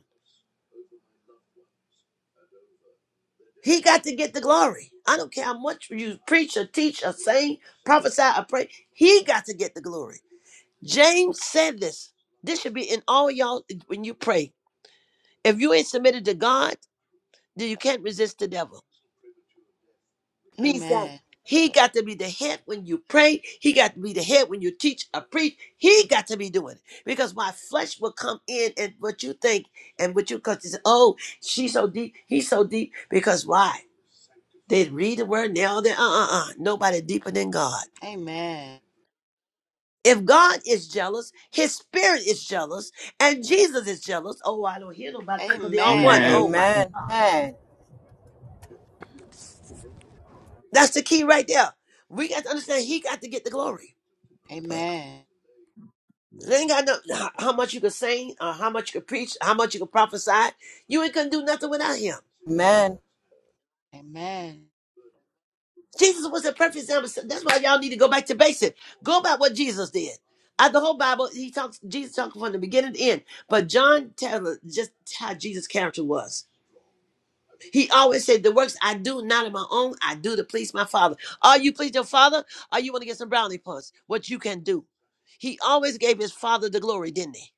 Speaker 2: He got to get the glory. I don't care how much you preach or teach or sing, prophesy or pray. He got to get the glory. James said this. This should be in all y'all when you pray. If you ain't submitted to God, then you can't resist the devil. means that
Speaker 3: Amen.
Speaker 2: he got to be the head when you pray. He got to be the head when you teach or preach. He got to be doing it because my flesh will come in and what you think and what you because it's oh she's so deep, he's so deep because why they read the word now they uh uh uh nobody deeper than God.
Speaker 3: Amen.
Speaker 2: If God is jealous, His Spirit is jealous, and Jesus is jealous. Oh, I don't hear nobody talking. They all one.
Speaker 3: Amen.
Speaker 5: Amen.
Speaker 2: Oh my,
Speaker 6: Amen.
Speaker 2: that's the key right there. We got to understand He got to get the glory.
Speaker 3: Amen.
Speaker 2: They ain't got no how how much you could sing, or how much you could preach, how much you could prophesy. You ain't gonna do nothing without him.
Speaker 6: Amen.
Speaker 3: Amen.
Speaker 2: Jesus was the perfect example. So That's why y'all need to go back to basic. Go about what Jesus did. Out the whole Bible, he talks. Jesus talking from the beginning to end. But John tells us just how Jesus' character was. He always said, "The works I do, not of my own, I do to please my Father." Are you please your Father? Or you want to get some brownie points? What you can do. He always gave his Father the glory, didn't he?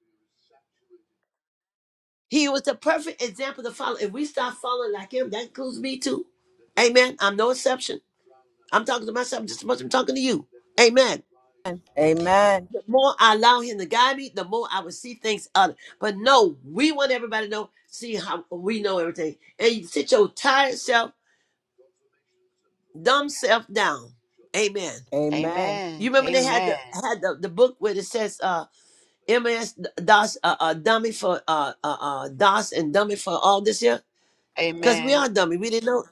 Speaker 2: He was the perfect example to follow. If we start following like him, that includes me too. Amen. I'm no exception. I'm talking to myself just as much as I'm talking to you. Amen.
Speaker 6: Amen.
Speaker 2: The more I allow him to guide me, the more I will see things other. But no, we want everybody to know, see how we know everything. And you sit your tired self, dumb self down. Amen.
Speaker 6: Amen.
Speaker 3: Amen.
Speaker 2: You remember they had the had the, the book where it says uh MS DOS uh, uh dummy for uh uh uh DOS and dummy for all this year?
Speaker 3: Amen. Amen.
Speaker 2: Because we
Speaker 3: Amen.
Speaker 2: are dummy. We didn't know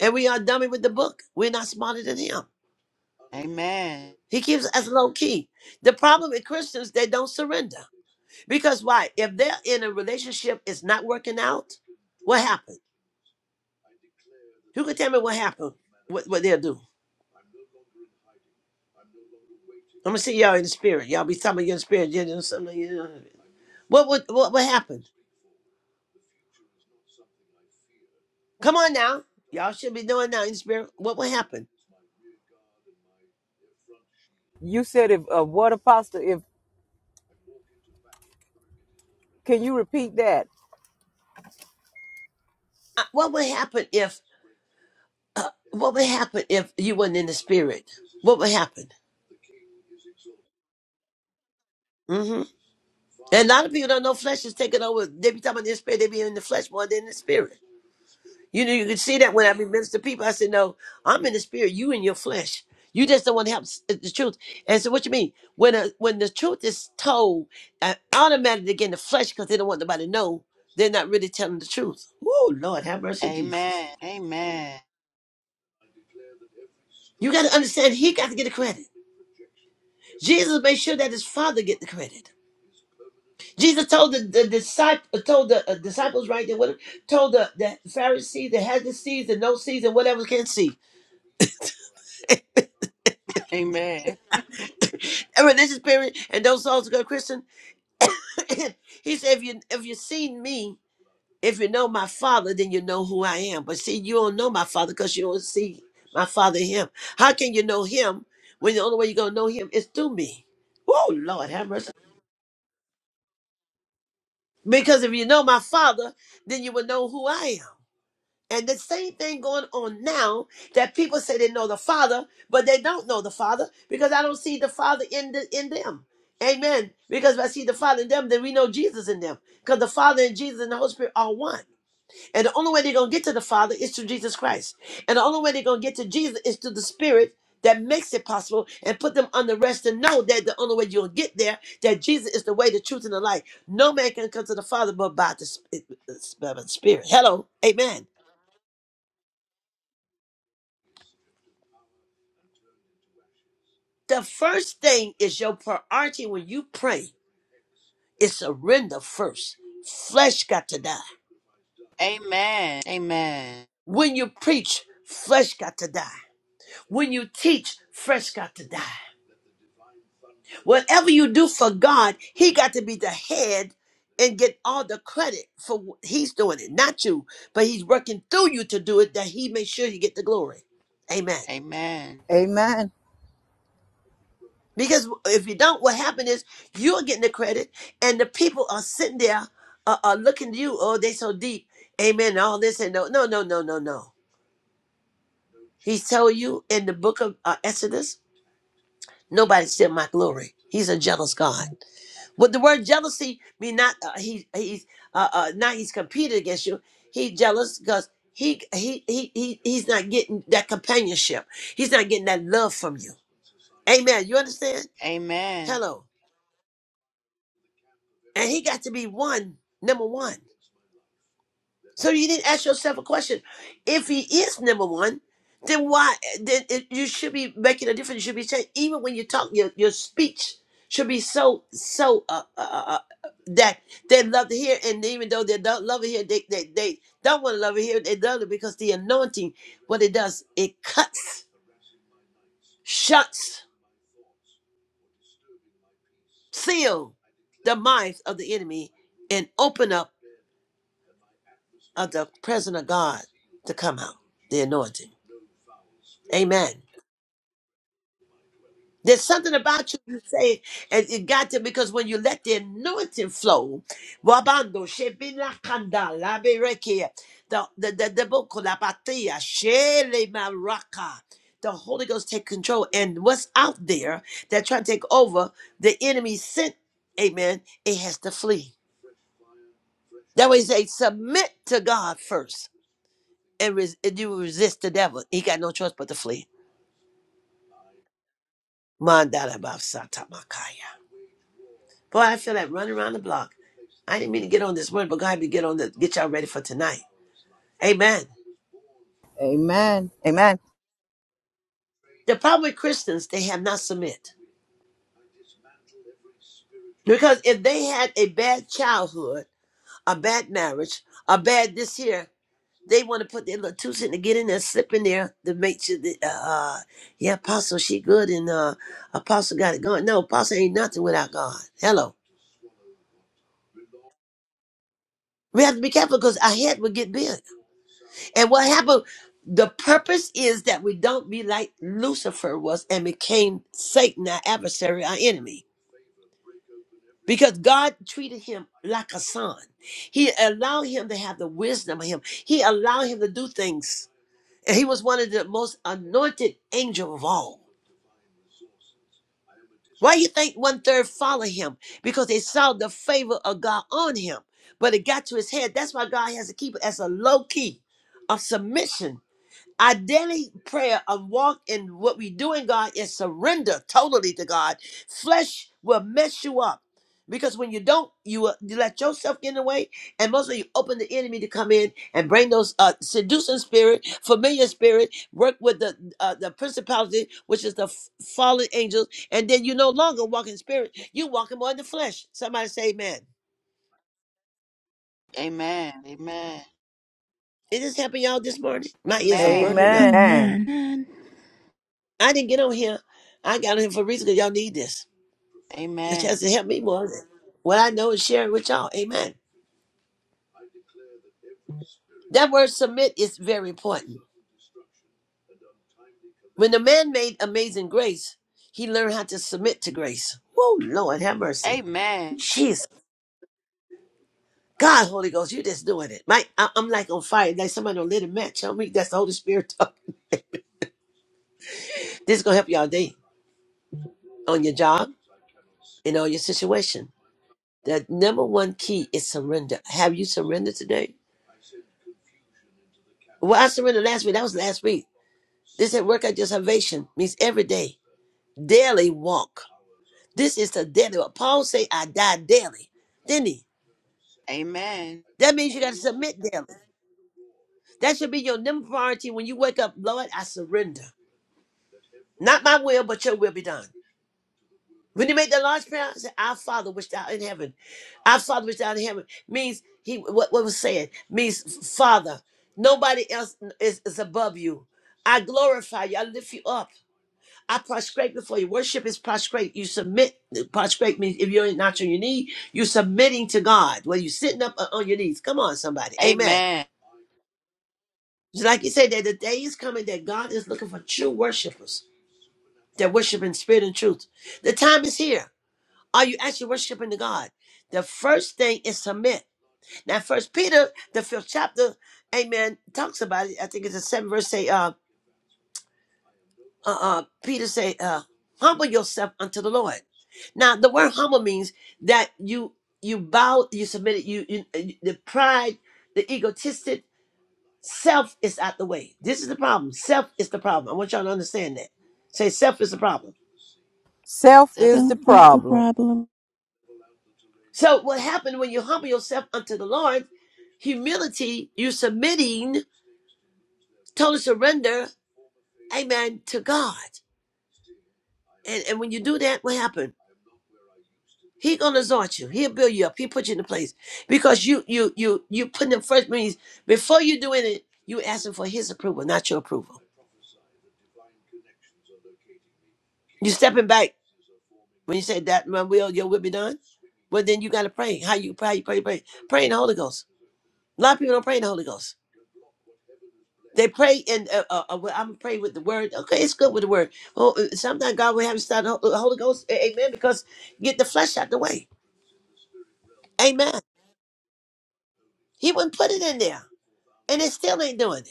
Speaker 2: and we are dummy with the book. We're not smarter than him.
Speaker 3: Amen.
Speaker 2: He keeps us low key. The problem with Christians, they don't surrender. Because why? If they're in a relationship, it's not working out. What happened? Who can tell me what happened? What what they'll do? I'm gonna see y'all in the spirit. Y'all be talking about your spirit. You know, something, you know. What would what what happened? Come on now. Y'all should be doing now in the spirit. What would happen?
Speaker 6: You said if uh, what apostle? If can you repeat that?
Speaker 2: Uh, What would happen if uh, what would happen if you weren't in the spirit? What would happen? Mm-hmm. And a lot of people don't know flesh is taking over. They be talking about their spirit. They be in the flesh more than the spirit. You know, you can see that when I be minister to people. I said, no, I'm in the spirit. You in your flesh. You just don't want to help s- uh, the truth. And so what you mean? When a, when the truth is told, uh, automatically they get in the flesh because they don't want nobody to know. They're not really telling the truth. Oh, Lord, have
Speaker 3: Amen. Amen.
Speaker 2: mercy, Jesus.
Speaker 3: Amen.
Speaker 2: You got to understand, he got to get the credit. Jesus made sure that his father get the credit. Jesus told the, the disciple, told the uh, disciples, right there, what, told the, the Pharisees that had the seeds and no seeds and whatever can see.
Speaker 3: Amen. Amen.
Speaker 2: A religious spirit and those souls go Christian. (laughs) (clears throat) he said, if you if you seen me, if you know my father, then you know who I am. But see, you don't know my father because you don't see my father in him. How can you know him when the only way you're gonna know him is through me? Oh Lord, have mercy. Because if you know my father, then you will know who I am. And the same thing going on now that people say they know the Father, but they don't know the Father because I don't see the Father in the, in them. Amen. Because if I see the Father in them, then we know Jesus in them. Because the Father and Jesus and the Holy Spirit are one. And the only way they're going to get to the Father is through Jesus Christ. And the only way they're going to get to Jesus is through the Spirit that makes it possible and put them on the rest to know that the only way you'll get there, that Jesus is the way, the truth, and the light. No man can come to the Father but by the Sp- uh, uh, by the Spirit. Hello. Amen. The first thing is your priority when you pray is surrender first. Flesh got to die. When you preach, flesh got to die. When you teach, flesh got to die. Whatever you do for God, He got to be the head and get all the credit for what He's doing it, not you. But He's working through you to do it that He makes sure you get the glory. Amen.
Speaker 3: Amen.
Speaker 6: Amen.
Speaker 2: Because if you don't, what happened is you're getting the credit, and the people are sitting there, uh, are looking at you. Oh, they so deep, amen. and All this and no, no, no, no, no, no. He told you in the book of uh, Exodus, nobody steal my glory. He's a jealous God. But the word jealousy mean not uh, he he's uh, uh, not he's competing against you. He jealous because he, he he he he's not getting that companionship. He's not getting that love from you. Amen. You understand? Hello. and he got to be one, number one. So you didn't ask yourself a question. If he is number one, then why? Then it, you should be making a difference. You should be saying even when you talk, your your speech should be so so uh, uh, uh, uh, that they love to hear. And even though they don't love to hear, they they, they don't want to love to hear. They love it because the anointing, what it does, it cuts, shuts, seal the minds of the enemy, and open up of the presence of God to come out, the anointing. Amen. There's something about you, you say, and it got to, because when you let the anointing flow, wabando, shebina kanda, laberekia, the, the, the, the, boko, shele maraka. the Holy Ghost take control. And what's out there that trying to take over, the enemy sent, amen, it has to flee. That way, say, submit to God first, and, res- and you resist the devil. He got no choice but to flee. Mandarabasatabakaya. Boy, I feel that running around the block. I didn't mean to get on this word, but God, we get on the get y'all ready for tonight. Amen.
Speaker 6: Amen. Amen.
Speaker 2: The problem with Christians, they have not submit. Because if they had a bad childhood, a bad marriage, a bad this here, they want to put their little two cent to get in there, slip in there to make sure that, uh, uh, yeah, apostle, she good and uh, apostle got it going. No, apostle ain't nothing without God. Hello. We have to be careful because our head will get big. And what happened? The purpose is that we don't be like Lucifer was and became Satan, our adversary, our enemy. Because God treated him like a son. He allowed him to have the wisdom of him. He allowed him to do things. And he was one of the most anointed angel of all. Why you think one third follow him? Because they saw the favor of God on him. But it got to his head. That's why God has to keep it as a low key of submission Our daily prayer of walk in what we do in God is surrender totally to God. Flesh will mess you up because when you don't, you, will- you let yourself get in the way, and most of you open the enemy to come in and bring those uh, seducing spirit, familiar spirit, work with the uh, the principality, which is the f- fallen angels, and then you no longer walk in spirit. You walking more in the flesh. Somebody say, "Amen."
Speaker 3: Amen. Amen.
Speaker 2: Is this happened, y'all, this morning. My ears are
Speaker 3: Amen.
Speaker 2: burning up.
Speaker 6: Amen.
Speaker 1: Amen.
Speaker 2: I didn't get on here. I got on here for a reason because y'all need this. A
Speaker 3: Amen.
Speaker 2: has to help me more. than What I know is sharing with y'all. Amen. That word submit is very important. When the man made amazing grace, he learned how to submit to grace. Oh, Lord, have mercy.
Speaker 3: Amen.
Speaker 2: Jesus. God, Holy Ghost, you just doing it. My, I, am like on fire, like somebody don't lit a match on me. That's the Holy Spirit (laughs) talk. This is going to help y'all day on your job and on your situation. The number one key is surrender. Have you surrendered today? Well, I surrendered last week. That was last week. This at work, I just salvation means every day. daily walk. This is the daily walk. Paul say, I die daily. Didn't he?
Speaker 3: Amen.
Speaker 2: That means you got to submit daily. That should be your number priority when you wake up, Lord, I surrender. Not my will, but your will be done. When you make the last prayer, say, Our Father which thou in heaven. Our Father which thou in heaven means he what, what was said means Father. Nobody else is, is above you. I glorify you. I lift you up. I prostrate before you. Worship is prostrate. You submit. Prostrate means if you're not on your knee, you're submitting to God. Whether you're sitting up or on your knees. Come on, somebody. Amen.
Speaker 3: Amen.
Speaker 2: Just like you said, that the day is coming that God is looking for true worshipers that worship in spirit and truth. The time is here. Are you actually worshiping the God? The first thing is submit. Now, First Peter, the fifth chapter, Amen, talks about it. I think it's the seventh verse. Say, uh, uh, uh, Peter said, uh, humble yourself unto the Lord. Now, the word humble means that you you bow, you submitted, you, you uh, the pride, the egotistic self is out the way. This is the problem. Self is the problem. I want y'all to understand that. Say self is the problem.
Speaker 6: Self
Speaker 3: Self
Speaker 6: is
Speaker 3: is
Speaker 1: So
Speaker 6: the
Speaker 3: the
Speaker 1: is the
Speaker 3: problem.
Speaker 6: problem.
Speaker 1: problem.
Speaker 2: So, what happened when you humble yourself unto the Lord? Humility, you submitting, total surrender, amen, to God. And and when you do that, what happened? He gonna exalt you. He'll build you up. He put you in the place because you you you you put him first. Means before you do anything, you asking for his approval, not your approval. You stepping back when you say that my will, your will be done. Well, then you gotta pray. How you pray? You pray, pray, pray in the Holy Ghost. A lot of people don't pray in the Holy Ghost. They pray in. Uh, uh, uh, well, I'm pray with the word. Okay, it's good with the word. Oh, uh, sometimes God will have you start the Hol- uh, Holy Ghost. A- Amen. Because get the flesh out the way. Amen. He wouldn't put it in there, and it still ain't doing it.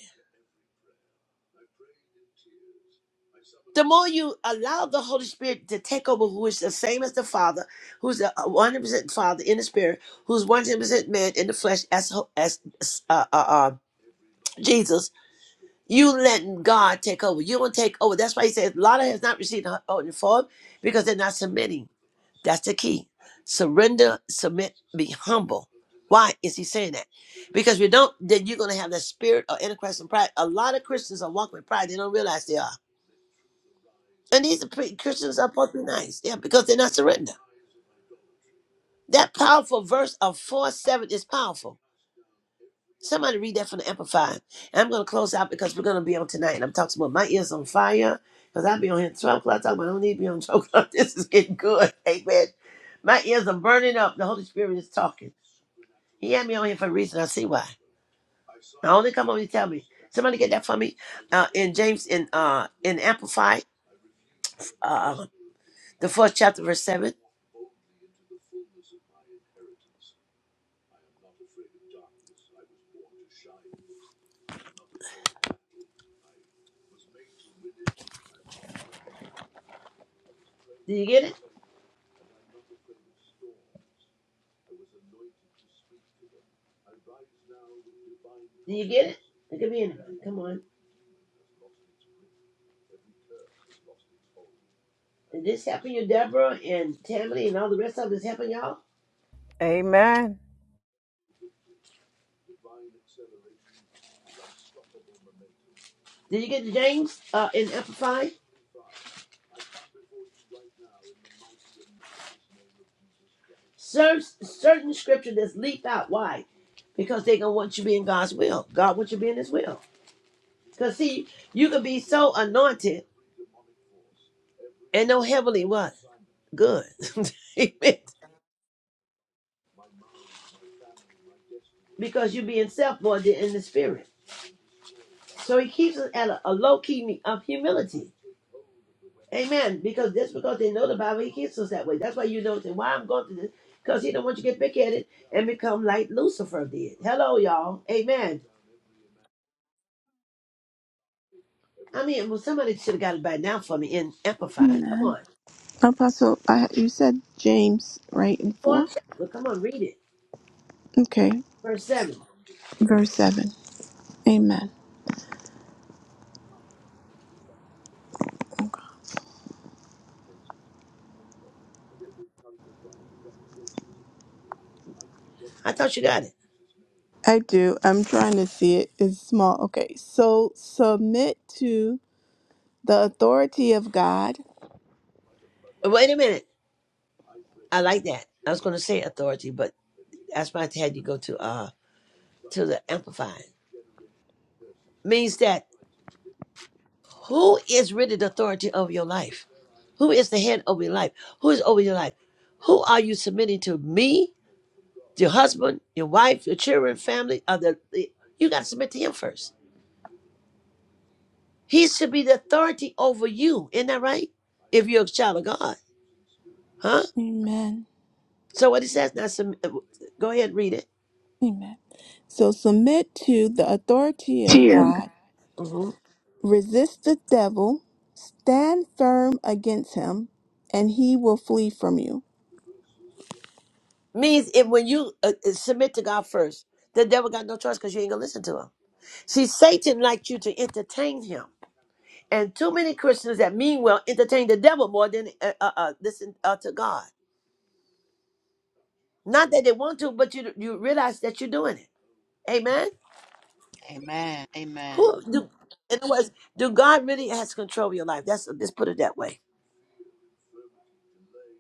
Speaker 2: the more you allow the Holy Spirit to take over, who is the same as the Father, who's the one hundred percent Father in the Spirit, who's one hundred percent man in the flesh, as as uh, uh, uh, Jesus. You letting God take over. You don't take over. That's why he says Lotta has not received the holy form because they're not submitting. That's the key. Surrender, submit, be humble. Why is he saying that? Because we don't, then you're going to have that spirit of Antichrist and pride. A lot of Christians are walking with pride. They don't realize they are. And these are pretty Christians are supposed to be nice. Yeah, because they're not surrender. That powerful verse of 4 7 is powerful. Somebody read that from the Amplified. And I'm going to close out because we're going to be on tonight. And I'm talking about my ears on fire because I'll be on here at 12 o'clock talking about I don't need to be on 12 o'clock. (laughs) This is getting good. Amen. My ears are burning up. The Holy Spirit is talking. He had me on here for a reason. I see why. I only come on here to tell me. Somebody get that for me. Uh, in James, in uh, in Amplified, uh, the fourth chapter, verse 7. Did you get it? Do you get it? Look at me. and- Come on. Is this helping you, Deborah and Tammy and all the rest of this helping y'all?
Speaker 6: Amen.
Speaker 2: Did you get the James uh, in Amplify? Search certain scripture that's leap out. Why? Because they are gonna want you to be in God's will. God wants you to be in His will. Cause see, you could be so anointed and no heavenly what good, (laughs) Amen. because you are being self more in the spirit. So He keeps us at a, a low key of humility. Amen. Because just because they know the Bible, he keeps us that way. That's why you know and why I'm going through this. Because he don't want you to get big headed and become like Lucifer did. Hello, y'all. Amen. I mean, well, somebody should have got it by now for me in Amplify. Come
Speaker 1: Amen.
Speaker 2: on.
Speaker 1: Apostle, I, you said James, right, in 4?
Speaker 2: Fourth chapter. Come on, read it.
Speaker 1: Okay,
Speaker 2: Verse 7.
Speaker 1: verse 7. Amen.
Speaker 2: I thought you got it.
Speaker 1: I do. I'm trying to see it. It's small. Okay, so submit to the authority of God.
Speaker 2: Wait a minute. I like that. I was going to say authority, but that's why I had you go to uh to the Amplify. Means that Who is really the authority of your life? Who is the head over your life? Who is over your life? Who are you submitting to? Me, your husband, your wife, your children, family? Or the, the- you got to submit to him first. He should be the authority over you. Isn't that right? If you're a child of God, huh?
Speaker 1: Amen.
Speaker 2: So what it says now, sub- uh, go ahead and read it.
Speaker 1: Amen. So submit to the authority of
Speaker 2: Dear
Speaker 1: God.
Speaker 2: God. hmm
Speaker 1: Resist the devil, stand firm against him, and he will flee from you.
Speaker 2: Means if when you uh, uh, submit to God first, the devil got no choice because you ain't gonna listen to him. See, Satan likes you to entertain him. And too many Christians that meanwhile entertain the devil more than uh, uh, uh, listen uh, to God. Not that they want to, but you you realize that you're doing it. Amen.
Speaker 3: Amen. Amen.
Speaker 2: Who do? In other words, do God really has control of your life? That's just put it that way.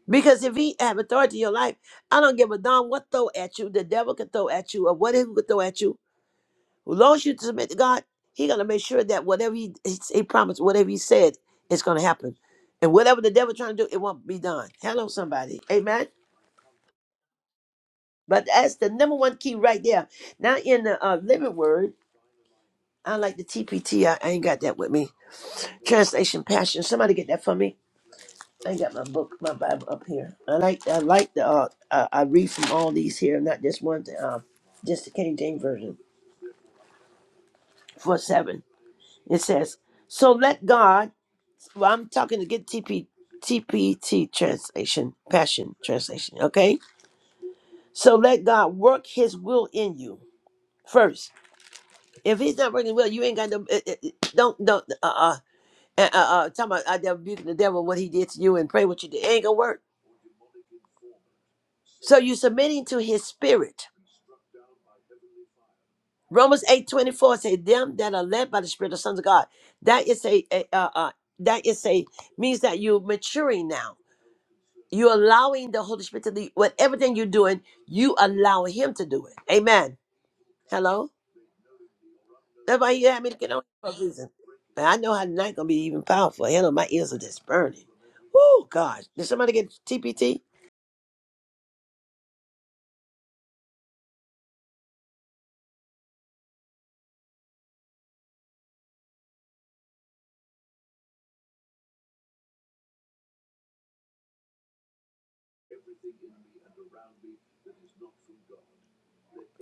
Speaker 2: Because if He have authority in your life, I don't give a darn what throw at you the devil can throw at you or whatever could throw at you. As long as you submit to God, He gonna make sure that whatever He He, he promised, whatever He said, is gonna happen. And whatever the devil trying to do, it won't be done. Hello, somebody. Amen. But that's the number one key right there. Now in the uh, living word, I like the TPT. I, I ain't got that with me. Translation Passion. Somebody get that for me. I ain't got my book, my Bible up here. I like I like the uh, uh, I read from all these here, not just one. Uh, just the King James version four seven. It says, "So let God." Well, I'm talking to get TP, TPT translation, Passion translation. Okay. So let God work His will in you first If he's not working well, you ain't got no. It, it, don't don't uh uh uh, uh, uh talking about I rebuke the devil what he did to you and pray what you did. It ain't gonna work. So you submitting to his spirit. Romans eight twenty four 24 say them that are led by the spirit are sons of God. That is a, a uh, uh that is a means that you're maturing now. You're allowing the Holy Spirit to lead. What everything you're doing, you allow him to do it. Amen. Hello. That's why you had me to get on for a reason. But I know how the night gonna be even powerful. Hell, my ears are just burning. Woo, God. Did somebody get TPT?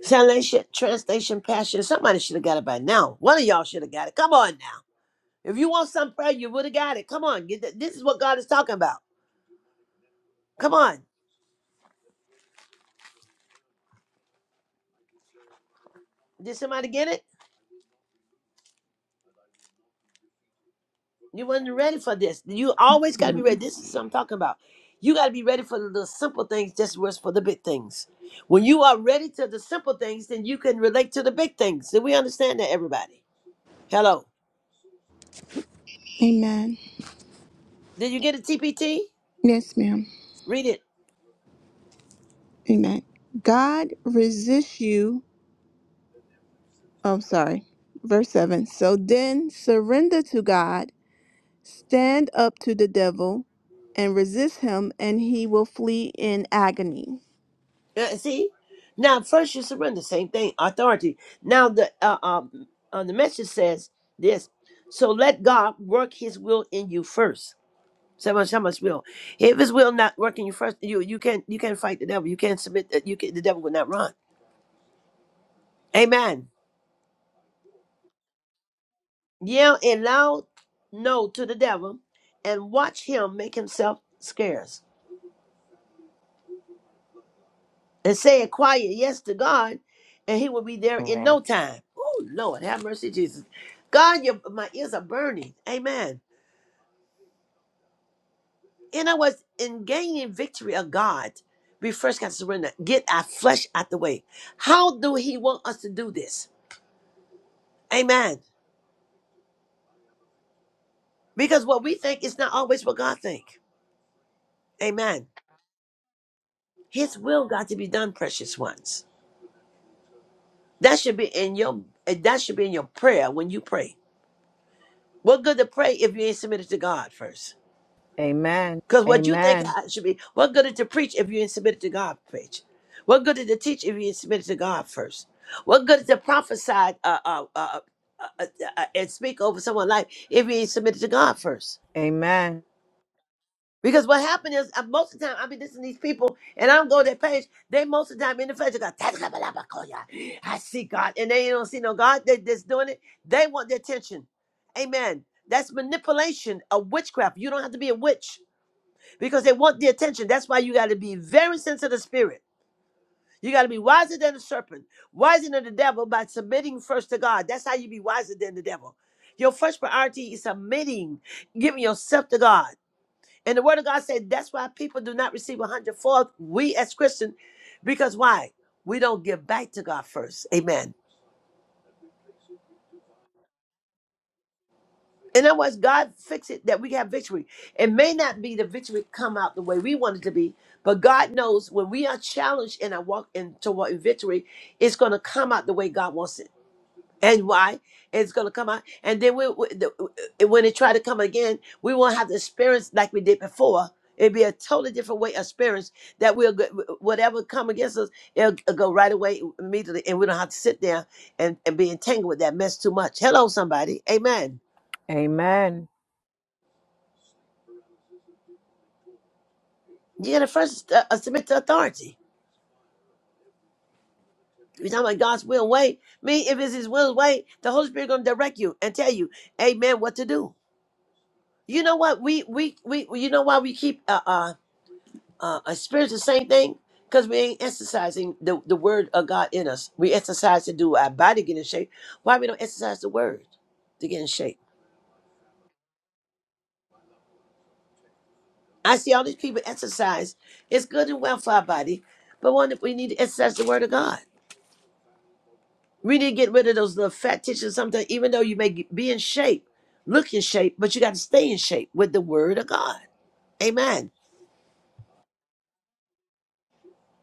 Speaker 2: Salvation, translation, passion. Somebody should have got it by now. One of y'all should have got it. Come on now. If you want some prayer, you would have got it. Come on. Get that. This is what God is talking about. Come on. Did somebody get it? You wasn't ready for this. You always got to be ready.
Speaker 1: Amen.
Speaker 2: This is what I'm talking about. You got to be ready for the little simple things just as for the big things. When you are ready to the simple things, then you can relate to the big things. Do we understand that, everybody? Hello.
Speaker 1: Amen.
Speaker 2: Did you get a TPT?
Speaker 1: Yes, ma'am.
Speaker 2: Read it.
Speaker 1: Amen. God resists you. Oh, sorry. Verse 7. So then surrender to God, stand up to the devil, and resist him, and he will flee in agony.
Speaker 2: Uh, see? Now, first you surrender. Same thing. Authority. Now, the uh, um, uh, the message says this. So let God work his will in you first. So much, so much will? If his will not working, you first you you can't you can't fight the devil. You can't submit. that You can the devil will not run. Amen. Yell a loud no to the devil, and watch him make himself scarce, and say a quiet yes to God, and he will be there in
Speaker 5: Amen.
Speaker 2: no time. Oh Lord, have mercy, Jesus. God, your my ears are burning. Amen. And I was in gaining victory of God. We first got to surrender. Get our flesh out the way. How do He want us to do this? Amen. Because what we think is not always what God think. Amen. His will got to be done, precious ones. That should be in your eh, that should be in your prayer when you pray. What good to pray if you ain't submitted to God first?
Speaker 6: Amen.
Speaker 2: Because what you think
Speaker 6: Amen.
Speaker 2: I should be, what good is it to preach if you ain't submitted to God preach? What good is it to teach if you ain't submitted to God first? What good is it to prophesy uh, uh, uh, uh, uh, uh, and speak over someone's life if you ain't submitted to God first?
Speaker 6: Amen.
Speaker 2: Because what happened is uh, most of the time I be listening to these people and I don't go to their page. They most of the time in the page they go, "Tadakabalabakoya." I see God. And they don't see no God. They just doing it. They want the attention. Amen. That's manipulation of witchcraft. You don't have to be a witch because they want the attention. That's why you got to be very sensitive to spirit. You got to be wiser than the serpent, wiser than the devil by submitting first to God. That's how you be wiser than the devil. Your first priority is submitting, giving yourself to God. And the word of God said that's why people do not receive a hundredfold. We as Christians, because why? We don't give back to God first. Amen. In other words, God fix it that we have victory. It may not be the victory come out the way we want it to be, but God knows when we are challenged and I walk in toward victory, it's going to come out the way God wants it. and why it's going to come out and then we, we the, when it try to come again we won't have the experience like we did before it'd be a totally different way of experience that we'll go, whatever come against us it'll, it'll go right away immediately and we don't have to sit there and, and be entangled with that mess too much hello somebody amen
Speaker 6: Amen.
Speaker 2: you gotta first uh, uh, submit to authority you're talking about God's will and way. Me, if it's His will and way, the Holy Spirit gonna direct you and tell you, Amen, what to do. You know what? We we we. You know why we keep uh, uh uh, a spirit the same thing because we ain't exercising the, the word of God in us. We exercise to do our body get in shape. Why we don't exercise the word to get in shape? I see all these people exercise. It's good and well for our body, but one that we need to exercise the word of God. We need to get rid of those little fat tissues sometimes, even though you may get- be in shape, look in shape, but you got to stay in shape with the word of God. Amen.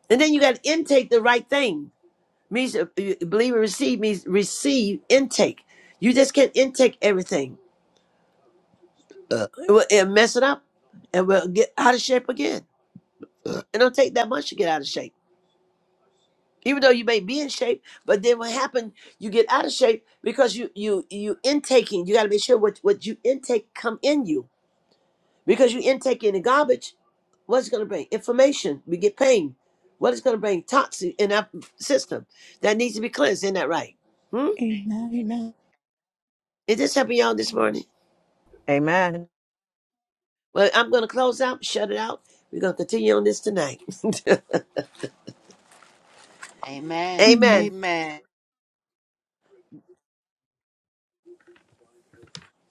Speaker 2: And then you got to intake the right things means uh, uh, believe and receive means receive intake. You just can't intake everything. Uh, it will it'll mess it up, and we'll get out of shape again. It don't take that much to get out of shape, even though you may be in shape. But then what happens? You get out of shape because you you you intaking. You got to make sure what what you intake come in you because you intake in the garbage. What's going to bring information? We get pain. What is going to bring toxin in our system that needs to be cleansed? Isn't that right? Hmm?
Speaker 1: Amen. Amen.
Speaker 2: Is this helping y'all this morning?
Speaker 6: Amen.
Speaker 2: Well, I'm going to close out, shut it out. We're going to continue on this tonight. (laughs)
Speaker 3: Amen.
Speaker 2: Amen.
Speaker 1: Amen.
Speaker 3: Amen.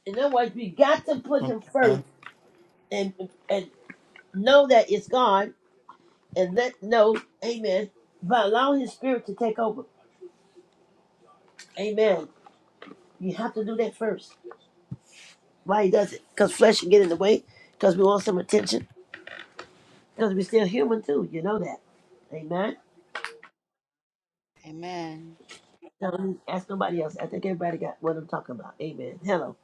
Speaker 2: In other words, we got to put him
Speaker 5: Amen.
Speaker 2: first and and know that it's God and let know, amen, but allow his spirit to take over. Amen. You have to do that first. Why he does it? Because flesh can get in the way, because we want some attention, because we're still human too. You know that. Amen.
Speaker 3: Amen.
Speaker 2: Don't ask nobody else. I think everybody got what I'm talking about. Amen. Hello.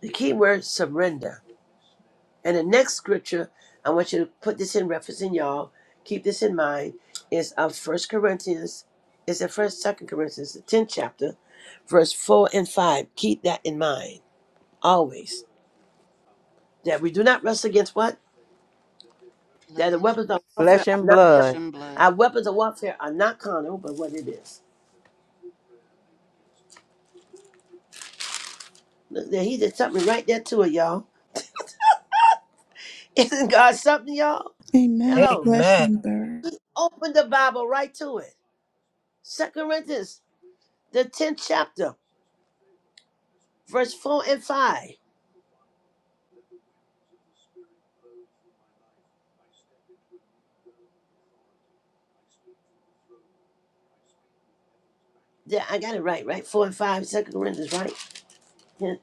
Speaker 2: The key word surrender. And the next scripture, I want you to put this in reference in y'all. Keep this in mind. Is of First Corinthians. It's the first, second Corinthians, the tenth chapter, verse four and five. Keep that in mind always. That we do not wrestle against what
Speaker 3: Blood.
Speaker 2: that the weapons of warfare
Speaker 6: Flesh
Speaker 2: are
Speaker 6: and
Speaker 2: not. No,
Speaker 3: Flesh
Speaker 6: blood.
Speaker 3: and blood.
Speaker 2: our weapons of warfare are not carnal, but what it is. Look, there, he did something right there to it, y'all. (laughs) Isn't God something, y'all?
Speaker 1: Amen.
Speaker 2: Hello.
Speaker 1: Flesh
Speaker 6: Amen.
Speaker 1: and burn.
Speaker 2: He opened the Bible right to it. Second Corinthians, the tenth chapter. verse 4 and 5. Yeah, I got it right, right? 4 and 5, 2 Corinthians, right? Yeah.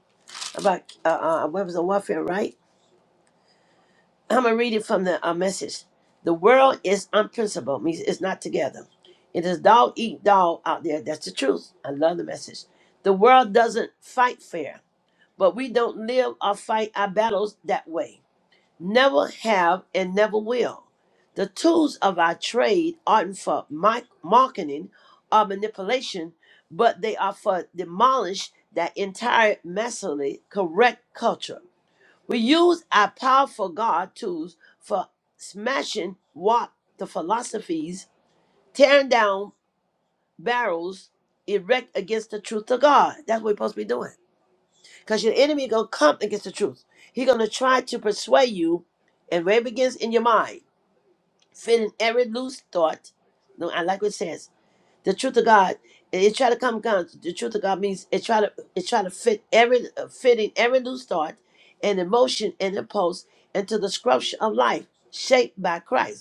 Speaker 2: About uh, uh, weapons of warfare, right? I'm going to read it from the uh, message. The world is unprincipled, means it's not together. It is dog eat dog out there. That's the truth. I love the message. The world doesn't fight fair, but we don't live or fight our battles that way. never have and never will. The tools of our trade aren't for mi- marketing or manipulation, but they are for demolish that entire messily correct culture. We use our powerful God tools for smashing what the philosophies, tearing down barrels erect against the truth of God. That's what we're supposed to be doing. Because your enemy gonna come against the truth. He's gonna try to persuade you and where it begins in your mind. Fitting every loose thought. No, I like what it says. The truth of God. It, it try to come down. The truth of God means it try to it try to fit every uh, fitting every loose thought and emotion and impulse into the sculpture of life shaped by Christ.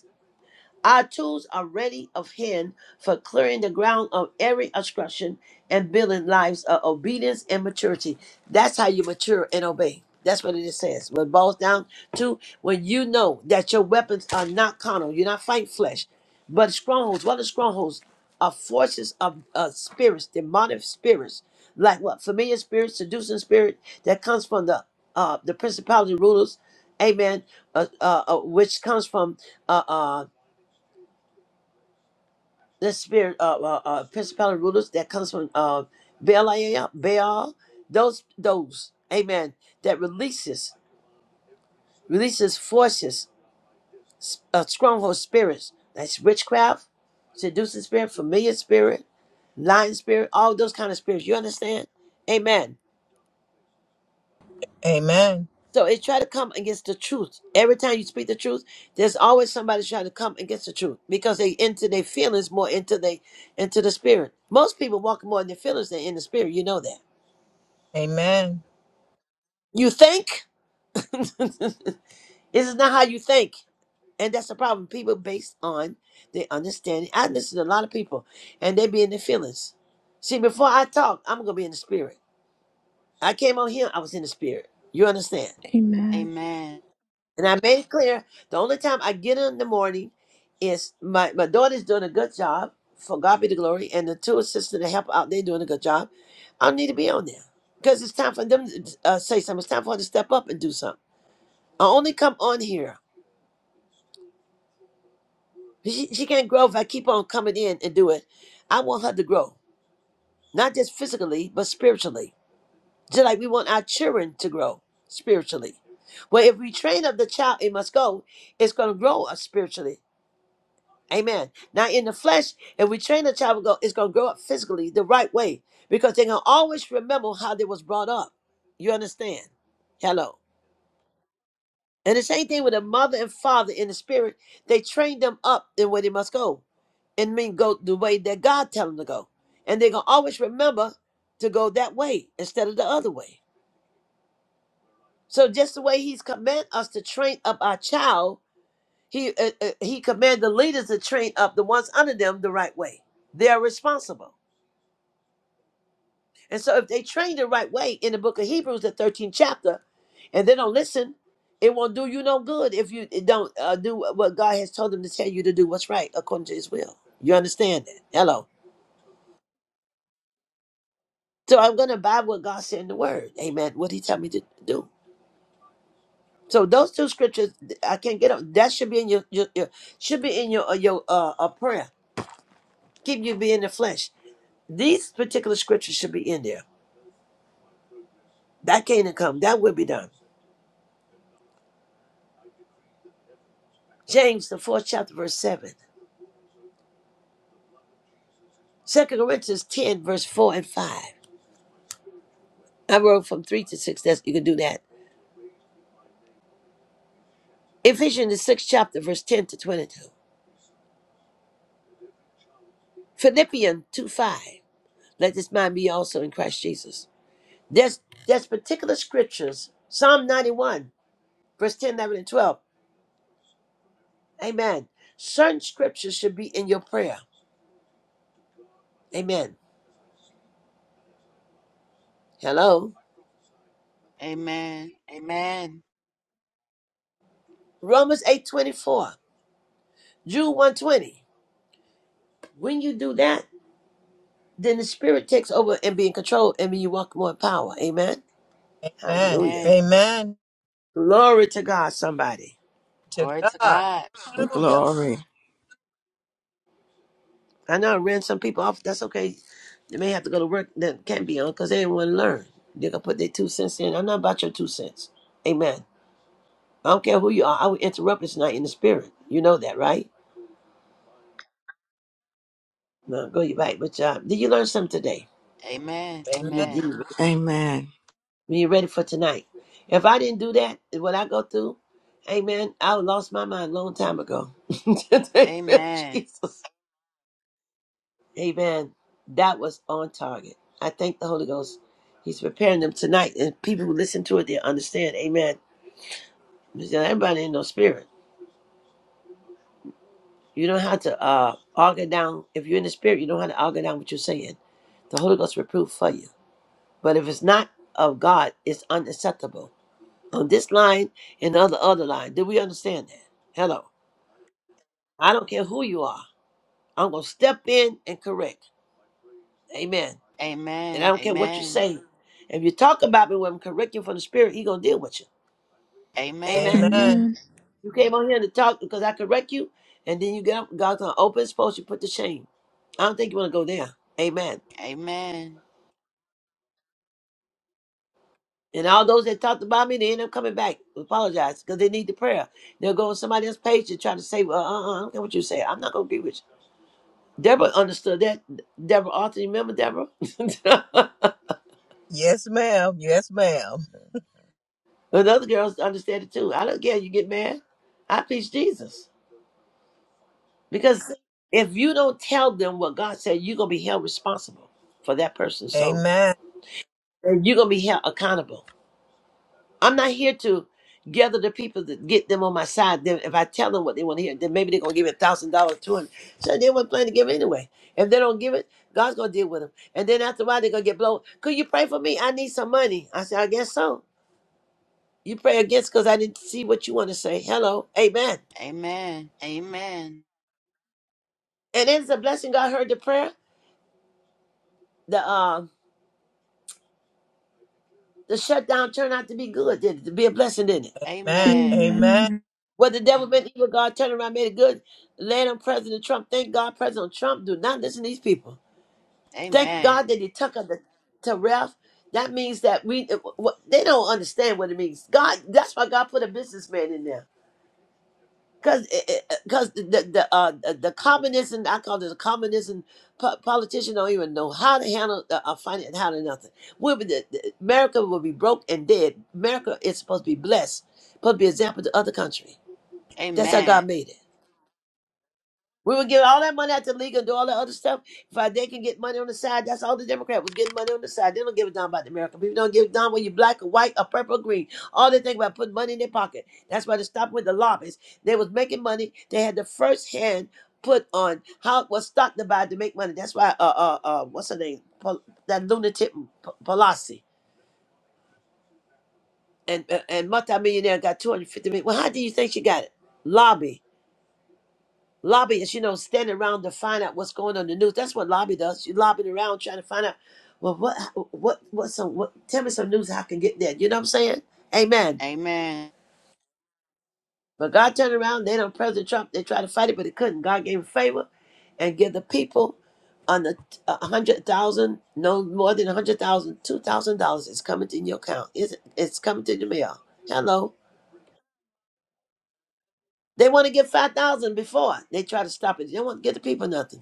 Speaker 2: Our tools are ready of hand for clearing the ground of every obstruction and building lives of obedience and maturity. That's how you mature and obey. That's what it says. What it boils down to when you know that your weapons are not carnal, you're not fighting flesh, but strongholds. What are strongholds? Are forces of uh, spirits, demonic spirits, like what familiar spirits, seducing spirit that comes from the uh, the principality rulers, amen, uh, uh, uh, which comes from uh, uh, the spirit of uh, uh, principality rulers that comes from uh, Belial, Baal, those, those, amen, that releases, releases forces, s- uh, stronghold spirits. That's witchcraft, seducing spirit, familiar spirit, lying spirit, all those kind of spirits. You understand? Amen.
Speaker 6: Amen.
Speaker 2: So it try to come against the truth. Every time you speak the truth, there's always somebody trying to come against the truth because they into their feelings more into they into the spirit. Most people walk more in their feelings than in the spirit. You know that.
Speaker 6: Amen.
Speaker 2: You think? (laughs) this is not how you think. And that's the problem. People based on their understanding. I listen to a lot of people and they be in their feelings. See, before I talk, I'm gonna be in the spirit. I came on here, I was in the spirit. You understand?
Speaker 1: Amen.
Speaker 3: Amen.
Speaker 2: And I made it clear the only time I get in the morning is my, my daughter's doing a good job for God be the glory, and the two assistants that help out, they're doing a good job. I don't need to be on there because it's time for them to uh, say something. It's time for her to step up and do something. I only come on here She, she can't grow if I keep on coming in and do it. I want her to grow, not just physically, but spiritually. Just like we want our children to grow spiritually. Well, if we train up the child, it must go. It's going to grow up spiritually. Amen. Now, in the flesh, if we train the child, go, it's going to grow up physically the right way because they're going to always remember how they was brought up. You understand? Hello. And the same thing with a mother and father in the spirit. They train them up in where they must go. And mean go the way that God tell them to go. And they're gonna always remember to go that way instead of the other way. So just the way He's command us to train up our child, He uh, uh, He command the leaders to train up the ones under them the right way. They are responsible. And so if they train the right way in the book of Hebrews, the 13th chapter, and they don't listen, it won't do you no good if you don't uh, do what God has told them to tell you to do. What's right according to His will. You understand that? Hello. So I'm going to abide what God said in the word. Amen. What he tell me to do. So those two scriptures, I can't get them. That should be in your, your, your should be in your uh, your uh, uh prayer. Keep you be in the flesh. These particular scriptures should be in there. That can't come. That will be done. James the fourth chapter verse seven. Second Corinthians ten verse four and five. I wrote from three to six. That's you can do that. Ephesians the sixth chapter verse ten to twenty two. Philippians two five. Let this mind be also in Christ Jesus. There's there's particular scriptures, Psalm 91, verse 10, eleven, and 12. Amen. Certain scriptures should be in your prayer. Amen. Hello.
Speaker 3: Amen. Amen.
Speaker 2: Romans eight twenty four. Jude 120. When you do that, then the spirit takes over and be in control, and then you walk more in power. Amen.
Speaker 6: Amen.
Speaker 2: Hallelujah.
Speaker 3: Amen.
Speaker 6: Amen.
Speaker 2: Glory to God, somebody.
Speaker 6: To
Speaker 3: Glory to
Speaker 6: God.
Speaker 3: God.
Speaker 6: Hallelujah.
Speaker 4: Glory.
Speaker 2: I know I ran some people off. That's okay. They may have to go to work that can't be on because they didn't want to learn. They're gonna put their two cents in. I'm not about your two cents. Amen. I don't care who you are. I will interrupt. It's not in the spirit. You know that, right? No, go your back. But uh, did you learn something today?
Speaker 3: Amen.
Speaker 2: You,
Speaker 6: Amen.
Speaker 2: did you,
Speaker 3: Amen.
Speaker 4: Amen.
Speaker 2: you ready for tonight? If I didn't do that, what I go through, amen, I would lost my mind a long time ago. (laughs)
Speaker 3: Amen.
Speaker 2: Jesus. Amen. That was on target. I thank the Holy Ghost. He's preparing them tonight. And people who listen to it, they understand. Amen. Because Everybody in no spirit. You don't have to uh, argue down. If you're in the spirit, you don't have to argue down what you're saying. The Holy Ghost reprove for you. But if it's not of God, it's unacceptable. On this line and on the other line, do we understand that? Hello. I don't care who you are. I'm going to step in and correct. Amen. And I
Speaker 3: Amen.
Speaker 2: don't care what you
Speaker 3: Amen.
Speaker 2: say. If you talk about me when I'm correcting from the spirit, he going to deal with you.
Speaker 3: Amen.
Speaker 2: Amen.
Speaker 6: Amen.
Speaker 1: Amen.
Speaker 2: You came on here to talk because I correct you, and then you get up, God's going to open his post, you put the shame. I don't think you want to go there. Amen.
Speaker 3: Amen.
Speaker 2: And all those that talked about me, they end up coming back, apologize, because they need the prayer. They'll go on somebody else's page and try to say, well, uh-uh, I don't care what you say. I'm not going to agree with you. Deborah understood that. Deborah Arthur, you remember Deborah? (laughs) and
Speaker 6: Yes, ma'am. Yes, ma'am.
Speaker 2: other girls understand it too. I don't care. You get mad. I preach Jesus. Because if you don't tell them what God said, you're going to be held responsible for that person's soul.
Speaker 6: Amen.
Speaker 2: And you're going to be held accountable. I'm not here to gather the people to get them on my side. Then if I tell them what they want to hear, then maybe they're gonna give it thousand dollars to them. So they weren't planning to give it anyway. If they don't give it, God's gonna deal with them. And then after a while, they're gonna get blown. Could you pray for me? I need some money. I said, I guess so. You pray against because I didn't see what you want to say. Hello, Amen.
Speaker 3: Amen. Amen.
Speaker 2: And it's a blessing. God heard the prayer. The uh, the shutdown turned out to be good. Did it to be a blessing? Didn't it?
Speaker 6: Amen.
Speaker 3: Amen.
Speaker 6: Amen.
Speaker 1: Amen.
Speaker 2: Well, the devil meant evil. God turned around, made it good. Land on President Trump. Thank God, President Trump. Do not listen to these people. Thank
Speaker 3: Amen.
Speaker 2: God that He took her to, to rest. That means that we it- what- they don't understand what it means. God, that's why God put a businessman in there. Cause, eh, eh, eh, cause the the the, uh, the the communism I call it the communism po- politician don't even know how to handle uh, uh, finance how to nothing. We'll be the, the- America will be broke and dead. America is supposed to be blessed, supposed to be example to other country. That's how
Speaker 3: Amen.
Speaker 2: God made it. We would give all that money out to the league and do all that other stuff. If I, they can get money on the side, that's all the Democrat was getting money on the side. They don't give a damn about the American people. Don't give a damn whether you're black or white or purple or green. All they think about putting money in their pocket. That's why they stopped with the lobbyists. They was making money. They had the first hand put on how was stock to buy to make money. That's why uh uh uh what's her name Pol- that lunatic Pelosi and uh, and multimillionaire got two hundred fifty million. Well, how do you think she got it? Lobby. Lobbyists, you know, standing around to find out what's going on in the news. That's what lobby does. You lobbying around trying to find out, well, what, what, what, some, what, tell me some news I can get there. You know what I'm saying?
Speaker 3: Amen.
Speaker 2: Amen.
Speaker 3: Amen.
Speaker 2: But God turned around. They don't, President Trump, they tried to fight it, but they couldn't. God gave him favor and give the people on the uh, a hundred thousand, no more than a hundred thousand, two thousand dollars is coming to your account. It's, it's coming to the mail. Hello. They want to get five thousand before they try to stop it. They don't want to give the people nothing.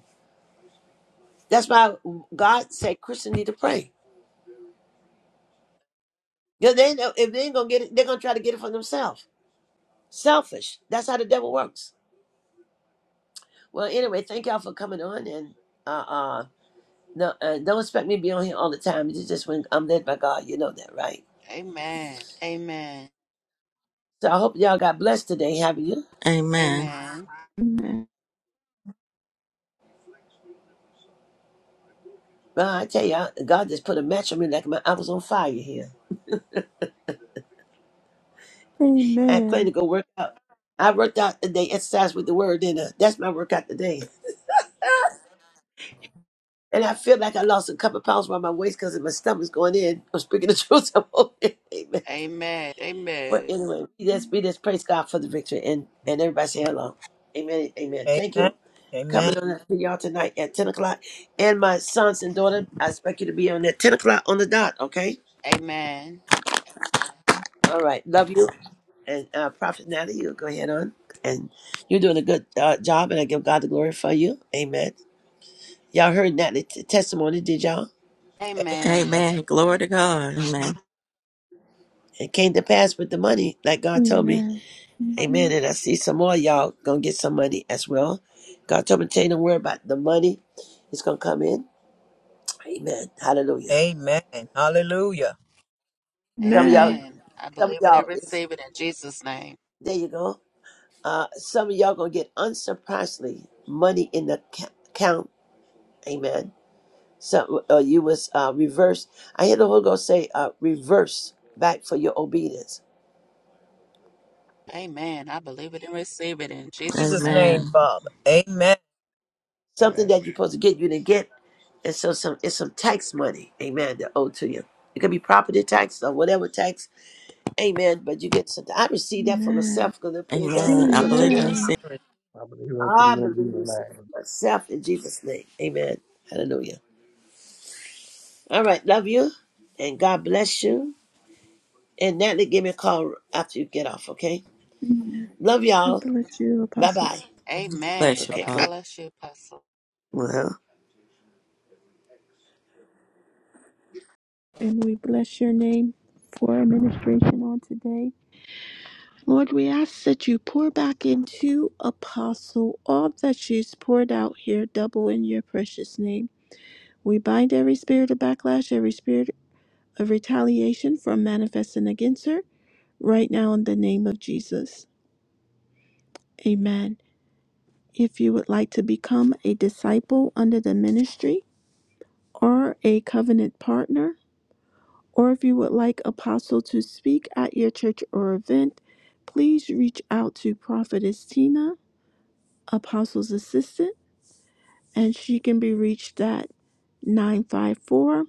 Speaker 2: That's why God said Christians need to pray. Because they know if they ain't gonna get it, they're gonna try to get it for themselves. Selfish. That's how the devil works. Well, anyway, thank y'all for coming on, and uh, uh, no, uh, don't expect me to be on here all the time. It's just when I'm led by God, you know that, right?
Speaker 3: Amen.
Speaker 2: So I hope y'all got blessed today, haven't you?
Speaker 4: Amen.
Speaker 3: Amen.
Speaker 1: Amen.
Speaker 2: Well, I tell you, all God just put a match on me like my, I was on fire here. I plan
Speaker 1: Amen.
Speaker 2: to go work out. I worked out today, exercise with the word, and uh, that's my workout today. And I feel like I lost a couple pounds around my waist because my stomach's going in. (laughs) I'm speaking the truth. (laughs) I'm okay. Amen.
Speaker 3: Amen.
Speaker 2: But
Speaker 3: Amen.
Speaker 2: anyway, we just, we just praise God for the victory and, and everybody say hello. Amen. Amen. Thank
Speaker 6: Amen.
Speaker 2: you.
Speaker 6: Amen.
Speaker 2: Coming on that for y'all tonight at 10 o'clock. And my sons and daughter, I expect you to be on at 10 o'clock on the dot, okay?
Speaker 3: Amen.
Speaker 2: All right. Love you. And uh, Prophet Natalie, you go ahead on. And you're doing a good uh, job, and I give God the glory for you. Amen. Y'all heard Natalie's testimony, did y'all?
Speaker 3: Amen.
Speaker 4: Amen. Glory to God. Amen.
Speaker 2: It came to pass with the money, like God told me.
Speaker 1: Amen.
Speaker 2: Amen.
Speaker 1: Amen.
Speaker 2: And I see some more of y'all gonna get some money as well. God told me to tell you don't worry about the money. It's gonna come in. Amen. Hallelujah.
Speaker 6: Amen. Hallelujah.
Speaker 2: Some of y'all,
Speaker 1: Amen.
Speaker 3: Amen. I
Speaker 2: some of
Speaker 3: believe it and
Speaker 2: y'all is
Speaker 3: receive it in Jesus' name.
Speaker 2: there you go. Uh some of y'all gonna get unsurprisingly money in the ca- account. Amen. So uh, you was uh reverse. I hear the Holy Ghost say uh reverse back for your obedience.
Speaker 3: Amen. I believe it and receive it in
Speaker 6: In
Speaker 3: Jesus'
Speaker 6: Jesus'
Speaker 3: name.
Speaker 6: name,
Speaker 4: Amen.
Speaker 6: Father. Amen.
Speaker 2: Something
Speaker 7: Amen.
Speaker 2: that you're supposed to get you didn't get. And so some it's some tax money, amen, that owed to you. It could be property tax or whatever tax Amen. But you get something. I received that for
Speaker 1: Amen.
Speaker 2: myself because they're fantastic.
Speaker 4: Amen.
Speaker 2: They're
Speaker 4: I
Speaker 2: going to turn
Speaker 4: believe
Speaker 2: that
Speaker 4: in
Speaker 1: Amen.
Speaker 4: see.
Speaker 6: Yes.
Speaker 7: I believe I should
Speaker 2: around. I
Speaker 7: let you
Speaker 2: believe it's
Speaker 7: tonight.
Speaker 2: for myself in Jesus' name. Amen. Hallelujah. All right. Love you. And God bless you. And Natalie, give me a call after you get off, okay?
Speaker 1: Amen.
Speaker 2: Love
Speaker 1: God
Speaker 2: y'all.
Speaker 1: bless you,
Speaker 2: Bye
Speaker 1: Apostle.
Speaker 2: bye.
Speaker 3: Amen.
Speaker 4: Bless you,
Speaker 2: Okay.
Speaker 3: God
Speaker 4: Paul.
Speaker 3: bless you, Apostle.
Speaker 2: Bye.
Speaker 1: And we bless your name for administration on today. Lord, we ask that you pour back into Apostle all that she's poured out here, double in your precious name. We bind every spirit of backlash, every spirit of retaliation from manifesting against her right now in the name of Jesus. Amen. If you would like to become a disciple under the ministry or a covenant partner, or if you would like Apostle to speak at your church or event, please reach out to Prophetess Tina, Apostle's assistant, and she can be reached at 954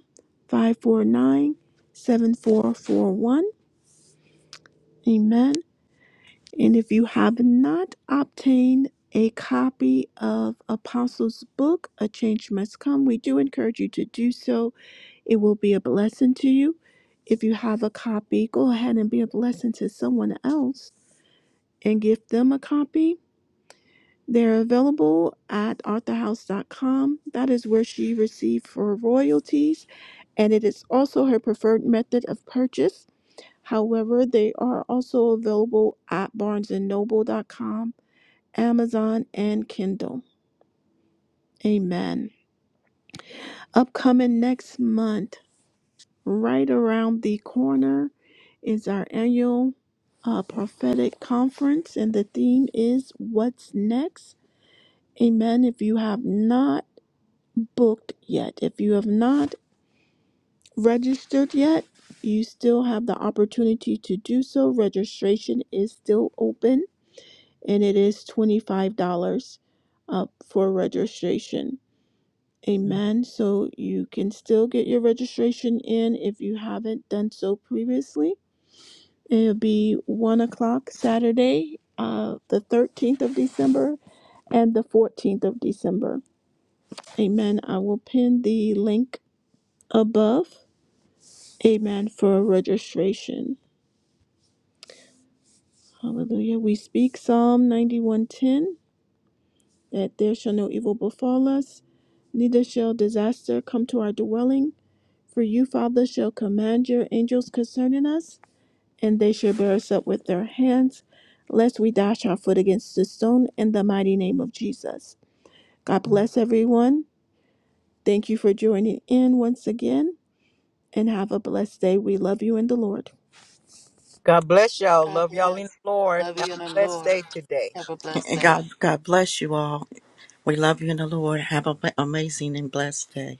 Speaker 1: 549 7441. Amen. And if you have not obtained a copy of Apostles' book, A Change Must Come, we do encourage you to do so. It will be a blessing to you. If you have a copy, go ahead and be a blessing to someone else and give them a copy. They're available at arthur house dot com. That is where she received for royalties, and it is also her preferred method of purchase. However, they are also available at barnes and noble dot com. Amazon, and Kindle. Amen. Upcoming next month, right around the corner, is our annual uh, prophetic conference, and the theme is What's Next? Amen. If you have not booked yet, if you have not registered yet, you still have the opportunity to do so. Registration is still open and it is $25 up for registration. Amen. So you can still get your registration in if you haven't done so previously. It'll be one o'clock Saturday, uh, the 13th of December and the 14th of December. Amen. I will pin the link above. Amen for registration. Hallelujah. We speak Psalm 91:10 that there shall no evil befall us, neither shall disaster come to our dwelling. For you, Father, shall command your angels concerning us and they shall bear us up with their hands, lest we dash our foot against the stone in the mighty name of Jesus. God bless everyone. Thank you for joining in once again, and have a blessed day. We love you in the Lord.
Speaker 6: God bless y'all.
Speaker 3: God
Speaker 6: Love y'all in
Speaker 3: bless.
Speaker 6: the Lord.
Speaker 3: Love
Speaker 6: Have
Speaker 3: you in the
Speaker 6: a blessed
Speaker 3: Lord.
Speaker 6: day today.
Speaker 3: Have a blessed
Speaker 4: And
Speaker 3: day.
Speaker 4: God, God bless you all. We love you in the Lord. Have an amazing and blessed day.